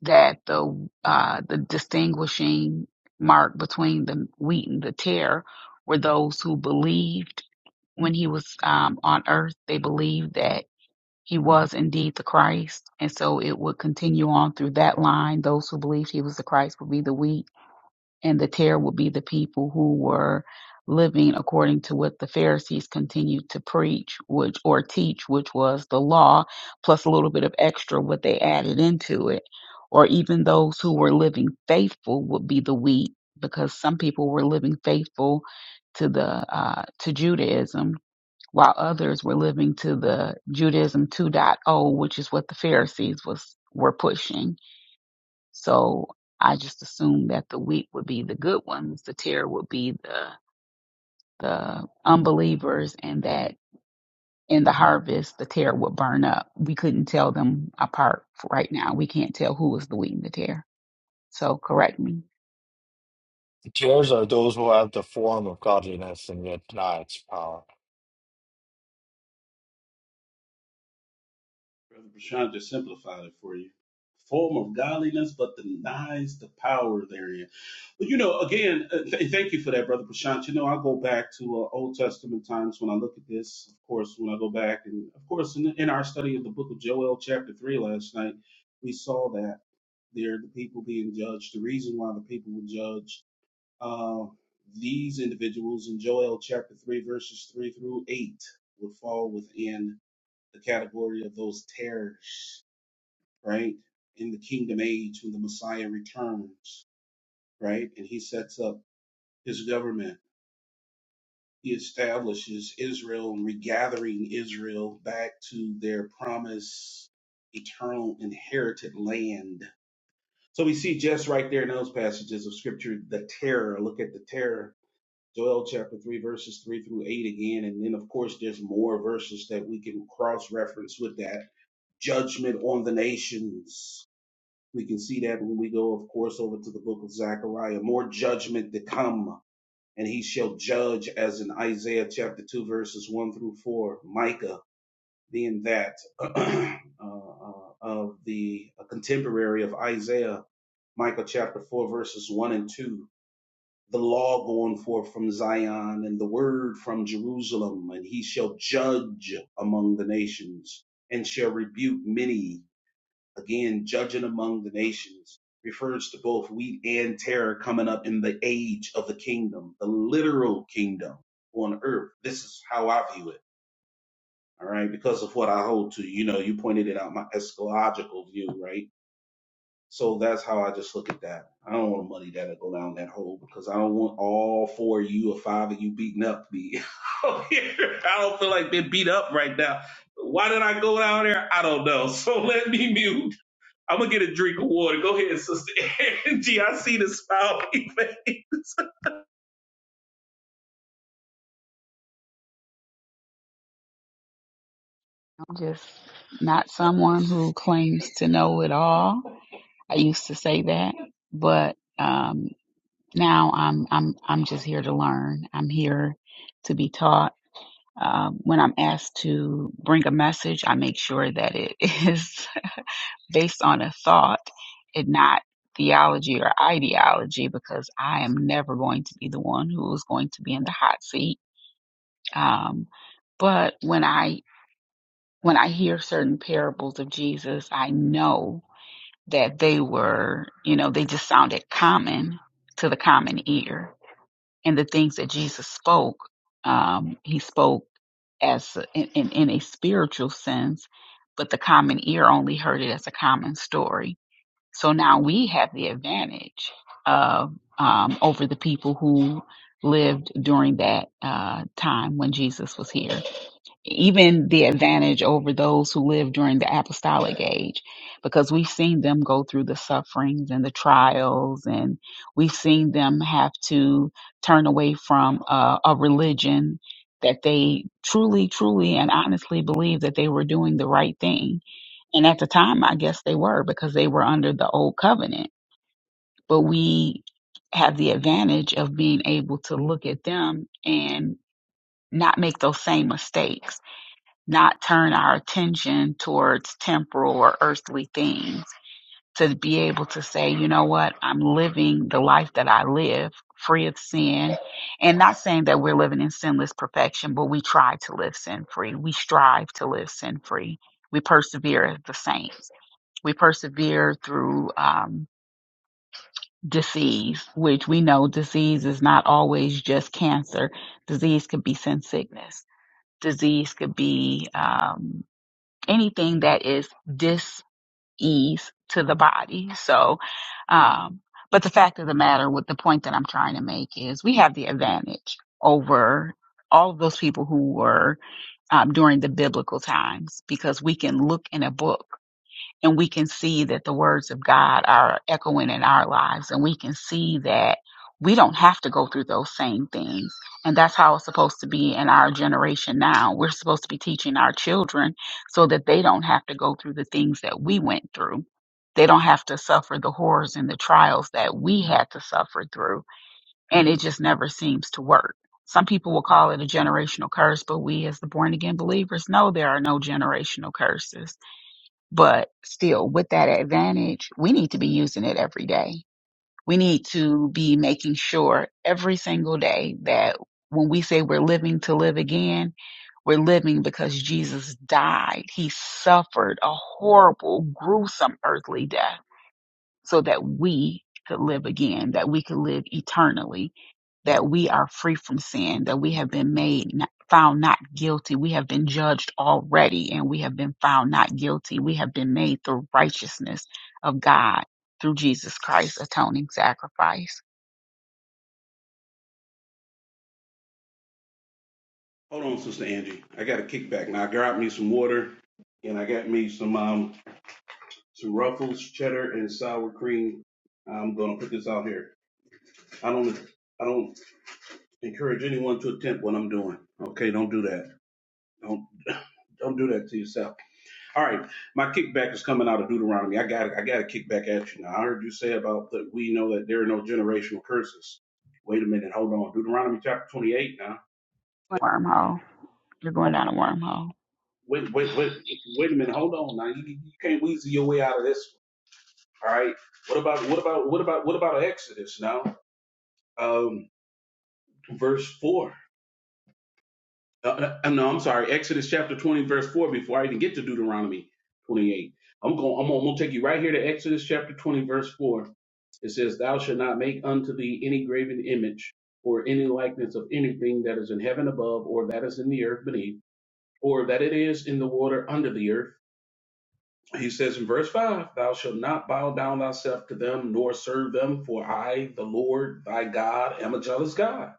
Speaker 4: that the uh, the distinguishing mark between the wheat and the tare were those who believed when he was um, on earth, they believed that he was indeed the Christ, and so it would continue on through that line. Those who believed he was the Christ would be the wheat and the tear will be the people who were living according to what the Pharisees continued to preach, which or teach, which was the law, plus a little bit of extra what they added into it. Or even those who were living faithful would be the wheat, because some people were living faithful to the uh, to Judaism, while others were living to the Judaism 2.0, point oh, which is what the Pharisees was were pushing so I just assumed that the weak would be the good ones, the tear would be the the unbelievers, and that in the harvest the tear would burn up. We couldn't tell them apart for right now. We can't tell who was the wheat and the tear. So correct me.
Speaker 1: Tears are those who have the form of godliness and yet deny its power.
Speaker 3: Brother Prashant just simplified it for you. Form of godliness, but denies the power therein. But you know, again, uh, th- thank you for that, brother Prashant. You know, I go back to uh, Old Testament times when I look at this. Of course, when I go back, and of course, in, in our study of the book of Joel, chapter three last night, we saw that there the people being judged. The reason why the people were judged, uh, these individuals in Joel chapter three, verses three through eight, would fall within the category of those terrors, right? In the kingdom age, when the Messiah returns, right, and he sets up his government. He establishes Israel and regathering Israel back to their promised eternal inherited land. So we see just right there in those passages of scripture the terror. Look at the terror. Joel chapter 3, verses 3 through 8 again. And then, of course, there's more verses that we can cross reference with that. Judgment on the nations. We can see that when we go, of course, over to the book of Zechariah. More judgment to come and he shall judge as in Isaiah chapter 2 verses 1 through 4 Micah being that uh, uh, of the contemporary of Isaiah Micah chapter 4 verses 1 and 2 the law going forth from Zion and the word from Jerusalem and he shall judge among the nations and shall rebuke many Again, judging among the nations refers to both wheat and terror coming up in the age of the kingdom, the literal kingdom on earth. This is how I view it. All right. Because of what I hold to, you know, you pointed it out, my eschatological view, right? So that's how I just look at that. I don't want to money that to go down that hole because I don't want all four of you or five of you beating up me. Out here. I don't feel like being beat up right now. Why did I go down there? I don't know. So let me mute. I'm gonna get a drink of water. Go ahead, Sister Angie. I see the smile on your face.
Speaker 4: I'm just not someone who claims to know it all. I used to say that, but um, now I'm I'm I'm just here to learn. I'm here to be taught. Um, when I'm asked to bring a message, I make sure that it is based on a thought and not theology or ideology because I am never going to be the one who is going to be in the hot seat. Um, but when I when I hear certain parables of Jesus, I know that they were, you know, they just sounded common to the common ear and the things that Jesus spoke, um, he spoke as in, in, in a spiritual sense, but the common ear only heard it as a common story. So now we have the advantage of um, over the people who lived during that uh, time when Jesus was here even the advantage over those who lived during the apostolic age because we've seen them go through the sufferings and the trials and we've seen them have to turn away from uh, a religion that they truly truly and honestly believed that they were doing the right thing and at the time i guess they were because they were under the old covenant but we have the advantage of being able to look at them and not make those same mistakes not turn our attention towards temporal or earthly things, to be able to say, you know what, I'm living the life that I live free of sin. And not saying that we're living in sinless perfection, but we try to live sin free. We strive to live sin free. We persevere as the saints. We persevere through um, disease, which we know disease is not always just cancer. Disease could be sin sickness. Disease could be um, anything that is dis-ease to the body. So, um, but the fact of the matter with the point that I'm trying to make is we have the advantage over all of those people who were um, during the biblical times because we can look in a book and we can see that the words of God are echoing in our lives, and we can see that we don't have to go through those same things. And that's how it's supposed to be in our generation now. We're supposed to be teaching our children so that they don't have to go through the things that we went through. They don't have to suffer the horrors and the trials that we had to suffer through. And it just never seems to work. Some people will call it a generational curse, but we as the born again believers know there are no generational curses but still, with that advantage, we need to be using it every day. We need to be making sure every single day that when we say we're living to live again, we're living because Jesus died. He suffered a horrible, gruesome earthly death so that we could live again, that we could live eternally, that we are free from sin, that we have been made not, found not guilty. We have been judged already and we have been found not guilty. We have been made the righteousness of God through Jesus Christ atoning sacrifice.
Speaker 3: Hold on, Sister Angie. I got a kickback now. I grabbed me some water and I got me some um some ruffles, cheddar, and sour cream. I'm gonna put this out here. I don't. I don't. encourage anyone to attempt what I'm doing. Okay, don't do that. Don't don't do that to yourself. All right, my kickback is coming out of Deuteronomy. I got I got a kickback at you now. I heard you say about that we know that there are no generational curses. Wait a minute, hold on. Deuteronomy chapter 28 now.
Speaker 4: Wormhole. You're going down
Speaker 3: Hold
Speaker 4: a
Speaker 3: on.
Speaker 4: wormhole.
Speaker 3: Wait, wait, wait, wait a minute, hold on now. You, you can't weasel your way out of this one. All right. What about what about what about what about Exodus now? Um, verse four. Uh, uh, uh, no, I'm sorry. Exodus chapter 20, verse 4, before I even get to Deuteronomy 28. I'm going, I'm going, to take you right here to Exodus chapter 20, verse 4. It says, Thou shalt not make unto thee any graven image or any likeness of anything that is in heaven above, or that is in the earth beneath, or that it is in the water under the earth. He says in verse 5, Thou shalt not bow down thyself to them, nor serve them, for I, the Lord thy God, am a jealous God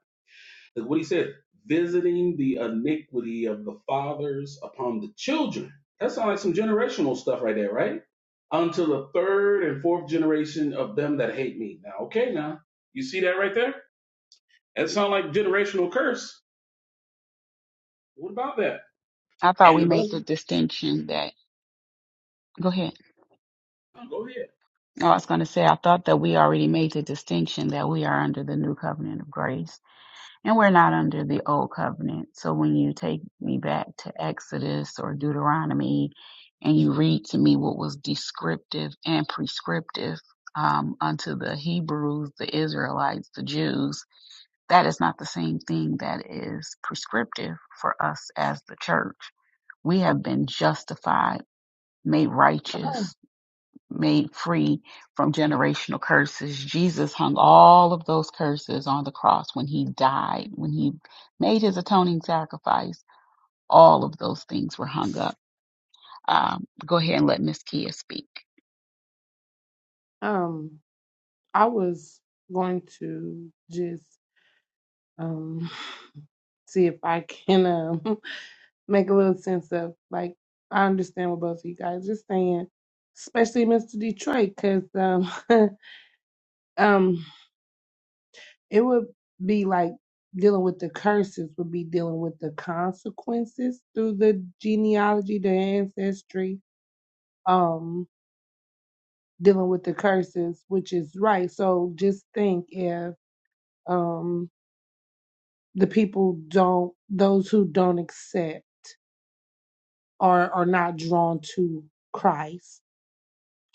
Speaker 3: that's what he said. Visiting the iniquity of the fathers upon the children. That sounds like some generational stuff right there, right? Unto the third and fourth generation of them that hate me. Now, okay, now you see that right there? That sounds like generational curse. What about that?
Speaker 4: I thought
Speaker 3: And
Speaker 4: we
Speaker 3: the
Speaker 4: made the
Speaker 3: blessing.
Speaker 4: distinction that go ahead.
Speaker 3: oh, go ahead.
Speaker 4: No, I was going to say I thought that we already made the distinction that we are under the new covenant of grace. And we're not under the old covenant. So when you take me back to Exodus or Deuteronomy and you read to me what was descriptive and prescriptive um, unto the Hebrews, the Israelites, the Jews, that is not the same thing that is prescriptive for us as the church. We have been justified, made righteous made free from generational curses. Jesus hung all of those curses on the cross when he died, when he made his atoning sacrifice. All of those things were hung up. Um, go ahead and let Miss Kia speak.
Speaker 5: Um, I was going to just um see if I can um make a little sense of like I understand what both of you guys are saying, especially Mr. Detroit, because um. um It would be like dealing with the curses, would be dealing with the consequences through the genealogy, the ancestry, um, dealing with the curses, which is right. So just think if um, the people don't, those who don't accept are are not drawn to Christ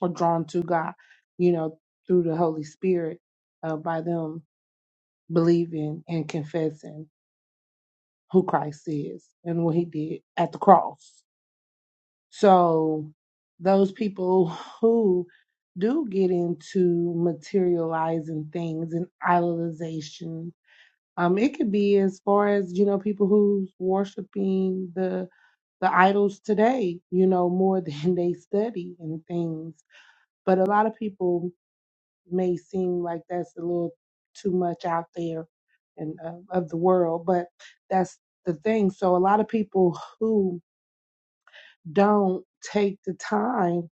Speaker 5: or drawn to God, you know, through the Holy Spirit uh, by them believing and confessing. who Christ is and what he did at the cross. So those people who do get into materializing things and idolization, um, it could be as far as, you know, people who's worshiping the the idols today, you know, more than they study and things. But a lot of people may seem like that's a little too much out there and uh, of the world, but that's the thing. So a lot of people who don't take the time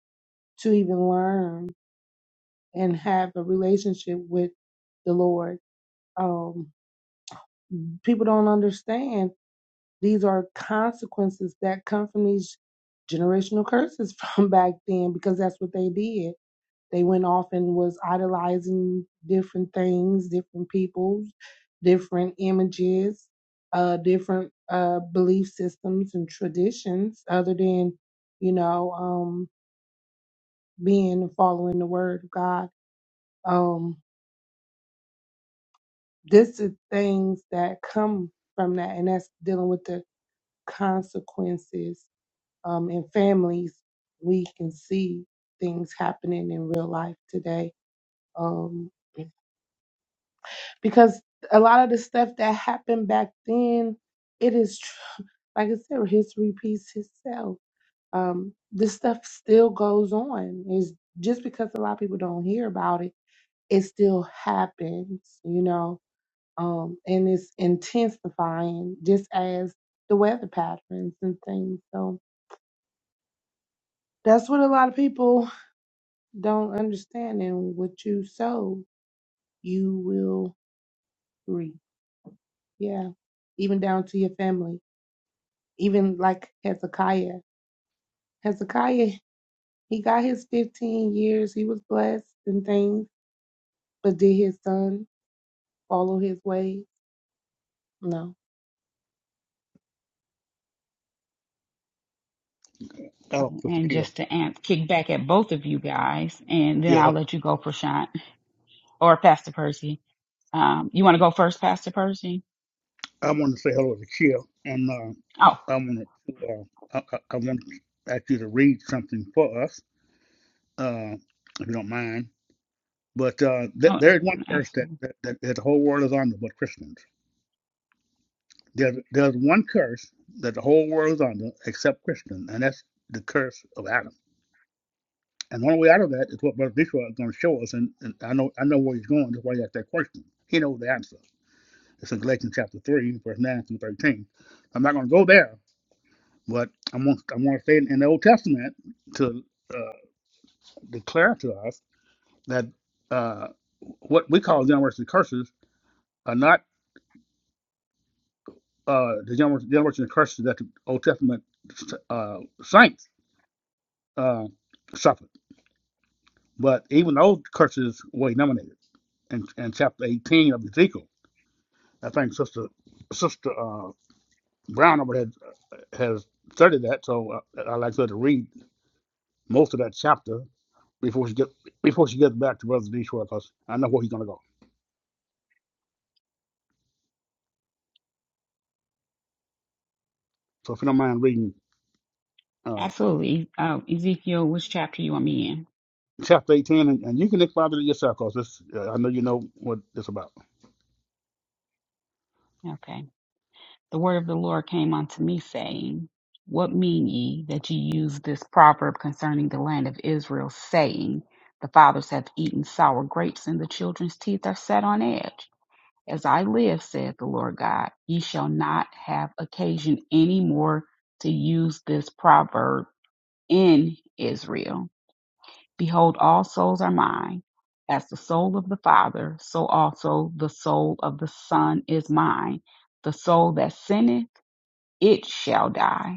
Speaker 5: to even learn and have a relationship with the Lord, um, people don't understand these are consequences that come from these generational curses from back then because that's what they did They went off and was idolizing different things, different people, different images, uh, different uh, belief systems and traditions, other than you know um, being and following the word of God. Um, this is things that come from that, and that's dealing with the consequences um, in families. We can see things happening in real life today. Um, because a lot of the stuff that happened back then, it is tr- like I said, history repeats itself. Um, this stuff still goes on. It's just because a lot of people don't hear about it, it still happens, you know, um, and it's intensifying just as the weather patterns and things. So that's what a lot of people don't understand. And what you sow, you will reap. Yeah, even down to your family even like Hezekiah. Hezekiah, he got his 15 years. He was blessed and things, but did his son follow his ways? No.
Speaker 2: Hello, Sister
Speaker 4: And
Speaker 2: Kill.
Speaker 4: just to ans- kick back at both of you guys, and then
Speaker 2: Yeah,
Speaker 4: I'll let you go, Prashant or Pastor Percy. Um, you want to go first, Pastor Percy?
Speaker 2: I wanted to say hello to Kill. And uh,
Speaker 4: Oh,
Speaker 2: I wanted to, uh, I, I I wanted to ask you to read something for us, uh, if you don't mind. But uh, th-
Speaker 4: oh
Speaker 2: there is one curse that,
Speaker 4: absolutely.
Speaker 2: that, that, that the whole world is under but Christians. There's, there's one curse that the whole world is under except Christian, and that's the curse of Adam. And the only way out of that is what Brother Dishwa is going to show us. And, and I know I know where he's going. That's why he asked that question. He knows the answer. It's in Galatians chapter 3, verse 9 through 13. I'm not going to go there, but I want, I want to say in the Old Testament to uh, declare to us that uh, what we call generation curses are not uh, the generation, generation curses that the Old Testament uh, saints uh, suffered. But even those curses were eliminated in, in chapter 18 of Ezekiel. I think Sister Sister uh, Brown over has, has studied that, so uh, I'd like her to read most of that chapter before she get before she gets back to Brother Detroit, because I know where he's going to go. So if you don't mind reading uh,
Speaker 4: Absolutely. Uh, Ezekiel, which chapter you want me
Speaker 2: chapter 18, and, and you can expound it yourself, because uh, I know you know what it's about.
Speaker 4: in? Okay. the word of the Lord came unto me, saying, What mean ye that ye use this proverb concerning the land of Israel, saying, The fathers have eaten sour grapes, and the children's teeth are set on edge? As I live, saith the Lord God, ye shall not have occasion any more to use this proverb in Israel. Behold, all souls are mine. As the soul of the Father, so also the soul of the Son is mine. The soul that sinneth, it shall die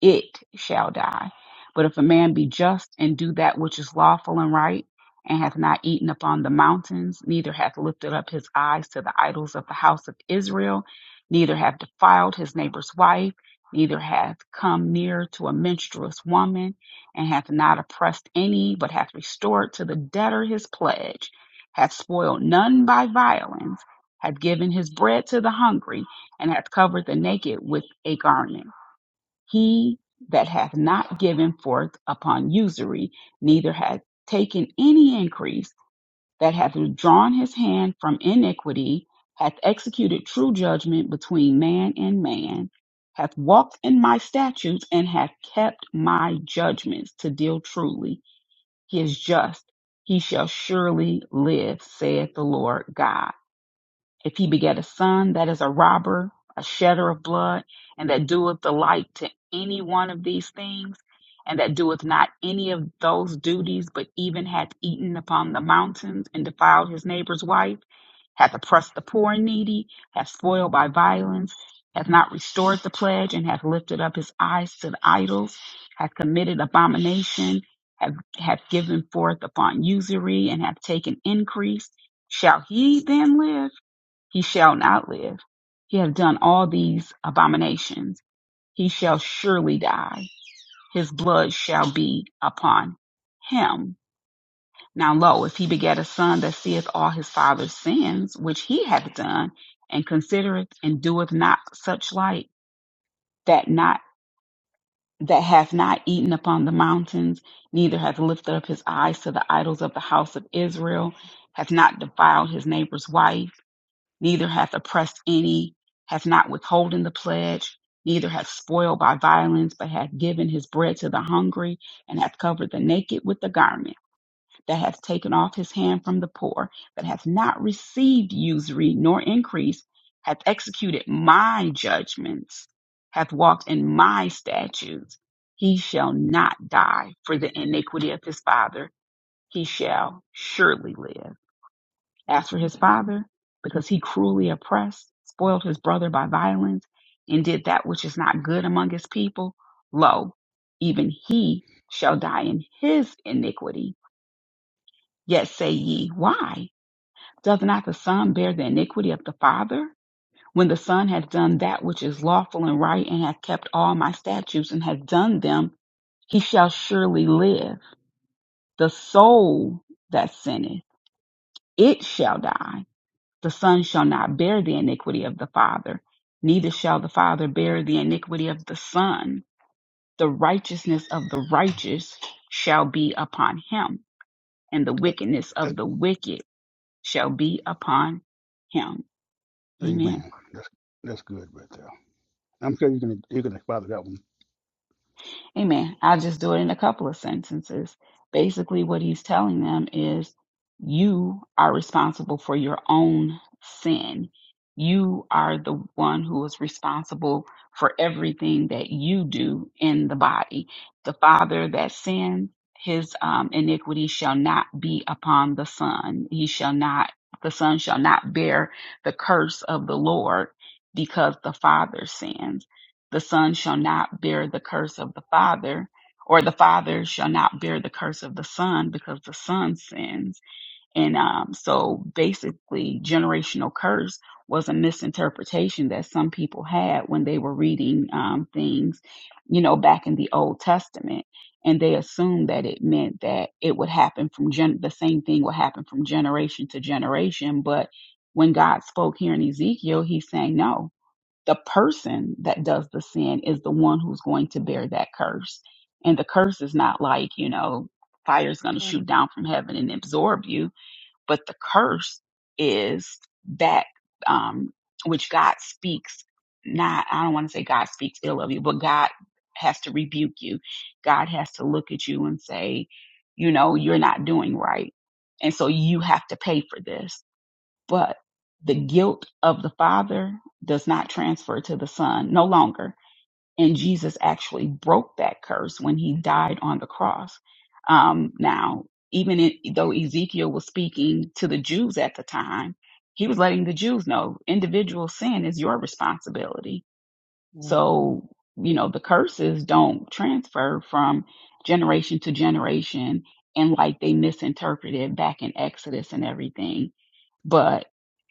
Speaker 4: it shall die. But if a man be just and do that which is lawful and right, and hath not eaten upon the mountains, neither hath lifted up his eyes to the idols of the house of Israel, neither hath defiled his neighbor's wife, neither hath come near to a menstruous woman, and hath not oppressed any, but hath restored to the debtor his pledge, hath spoiled none by violence, hath given his bread to the hungry, and hath covered the naked with a garment he that hath not given forth upon usury, neither hath taken any increase, that hath withdrawn his hand from iniquity, hath executed true judgment between man and man, hath walked in my statutes, and hath kept my judgments to deal truly. He is just. He shall surely live, saith the Lord God. If he beget a son, that is a robber, a shedder of blood, and that doeth the like to any one of these things, and that doeth not any of those duties, but even hath eaten upon the mountains and defiled his neighbor's wife, hath oppressed the poor and needy, hath spoiled by violence, hath not restored the pledge, and hath lifted up his eyes to the idols, hath committed abomination, hath, hath given forth upon usury, and hath taken increase, shall he then live? he shall not live. He hath done all these abominations. He shall surely die. His blood shall be upon him. Now lo, if he begat a son that seeth all his father's sins, which he hath done, and considereth and doeth not such like, that not that hath not eaten upon the mountains, neither hath lifted up his eyes to the idols of the house of Israel, hath not defiled his neighbor's wife neither hath oppressed any, hath not withholden the pledge, neither hath spoiled by violence, but hath given his bread to the hungry, and hath covered the naked with the garment, that hath taken off his hand from the poor, that hath not received usury nor increase, hath executed my judgments, hath walked in my statutes. He shall not die for the iniquity of his father. He shall surely live. As for his father, because he cruelly oppressed, spoiled his brother by violence, and did that which is not good among his people, lo, even he shall die in his iniquity. Yet say ye, Why? Doth not the son bear the iniquity of the father? When the son hath done that which is lawful and right, and hath kept all my statutes, and hath done them, he shall surely live. The soul that sinneth, it shall die. The Son shall not bear the iniquity of the Father, neither shall the Father bear the iniquity of the Son. The righteousness of the righteous shall be upon him, and the
Speaker 2: But,
Speaker 4: wickedness
Speaker 2: uh,
Speaker 4: of the wicked shall be upon him. Amen.
Speaker 2: amen. That's, that's good right there. I'm sure you can you can expound that one
Speaker 4: Amen. I'll just do it in a couple of sentences. Basically, what he's telling them is you are responsible for your own sin. You are the one who is responsible for everything that you do in the body. The father that sins, his um, iniquity shall not be upon the son. He shall not, the son shall not bear the curse of the Lord because the father sins the son shall not bear the curse of the father, or the father shall not bear the curse of the son because the son sins. And um, so basically, generational curse was a misinterpretation that some people had when they were reading um, things, you know, back in the Old Testament. And they assumed that it meant that it would happen from gen- the same thing would happen from generation to generation. But when God spoke here in Ezekiel, he's saying, no, the person that does the sin is the one who's going to bear that curse. And the curse is not like, you know, fire's going to shoot down from heaven and absorb you, but the curse is that um, which God speaks, not, I don't want to say God speaks ill of you, but God has to rebuke you. God has to look at you and say, you know, you're not doing right. And so you have to pay for this but the guilt of the father does not transfer to the son no longer and jesus actually broke that curse when he died on the cross um, now even in, though ezekiel was speaking to the jews at the time he was letting the jews know individual sin is your responsibility
Speaker 5: Mm-hmm.
Speaker 4: so, you know, the curses don't transfer from generation to generation and like they misinterpreted back in Exodus and everything. But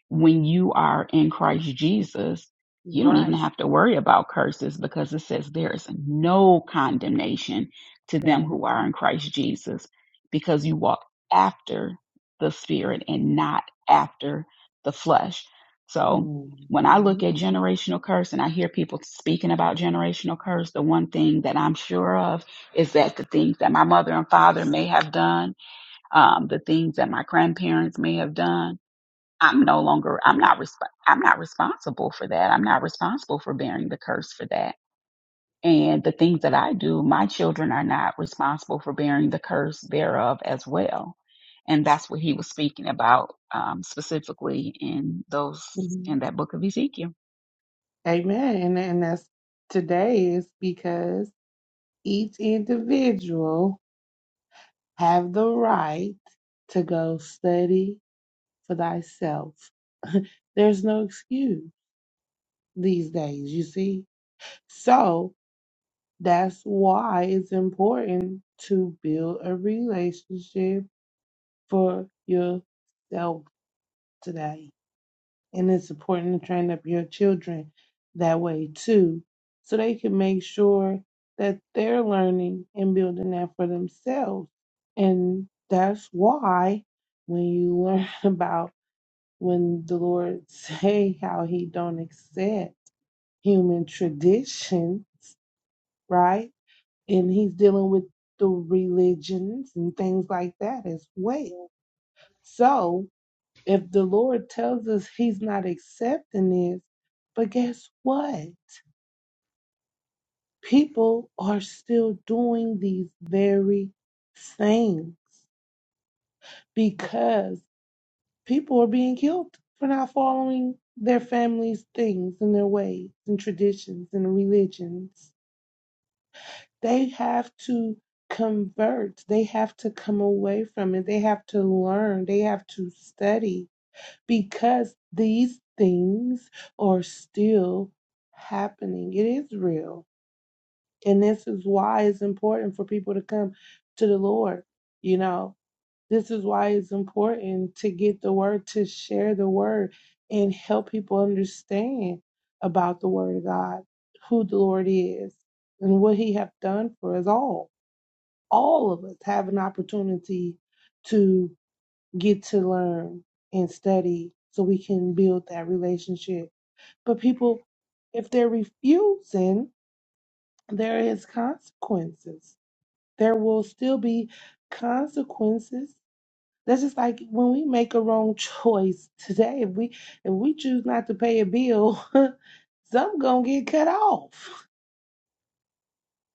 Speaker 4: when you are in Christ Jesus, you don't even
Speaker 5: Right.
Speaker 4: have to worry about curses because it says there is no condemnation to them
Speaker 5: Right.
Speaker 4: who are in Christ Jesus because you walk after the spirit and not after the flesh. So, when I
Speaker 5: hmm
Speaker 4: look at generational curse and I hear people speaking about generational curse, the one thing that I'm sure of is that the things that my mother and father may have done, um, the things that my grandparents may have done, I'm no longer, I'm not, resp- I'm not responsible for that. I'm not responsible for bearing the curse for that. And the things that I do, my children are not responsible for bearing the curse thereof as well and that's what he was speaking about um, specifically in those in that book of Ezekiel.
Speaker 5: Amen. And, and that's today is because each individual have the right to go study for thyself. There's no excuse these days, you see. So That's why it's important to build a relationship for yourself today. And it's important to train up your children that way too, so they can make sure that they're learning and building that for themselves. And that's why when you learn about when the Lord say how he don't accept human traditions, right? and he's dealing with the religions and things like that as well. So if the Lord tells us he's not accepting this, but guess what? People are still doing these very things because people are being killed for not following their families' things and their ways and traditions and religions. they have to convert they have to come away from it they have to learn they have to study because these things are still happening it is real and this is why it's important for people to come to the lord you know this is why it's important to get the word to share the word and help people understand about the word of god who the lord is and what he have done for us all all of us have an opportunity to get to learn and study so we can build that relationship. But people, if they're refusing, there is consequences. There will still be consequences. That's just like when we make a wrong choice today. If we if we choose not to pay a bill, some gonna get cut off.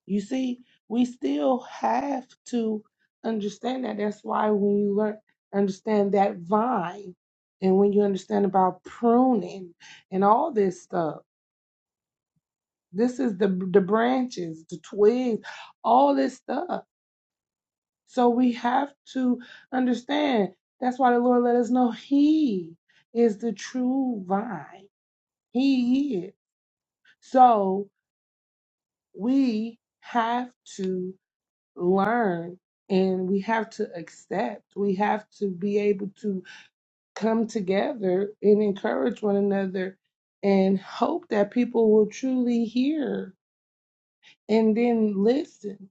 Speaker 5: You see, we still have to understand that. That's why when you learn understand that vine and when you understand about pruning and all this stuff, this is the the branches, the twigs, all this stuff. So we have to understand. That's why the Lord let us know He is the true vine. He is. So we have to learn and we have to accept. We have to be able to come together and encourage one another and hope that people will truly hear and then listen,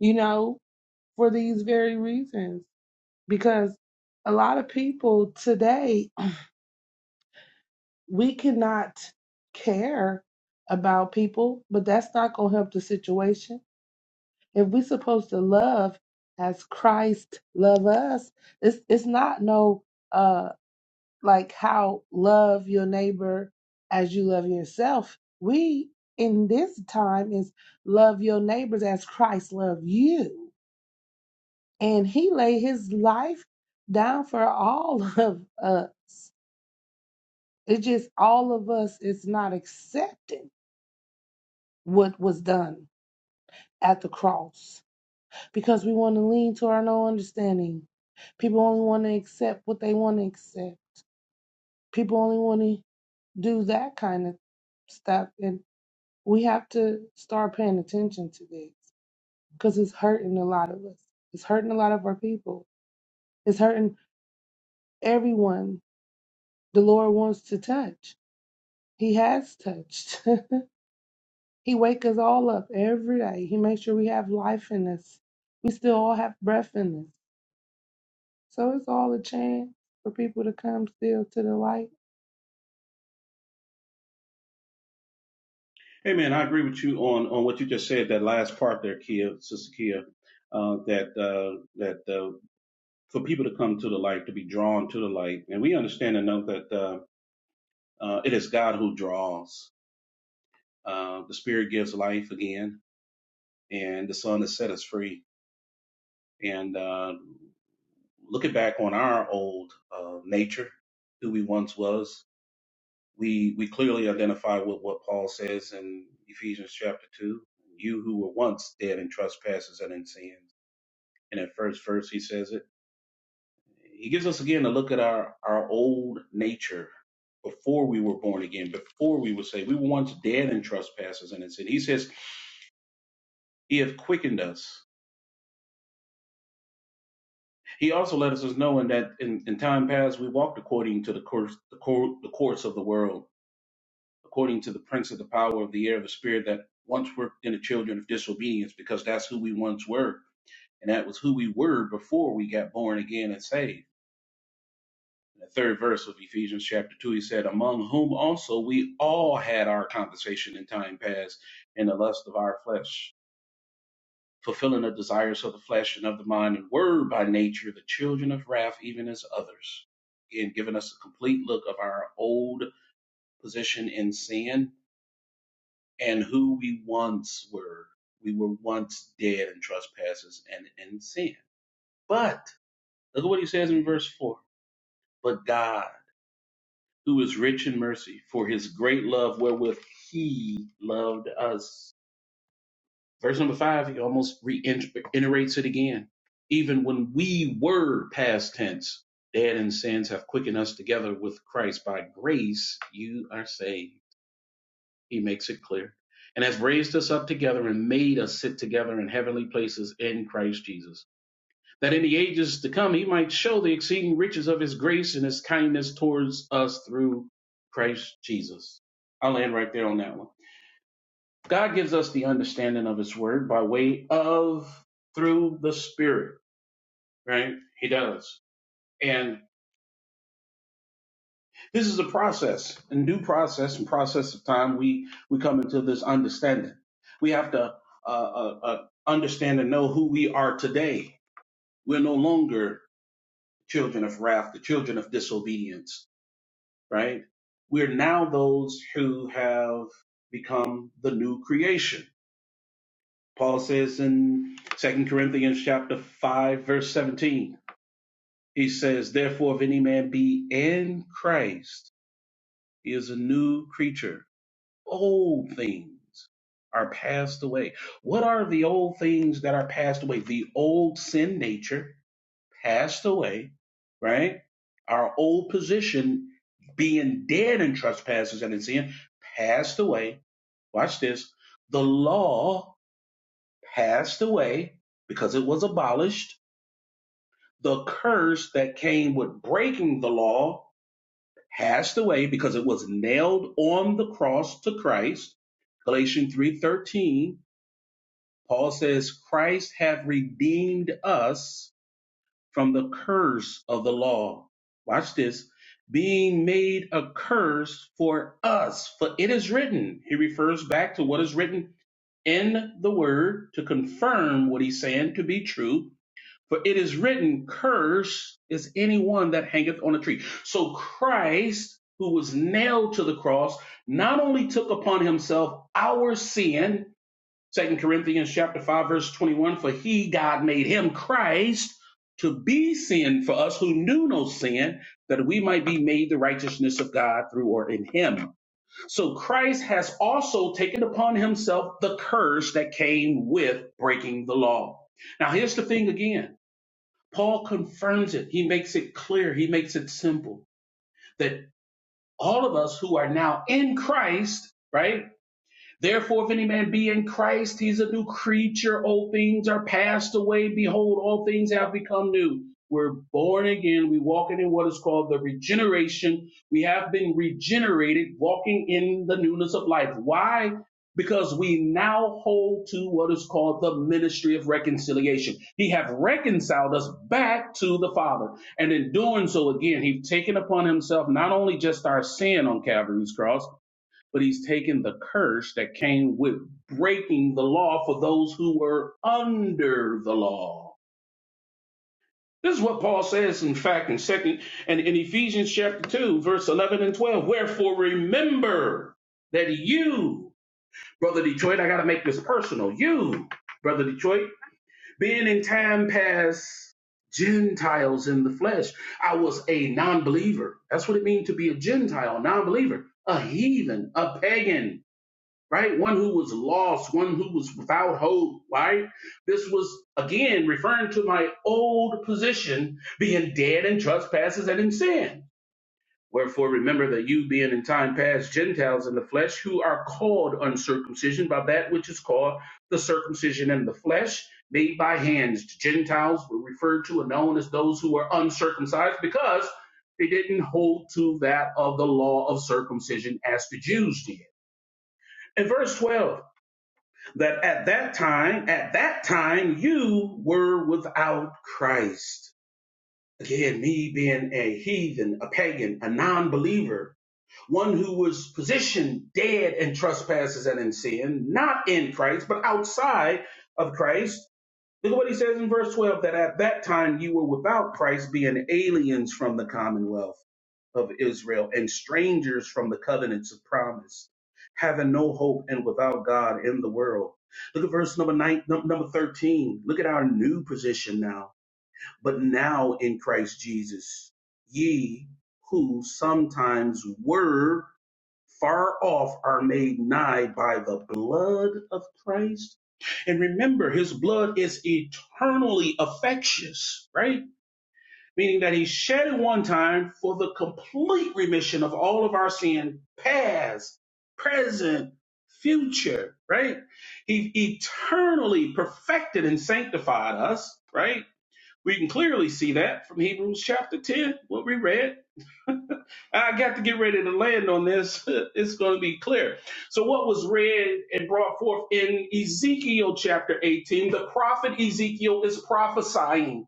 Speaker 5: you know, for these very reasons. Because a lot of people today, we cannot care about people, but that's not going to help the situation if we're supposed to love as Christ love us, it's it's not no uh like how love your neighbor as you love yourself. We in this time is love your neighbors as Christ love you. And he laid his life down for all of us. It's just all of us it's not accepting what was done at the cross because we want to lean to our own understanding. People only want to accept what they want to accept. People only want to do that kind of stuff. And we have to start paying attention to this because it's hurting a lot of us. It's hurting a lot of our people. It's hurting everyone the Lord wants to touch. He has touched. he wakes us all up every day. He makes sure we have life in us. We still all have breath in us. So it's all a chance for people to come still to the light.
Speaker 3: Hey man, I agree with you on on what you just said. That last part there, Kia, Sister Kia, uh, that uh, that uh, for people to come to the light, to be drawn to the light, and we understand and know that. uh, Uh, it is God who draws. Uh, the Spirit gives life again, and the Son has set us free. And uh, looking back on our old uh, nature, who we once was, we we clearly identify with what Paul says in Ephesians chapter two: "You who were once dead in trespasses and in sins." And at first verse, he says it. He gives us again a look at our our old nature before we were born again, before we were saved. We were once dead in trespasses and in sin. He says He hath quickened us. He also let us know in that in, in time past we walked according to the course, the, cour the course of the world, according to the prince of the power of the air, the spirit that once worked in the children of disobedience, because that's who we once were, and that was who we were before we got born again and saved. In the third verse of Ephesians chapter two, he said, "Among whom also we all had our conversation in time past, in the lust of our flesh." fulfilling the desires of the flesh and of the mind, and were by nature the children of wrath, even as others. Again, giving us a complete look of our old position in sin and who we once were. We were once dead in trespasses and in sin. But look at what he says in verse 4 But God, who is rich in mercy, for his great love wherewith he loved us Verse number five, he almost reiterates it again. Even when we were past tense, dead in sins have quickened us together with Christ. By grace, you are saved. He makes it clear. And has raised us up together and made us sit together in heavenly places in Christ Jesus. That in the ages to come, he might show the exceeding riches of his grace and his kindness towards us through Christ Jesus. I'll end right there on that one. God gives us the understanding of his word by way of through the spirit, right? He does. And this is a process, a new process and process of time. We, we come into this understanding. We have to, uh, uh, uh, understand and know who we are today. We're no longer children of wrath, the children of disobedience, right? We're now those who have become the new creation Paul says in Second Corinthians chapter 5 verse 17, he says, "Therefore if any man be in Christ, he is a new creature. Old things are passed away." What are the old things that are passed away? The old sin nature passed away, right? Our old position being dead in trespasses and in sin passed away. Watch this. The law passed away because it was abolished. The curse that came with breaking the law passed away because it was nailed on the cross to Christ. Galatians 3:13, Paul says, "Christ hath redeemed us from the curse of the law." Watch this. Being made a curse for us, for it is written. He refers back to what is written in the word to confirm what he's saying to be true For it is written, Cursed is anyone that hangeth on a tree. So Christ, who was nailed to the cross, not only took upon himself our sin, 2 Corinthians chapter 5, verse 21, for he, God, made him Christ to be sin for us who knew no sin, that we might be made the righteousness of God through or in him. So Christ has also taken upon himself the curse that came with breaking the law. Now here's the thing again. Paul confirms it. He makes it clear. He makes it simple that all of us who are now in Christ, right? Therefore, if any man be in Christ, he's a new creature. Old things are passed away. Behold, all things have become new. We're born again. We walking in what is called the regeneration. We have been regenerated, walking in the newness of life. Why? Because we now hold to what is called the ministry of reconciliation. He have reconciled us back to the Father. And in doing so, again, he's taken upon himself not only just our sin on Calvary's cross, but he's taken the curse that came with breaking the law for those who were under the law. This is what Paul says, in fact, in second and in Ephesians chapter two, verse eleven and twelve. Wherefore remember that you, brother Detroit, I gotta make this personal. You, brother Detroit, being in time past Gentiles in the flesh, I was a non-believer. That's what it means to be a Gentile, non-believer, a heathen, a pagan right? One who was lost, one who was without hope, right? This was again referring to my old position, being dead in trespasses and in sin. Wherefore, remember that you, being in time past Gentiles in the flesh, who are called uncircumcision by that which is called the circumcision in the flesh, made by hands. Gentiles were referred to and known as those who were uncircumcised because they didn't hold to that of the law of circumcision as the Jews did. In verse 12, that at that time, at that time, you were without Christ. Again, me being a heathen, a pagan, a non believer, one who was positioned dead in trespasses and in sin, not in Christ, but outside of Christ. Look at what he says in verse 12 that at that time you were without Christ, being aliens from the commonwealth of Israel and strangers from the covenants of promise, having no hope and without God in the world. Look at verse number nine, num- number 13. Look at our new position now. But now in Christ Jesus, ye who sometimes were far off are made nigh by the blood of Christ. And remember, his blood is eternally effectuous, right? Meaning that he shed it one time for the complete remission of all of our sin, past, present, future, right? He eternally perfected and sanctified us, right? We can clearly see that from Hebrews chapter 10, what we read I got to get ready to land on this. It's going to be clear. So, what was read and brought forth in Ezekiel chapter 18, the prophet Ezekiel is prophesying.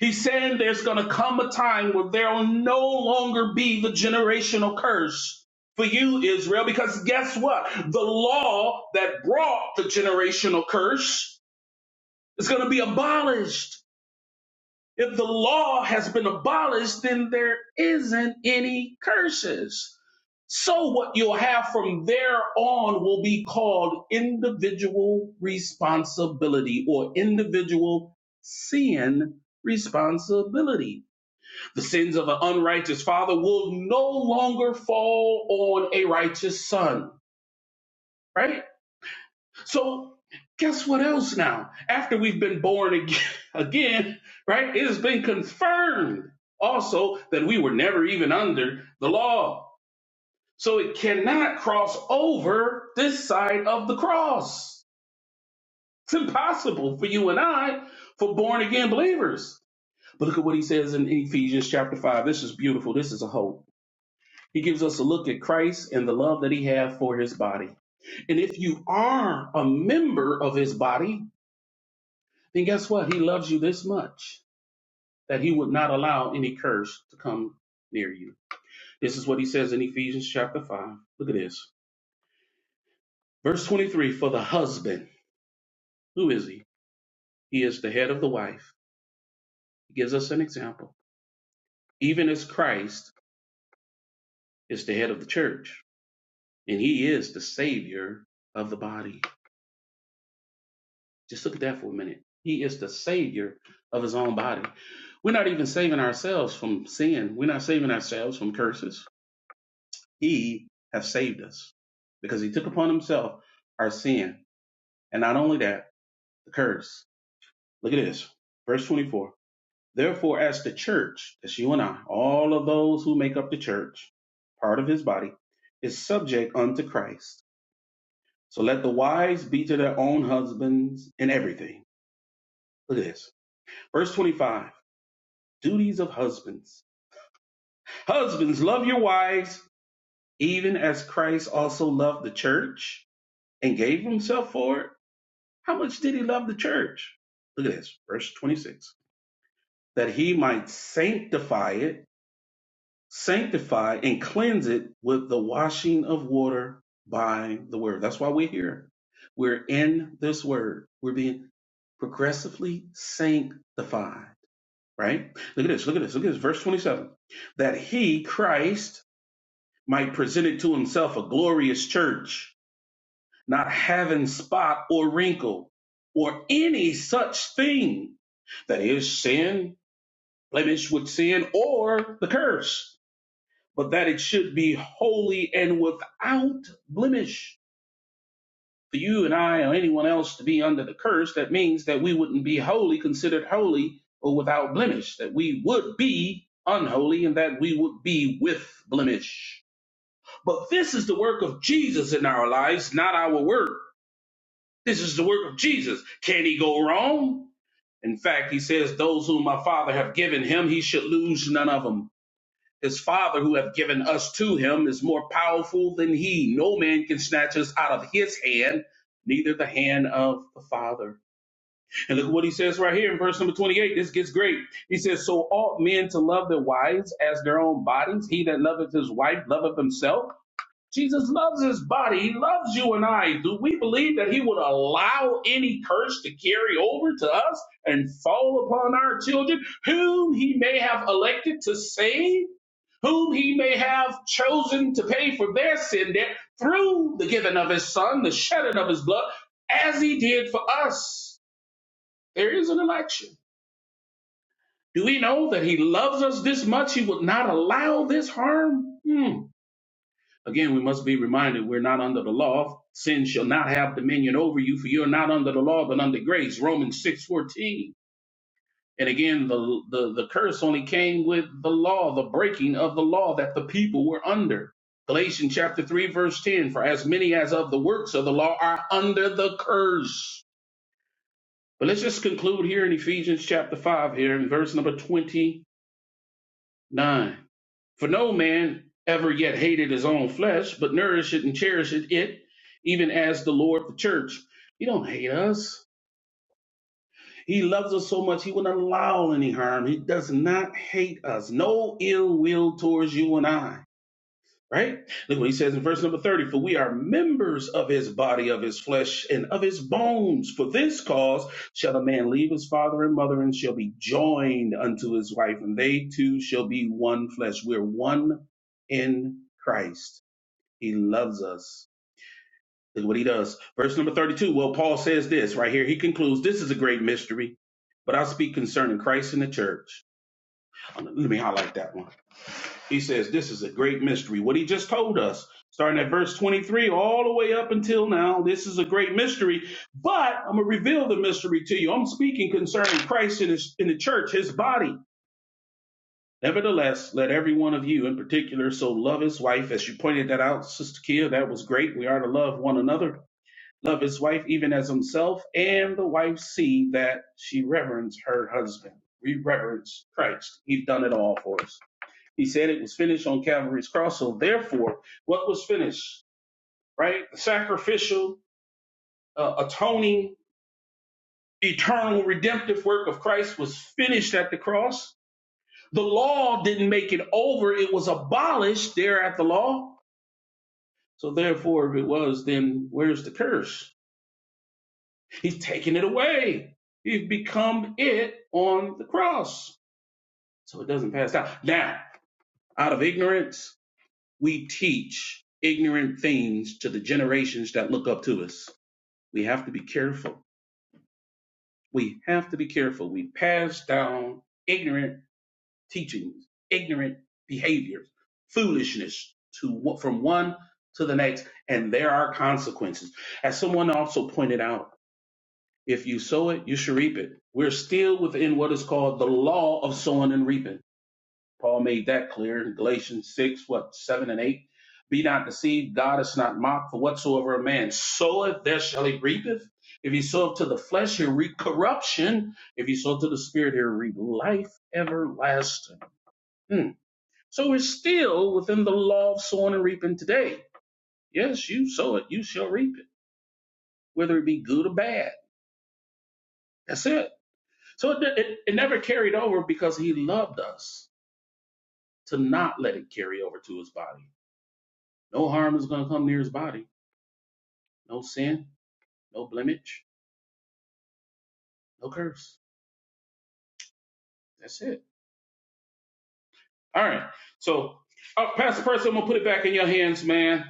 Speaker 3: He's saying there's going to come a time where there will no longer be the generational curse for you, Israel, because guess what? The law that brought the generational curse is going to be abolished. If the law has been abolished, then there isn't any curses. So what you'll have from there on will be called individual responsibility or individual sin responsibility. The sins of an unrighteous father will no longer fall on a righteous son, right? So guess what else now? After we've been born again, again, right? It has been confirmed also that we were never even under the law So it cannot cross over this side of the cross. It's impossible for you and I, for born again believers. But look at what he says in Ephesians chapter 5. This is beautiful. This is a hope. He gives us a look at Christ and the love that he has for his body. And if you are a member of his body, then guess what? He loves you this much that he would not allow any curse to come near you. This is what he says in Ephesians chapter 5. Look at this. Verse 23 For the husband Who is he? He is the head of the wife. He gives us an example. Even as Christ is the head of the church, and he is the savior of the body. Just look at that for a minute. He is the savior of his own body. We're not even saving ourselves from sin. We're not saving ourselves from curses. He has saved us because he took upon himself our sin. And not only that, the curse. Look at this. Verse 24. Therefore, as the church, that's you and I, all of those who make up the church, part of his body, is subject unto Christ. So let the wives be to their own husbands in everything. Look at this. Verse 25 Duties of husbands. Husbands, love your wives, even as Christ also loved the church and gave himself for it. How much did he love the church? Look at this. Verse 26 That he might sanctify it sanctify and cleanse it with the washing of water by the word. That's why we're here. We're in this word. We're being progressively sanctified, right? Look at this. Look at this. Look at this. Verse 27. That he, Christ, might present it to himself a glorious church, not having spot or wrinkle or any such thing that is sin, blemish with sin, or the curse but that it should be holy and without blemish. For you and I or anyone else to be under the curse, that means that we wouldn't be holy, considered holy, or without blemish, that we would be unholy and that we would be with blemish. But this is the work of Jesus in our lives, not our work. This is the work of Jesus. Can he go wrong? In fact, he says, Those whom my Father have given him, he should lose none of them His Father, who have given us to him, is more powerful than he. No man can snatch us out of his hand, neither the hand of the Father. And look at what he says right here in verse number 28. This gets great. He says, So ought men to love their wives as their own bodies. He that loveth his wife loveth himself. Jesus loves his body. He loves you and I. Do we believe that he would allow any curse to carry over to us and fall upon our children, whom he may have elected to save? whom he may have chosen to pay for their sin debt through the giving of his son, the shedding of his blood, as he did for us. There is an election. Do we know that he loves us this much he would not allow this harm? Hmm. Again, we must be reminded we're not under the law. Sin shall not have dominion over you, for you are not under the law, but under grace. Romans six fourteen. And again, the, the, the curse only came with the law, the breaking of the law that the people were under. Galatians chapter 3, verse 10 For as many as of the works of the law are under the curse. But let's just conclude here in Ephesians chapter 5, here in verse number 29. For no man ever yet hated his own flesh, but nourished it and cherished it, even as the Lord the church. He don't hate us. He loves us so much, he wouldn't allow any harm. He does not hate us. No ill will towards you and I. Right? Look what he says in verse number 30 For we are members of his body, of his flesh, and of his bones. For this cause shall a man leave his father and mother and shall be joined unto his wife, and they two shall be one flesh. We're one in Christ. He loves us is what he does. Verse number 32. Well, Paul says this right here. He concludes, This is a great mystery, but I speak concerning Christ and the church. Uh, Let me highlight that one. He says, This is a great mystery. What he just told us, starting at verse 23, all the way up until now, this is a great mystery, but I'm going to reveal the mystery to you. I'm speaking concerning Christ and, his, and the church, his body. Nevertheless, let every one of you in particular so love his wife, as you pointed that out, Sister Kia. That was great. We are to love one another love his wife even as himself, and the wife see that she reverence her husband. We reverence Christ. He's done it all for us. He said it was finished on Calvary's cross. So therefore, what was finished, right? The sacrificial, uh, atoning, eternal, redemptive work of Christ was finished at the cross. The law didn't make it over. It was abolished there at the law. So therefore, if it was, then where's the curse? He's taken it away. He's become it on the cross. So it doesn't pass down. Now, out of ignorance, we teach ignorant things to the generations that look up to us. We have to be careful. We have to be careful. We pass down ignorant teachings, ignorant behaviors, foolishness to from one to the next, and there are consequences. As someone also pointed out, If you sow it, you shall reap it. We're still within what is called the law of sowing and reaping. Paul made that clear in Galatians 6, what, 7 and 8. Be not deceived, God is not mocked, for whatsoever a man soweth, there shall he reapeth. If he soweth to the flesh, he'll reap corruption. If he soweth to the spirit, he'll reap life everlasting. Hmm. So we're still within the law of sowing and reaping today. Yes, you sow it, you shall reap it, whether it be good or bad. That's it. So it, it, it never carried over because he loved us to not let it carry over to his body. No harm is going to come near his body. No sin, no blemish, no curse. That's it. All right. So, uh, Pastor Percy, I'm going to put it back in your hands, man.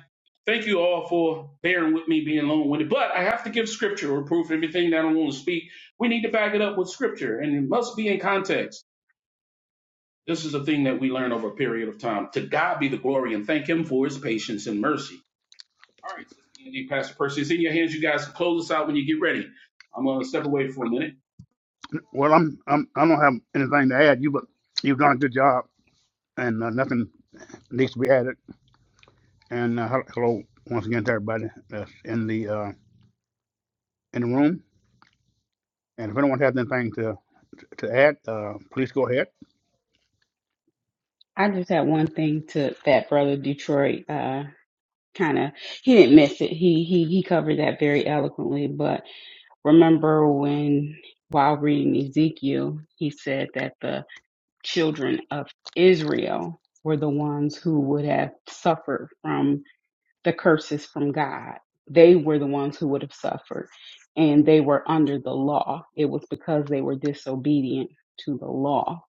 Speaker 3: Thank you all for bearing with me being long winded. But I have to give scripture or proof everything that I want to speak. We need to back it up with scripture, and it must be in context. This is a thing that we learn over a period of time. To God be the glory and thank Him for His patience and mercy. All right, Sister Angie, Pastor Percy, it's in your hands. You guys can close us out when you get ready. I'm going to step away for a minute.
Speaker 2: Well, I'm, I'm I don't have anything to add. You but you've done a good job, and uh, nothing needs to be added. And uh, hel- hello once again to everybody that's in the uh, in the room. And if anyone has anything to to add, uh, please go ahead.
Speaker 4: I just had one thing to that brother Detroit uh kind of he didn't miss it. He he he covered that very eloquently, but remember when while reading Ezekiel, he said that the children of Israel were the ones who would have suffered from the curses from God. They were the ones who would have suffered and they were under the law. It was because they were disobedient to the law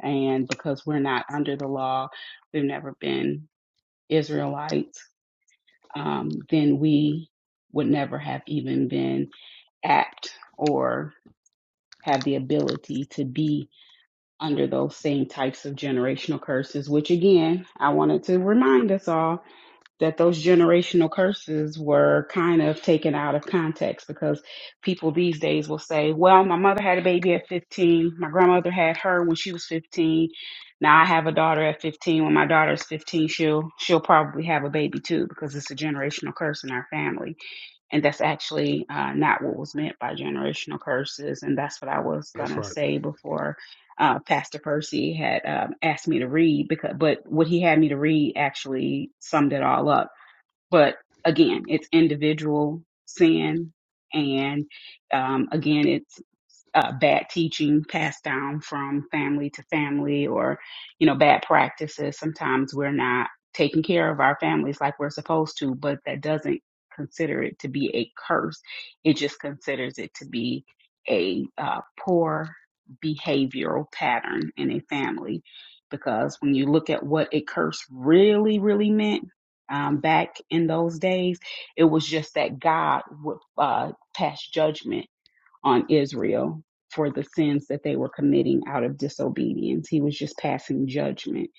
Speaker 4: and because we're not under the law, we've never been Israelites, um, then we would never have even been apt or have the ability to be under those same types of generational curses, which again, I wanted to remind us all that those generational curses were kind of taken out of context because people these days will say, well, my mother had a baby at 15. My grandmother had her when she was 15. Now I have a daughter at 15. When my daughter is 15, she'll she'll probably have a baby too because it's a generational curse in our family. And that's actually uh, not what was meant by generational curses. And that's what I was
Speaker 2: That's
Speaker 4: gonna
Speaker 2: right.
Speaker 4: say before uh, Pastor Percy had um, asked me to read because, but what he had me to read actually summed it all up but again, it's individual sin. And um, again, it's uh, bad teaching passed down from family to family or, you know, bad practices. Sometimes we're not taking care of our families like we're supposed to, but that doesn't consider it to be a curse. It just considers it to be a uh, poor behavioral pattern in a family. Because when you look at what a curse really, really meant, um, back in those days, it was just that God would uh, pass judgment on Israel for the sins that they were committing out of disobedience. He was just passing judgment,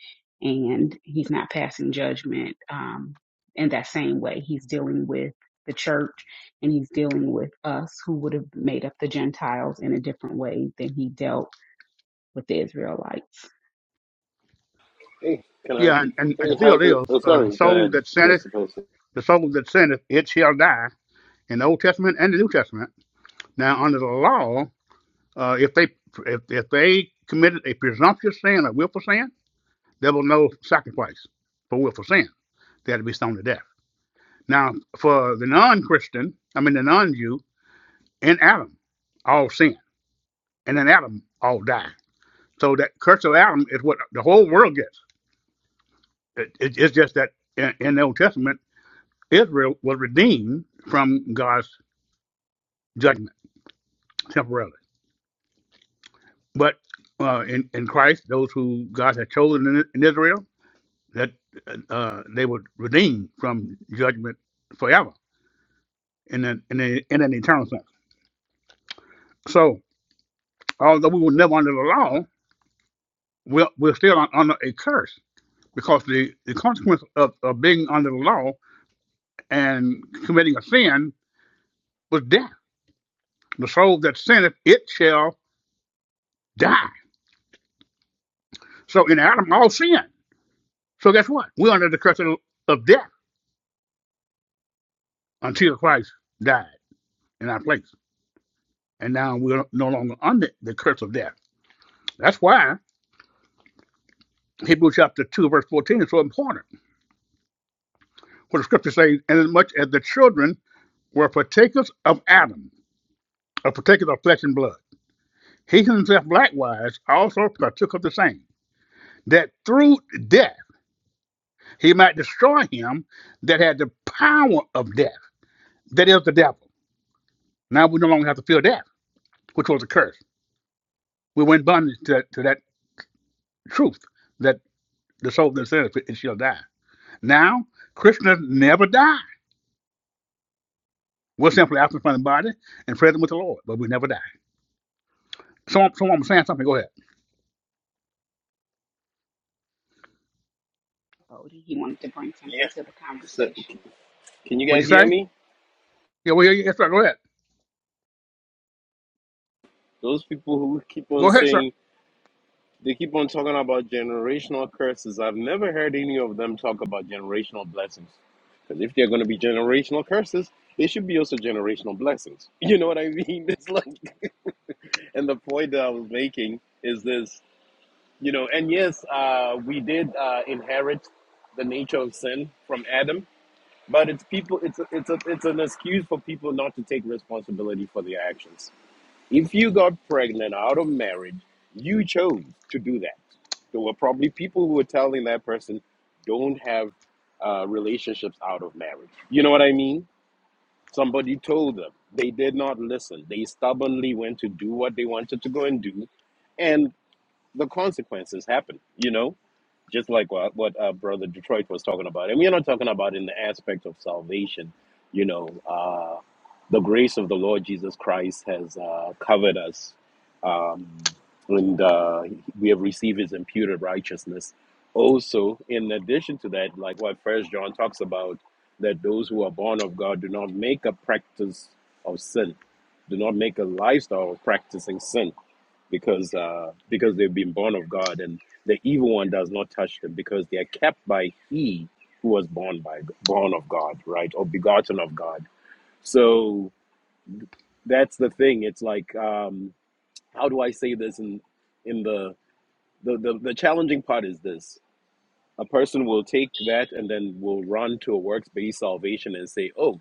Speaker 4: and he's not passing judgment um, in that same way. He's dealing with the church and he's dealing with us who would have made up the Gentiles in a different way than he dealt with the Israelites.
Speaker 6: Hey, can I?
Speaker 2: Yeah, and, and, and
Speaker 6: Hey,
Speaker 2: the deal
Speaker 6: how's it?
Speaker 2: is,
Speaker 6: Oh,
Speaker 2: uh, the
Speaker 6: sorry. Go
Speaker 2: soul
Speaker 6: ahead,
Speaker 2: that sinneth,
Speaker 6: Pastor Percy.
Speaker 2: the soul that sinneth, it shall die. In the Old Testament and the New Testament. Now, under the law, uh, if they if, if they committed a presumptuous sin, a willful sin, there was no sacrifice for willful sin They had to be stoned to death. Now, for the non Christian, I mean the non Jew, in Adam, all sin. And in Adam, all die. So that curse of Adam is what the whole world gets. It, it- it's just that in, in the Old Testament, Israel was redeemed from God's judgment temporarily. But uh, in, in Christ, those who God had chosen in, in Israel, that uh, they were redeemed from judgment forever in an, in, a, in an eternal sense. So, although we were never under the law, we're, we're still un- under a curse because the, the consequence of, of being under the law and committing a sin was death. The soul that sinneth, it shall die. So in Adam, all sin. So guess what? We're under the curse of, of death until Christ died in our place. And now we're no longer under the curse of death. That's why Hebrews chapter 2, verse 14 is so important. What the scripture says, and as much as the children were partakers of Adam, or partakers of flesh and blood. He himself likewise also partook of the same, that through death he might destroy him that had the power of death, that is the devil. Now we no longer have to fear death, which was a curse. We were in bondage to that, to that truth that the soul that sinneth it shall die. Now, Krishna never died. We're simply absent from the body and present with the Lord, but we never die. Someone, someone was saying something. Go ahead.
Speaker 4: Odie, he wanted to bring
Speaker 6: Yeah.
Speaker 4: something to the
Speaker 6: So,
Speaker 4: conversation.
Speaker 6: can you
Speaker 2: What'd
Speaker 6: guys
Speaker 2: you
Speaker 6: hear
Speaker 2: say?
Speaker 6: me?
Speaker 2: Yeah, we hear you. Yes, sir. Go ahead.
Speaker 6: Those people who keep on
Speaker 2: Go ahead, sir.
Speaker 6: saying they keep on talking about generational curses. I've never heard any of them talk about generational blessings. Because if they're going to be generational curses, they should be also generational blessings. You know what I mean? It's like, and the point that I was making is this. You know, and yes, uh, we did uh, inherit the nature of sin from Adam But it's people. It's a, it's a, it's an excuse for people not to take responsibility for their actions. If you got pregnant out of marriage, you chose to do that. There were probably people who were telling that person, "Don't have uh, relationships out of marriage." You know what I mean? Somebody told them. They did not listen. They stubbornly went to do what they wanted to go and do, and the consequences happen, you know, just like what, what uh, Brother Detroit was talking about. And we're not talking about in the aspect of salvation, you know, uh, the grace of the Lord Jesus Christ has uh, covered us, um, and uh, we have received his imputed righteousness. Also, in addition to that, like what First John talks about, that those who are born of God do not make a practice of sin, do not make a lifestyle of practicing sin because uh, because they've been born of God, and the evil one does not touch them because they are kept by He who was born by born of God, right, or begotten of God. So that's the thing. It's like um, how do I say this in in the the, the the challenging part is this: a person will take that and then will run to a works based salvation and say, "Oh,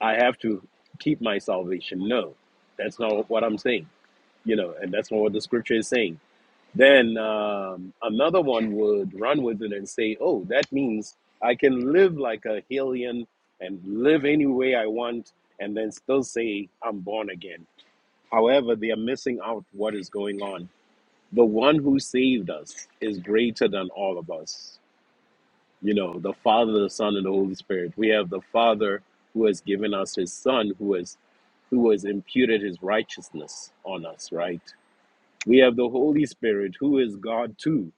Speaker 6: I have to keep my salvation." No, that's not what I'm saying. You know, and that's not what the scripture is saying then um, another one would run with it and say, "Oh, that means I can live like a alien and live any way I want, and then still say I'm born again." However, they are missing out what is going on. The one who saved us is greater than all of us. You know, the Father, the Son, and the Holy Spirit. We have the Father who has given us His Son, who has who has imputed His righteousness on us. Right. We have the Holy Spirit, who is God too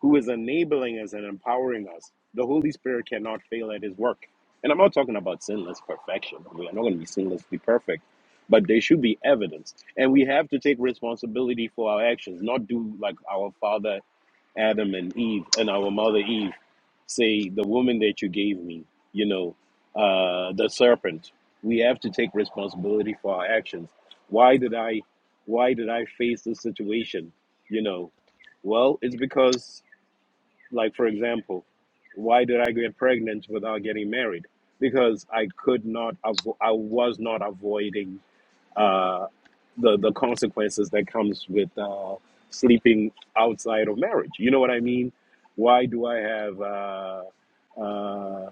Speaker 6: who is enabling us and empowering us. The Holy Spirit cannot fail at his work. And I'm not talking about sinless perfection. We are not going to be sinlessly perfect, but there should be evidence. And we have to take responsibility for our actions, not do like our father Adam and Eve and our mother Eve say, the woman that you gave me, you know, uh, the serpent. We have to take responsibility for our actions. Why did I, why did I face this situation? You know, well, it's because like, for example, why did I get pregnant without getting married? Because I could not, avo- I was not avoiding uh, the, the consequences that comes with uh, sleeping outside of marriage. You know what I mean? Why do I have uh, uh,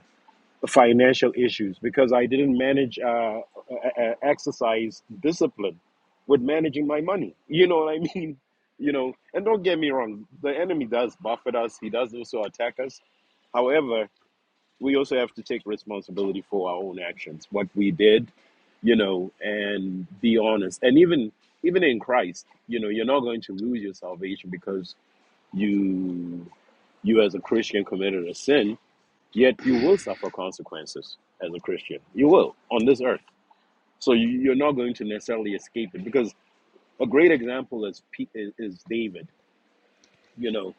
Speaker 6: financial issues because I didn't manage uh, uh, uh, exercise discipline with managing my money. You know what I mean? You know, and don't get me wrong, the enemy does buffet us, he does also attack us. However, we also have to take responsibility for our own actions, what we did, you know, and be honest. And even even in Christ, you know, you're not going to lose your salvation because you you as a Christian committed a sin Yet you will suffer consequences as a Christian. You will on this earth. So you, you're not going to necessarily escape it because a great example is Pe- is is David. You know,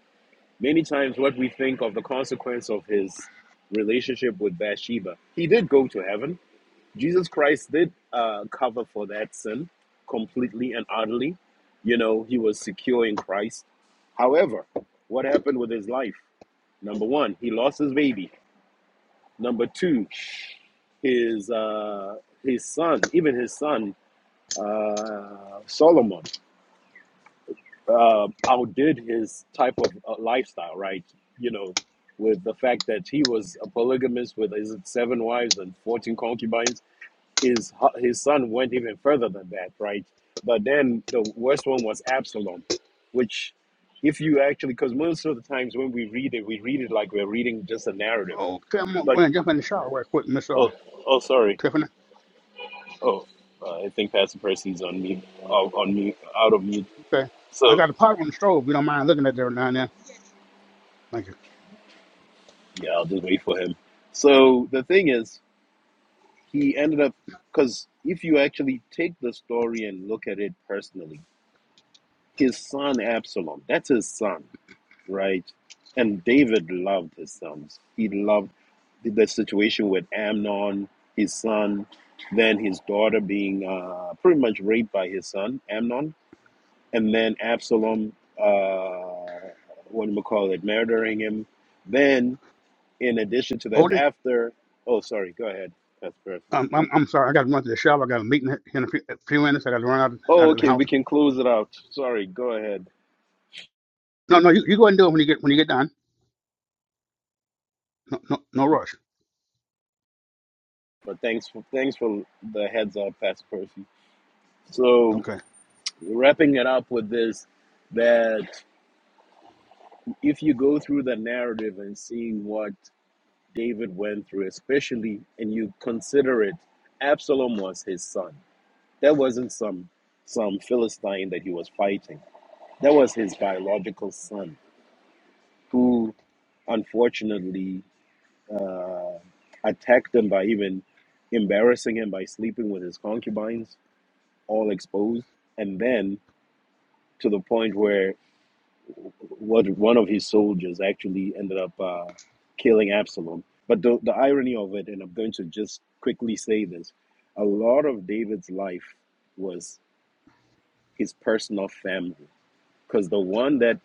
Speaker 6: many times what we think of the consequence of his relationship with Bathsheba, he did go to heaven. Jesus Christ did uh, cover for that sin completely and utterly. You know, he was secure in Christ. However, what happened with his life? Number one, he lost his baby. Number two, his uh, his son, even his son uh, Solomon, uh, outdid his type of uh, lifestyle, right? You know, with the fact that he was a polygamist with his seven wives and fourteen concubines. His his son went even further than that, right? But then the worst one was Absalom, which if you actually, because most of the times when we read it, we read it like we're reading just a narrative.
Speaker 2: Okay, I'm going to go
Speaker 6: But
Speaker 2: ahead and jump in the shower real quick, Miss uh,
Speaker 6: oh, oh, sorry
Speaker 2: Tiffany.
Speaker 6: Oh, uh, I think Pastor Percy's on mute, out, on mute, out of mute.
Speaker 2: Okay. I
Speaker 6: So
Speaker 2: got a pot on the stove. If you don't mind looking at that every now and then. Thank you.
Speaker 6: yeah, I'll just wait for him. So the thing is, he ended up because if you actually take the story and look at it personally, his son Absalom, that's his son, right? And David loved his sons. He loved the, the situation with Amnon, his son, then his daughter being uh, pretty much raped by his son Amnon and then Absalom, uh, what do we call it, murdering him. Then, in addition to that,
Speaker 2: Odie,
Speaker 6: after, oh, sorry, go ahead. That's perfect.
Speaker 2: um, I'm, I'm sorry. I got to run to the shop. I got a meeting in a few, a few minutes. I got to run out of,
Speaker 6: Oh,
Speaker 2: out of the
Speaker 6: okay, we
Speaker 2: house.
Speaker 6: can close it out. Sorry, go ahead.
Speaker 2: No, no. You, you go ahead and do it when you get when you get done. No, no, no rush.
Speaker 6: But thanks for thanks for the heads up, Pastor Percy. So,
Speaker 2: Okay.
Speaker 6: wrapping it up with this, that if you go through the narrative and seeing what David went through, especially, and you consider it, Absalom was his son That wasn't some some Philistine that he was fighting. That was his biological son, who unfortunately uh, attacked him by even embarrassing him by sleeping with his concubines, all exposed, and then to the point where what one of his soldiers actually ended up uh, killing Absalom. But the, the irony of it, and I'm going to just quickly say this a lot of David's life was his personal family. because the one that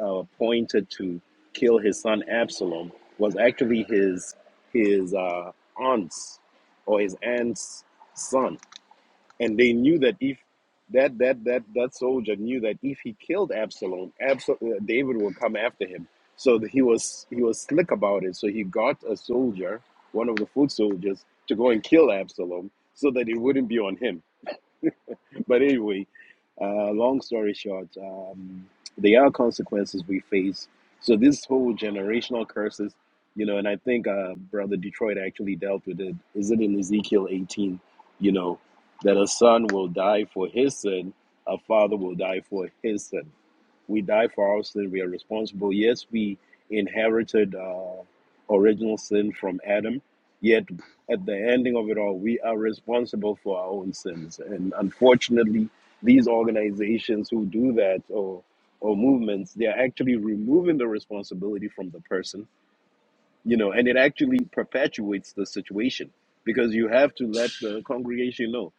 Speaker 6: uh, pointed to kill his son Absalom was actually his his uh, aunt's or his aunt's son, and they knew that if that that that that soldier knew that if he killed Absalom, Absal- uh, David will come after him. So he was he was slick about it. So he got a soldier, one of the foot soldiers, to go and kill Absalom, so that it wouldn't be on him but anyway, uh, long story short, um, they are consequences we face. So this whole generational curses, you know, and I think uh, Brother Detroit actually dealt with it. Is it in Ezekiel 18? You know, that a son will die for his sin, a father will die for his sin. We die for our sin. We are responsible. Yes, we inherited uh, original sin from Adam, yet at the ending of it all, we are responsible for our own sins. And unfortunately, these organizations who do that or or movements, they are actually removing the responsibility from the person, you know, and it actually perpetuates the situation because you have to let the congregation know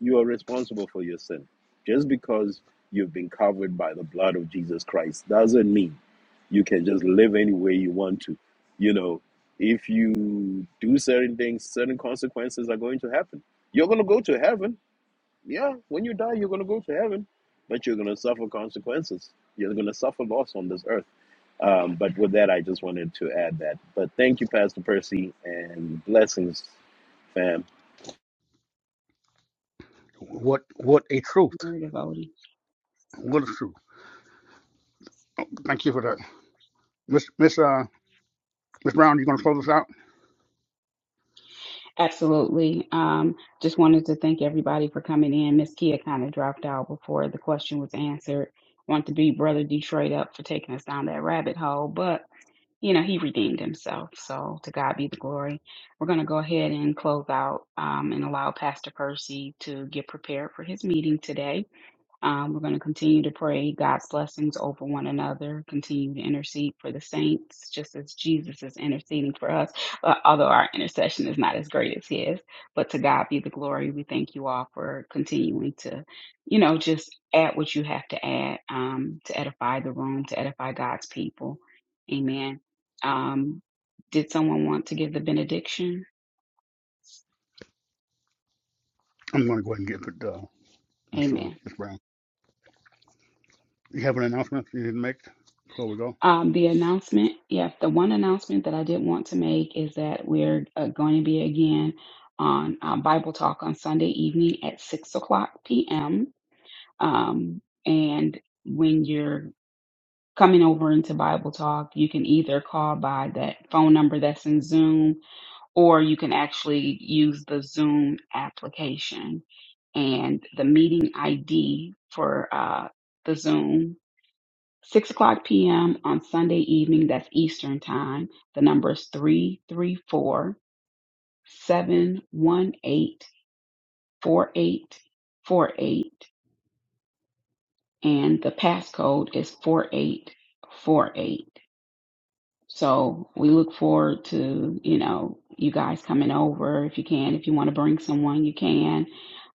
Speaker 6: you are responsible for your sin. Just because you've been covered by the blood of Jesus Christ doesn't mean you can just live any way you want to. You know, if you do certain things, certain consequences are going to happen. You're going to go to heaven. Yeah, when you die, you're going to go to heaven, but you're going to suffer consequences. You're going to suffer loss on this earth. Um, but with that, I just wanted to add that. But thank you, Pastor Percy, and blessings, fam.
Speaker 2: What what a truth.
Speaker 4: Narrative Odie.
Speaker 2: What a truth. Thank you for that, Miss Miss uh Miss Brown. You going to close us out?
Speaker 4: Absolutely. Um, just wanted to thank everybody for coming in. Miss Kia kind of dropped out before the question was answered. Want to beat Brother Detroit up for taking us down that rabbit hole, but you know, he redeemed himself. So to God be the glory. We're going to go ahead and close out um, and allow Pastor Percy to get prepared for his meeting today. Um, we're going to continue to pray God's blessings over one another, continue to intercede for the saints, just as Jesus is interceding for us, uh, although our intercession is not as great as his. But to God be the glory. We thank you all for continuing to, you know, just add what you have to add um, to edify the room, to edify God's people. Amen. Um, did someone want to give the benediction?
Speaker 2: I'm going to go ahead and get it, uh, Miss
Speaker 4: Amen.
Speaker 2: uh, Miss Brown. You have an announcement you need to make before we go.
Speaker 4: Um, the announcement, yes, the one announcement that I did want to make is that we're uh, going to be again on uh, Bible Talk on Sunday evening at 6 o'clock p.m. Um, and when you're coming over into Bible Talk, you can either call by that phone number that's in Zoom or you can actually use the Zoom application. And the meeting ID for uh, the Zoom 6 o'clock p.m. on Sunday evening, that's Eastern Time. The number is three three four seven one eight four eight four eight, and the passcode is 4848. So we look forward to, you know, you guys coming over if you can. If you want to bring someone, you can.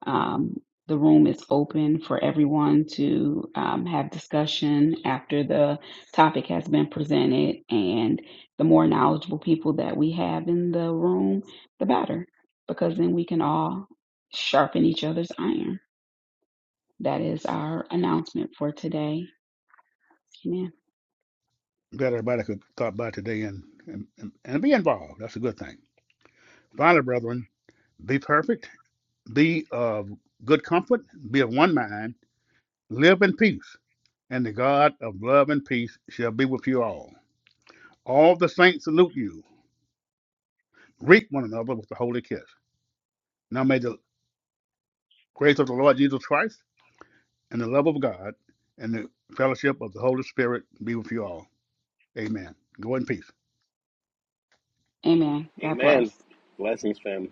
Speaker 4: Um, the room is open for everyone to um, have discussion after the topic has been presented. And the more knowledgeable people that we have in the room, the better, because then we can all sharpen each other's iron. That is our announcement for today. Amen.
Speaker 2: Glad everybody could stop by today and and, and and be involved. That's a good thing. Finally, brethren, be perfect Be of good comfort, be of one mind, live in peace, and the God of love and peace shall be with you all. All the saints salute you. Greet one another with a holy kiss. Now may the grace of the Lord Jesus Christ and the love of God and the fellowship of the Holy Spirit be with you all. Amen. Go in peace.
Speaker 4: Amen. God
Speaker 6: Amen.
Speaker 4: bless.
Speaker 6: Blessings, fam.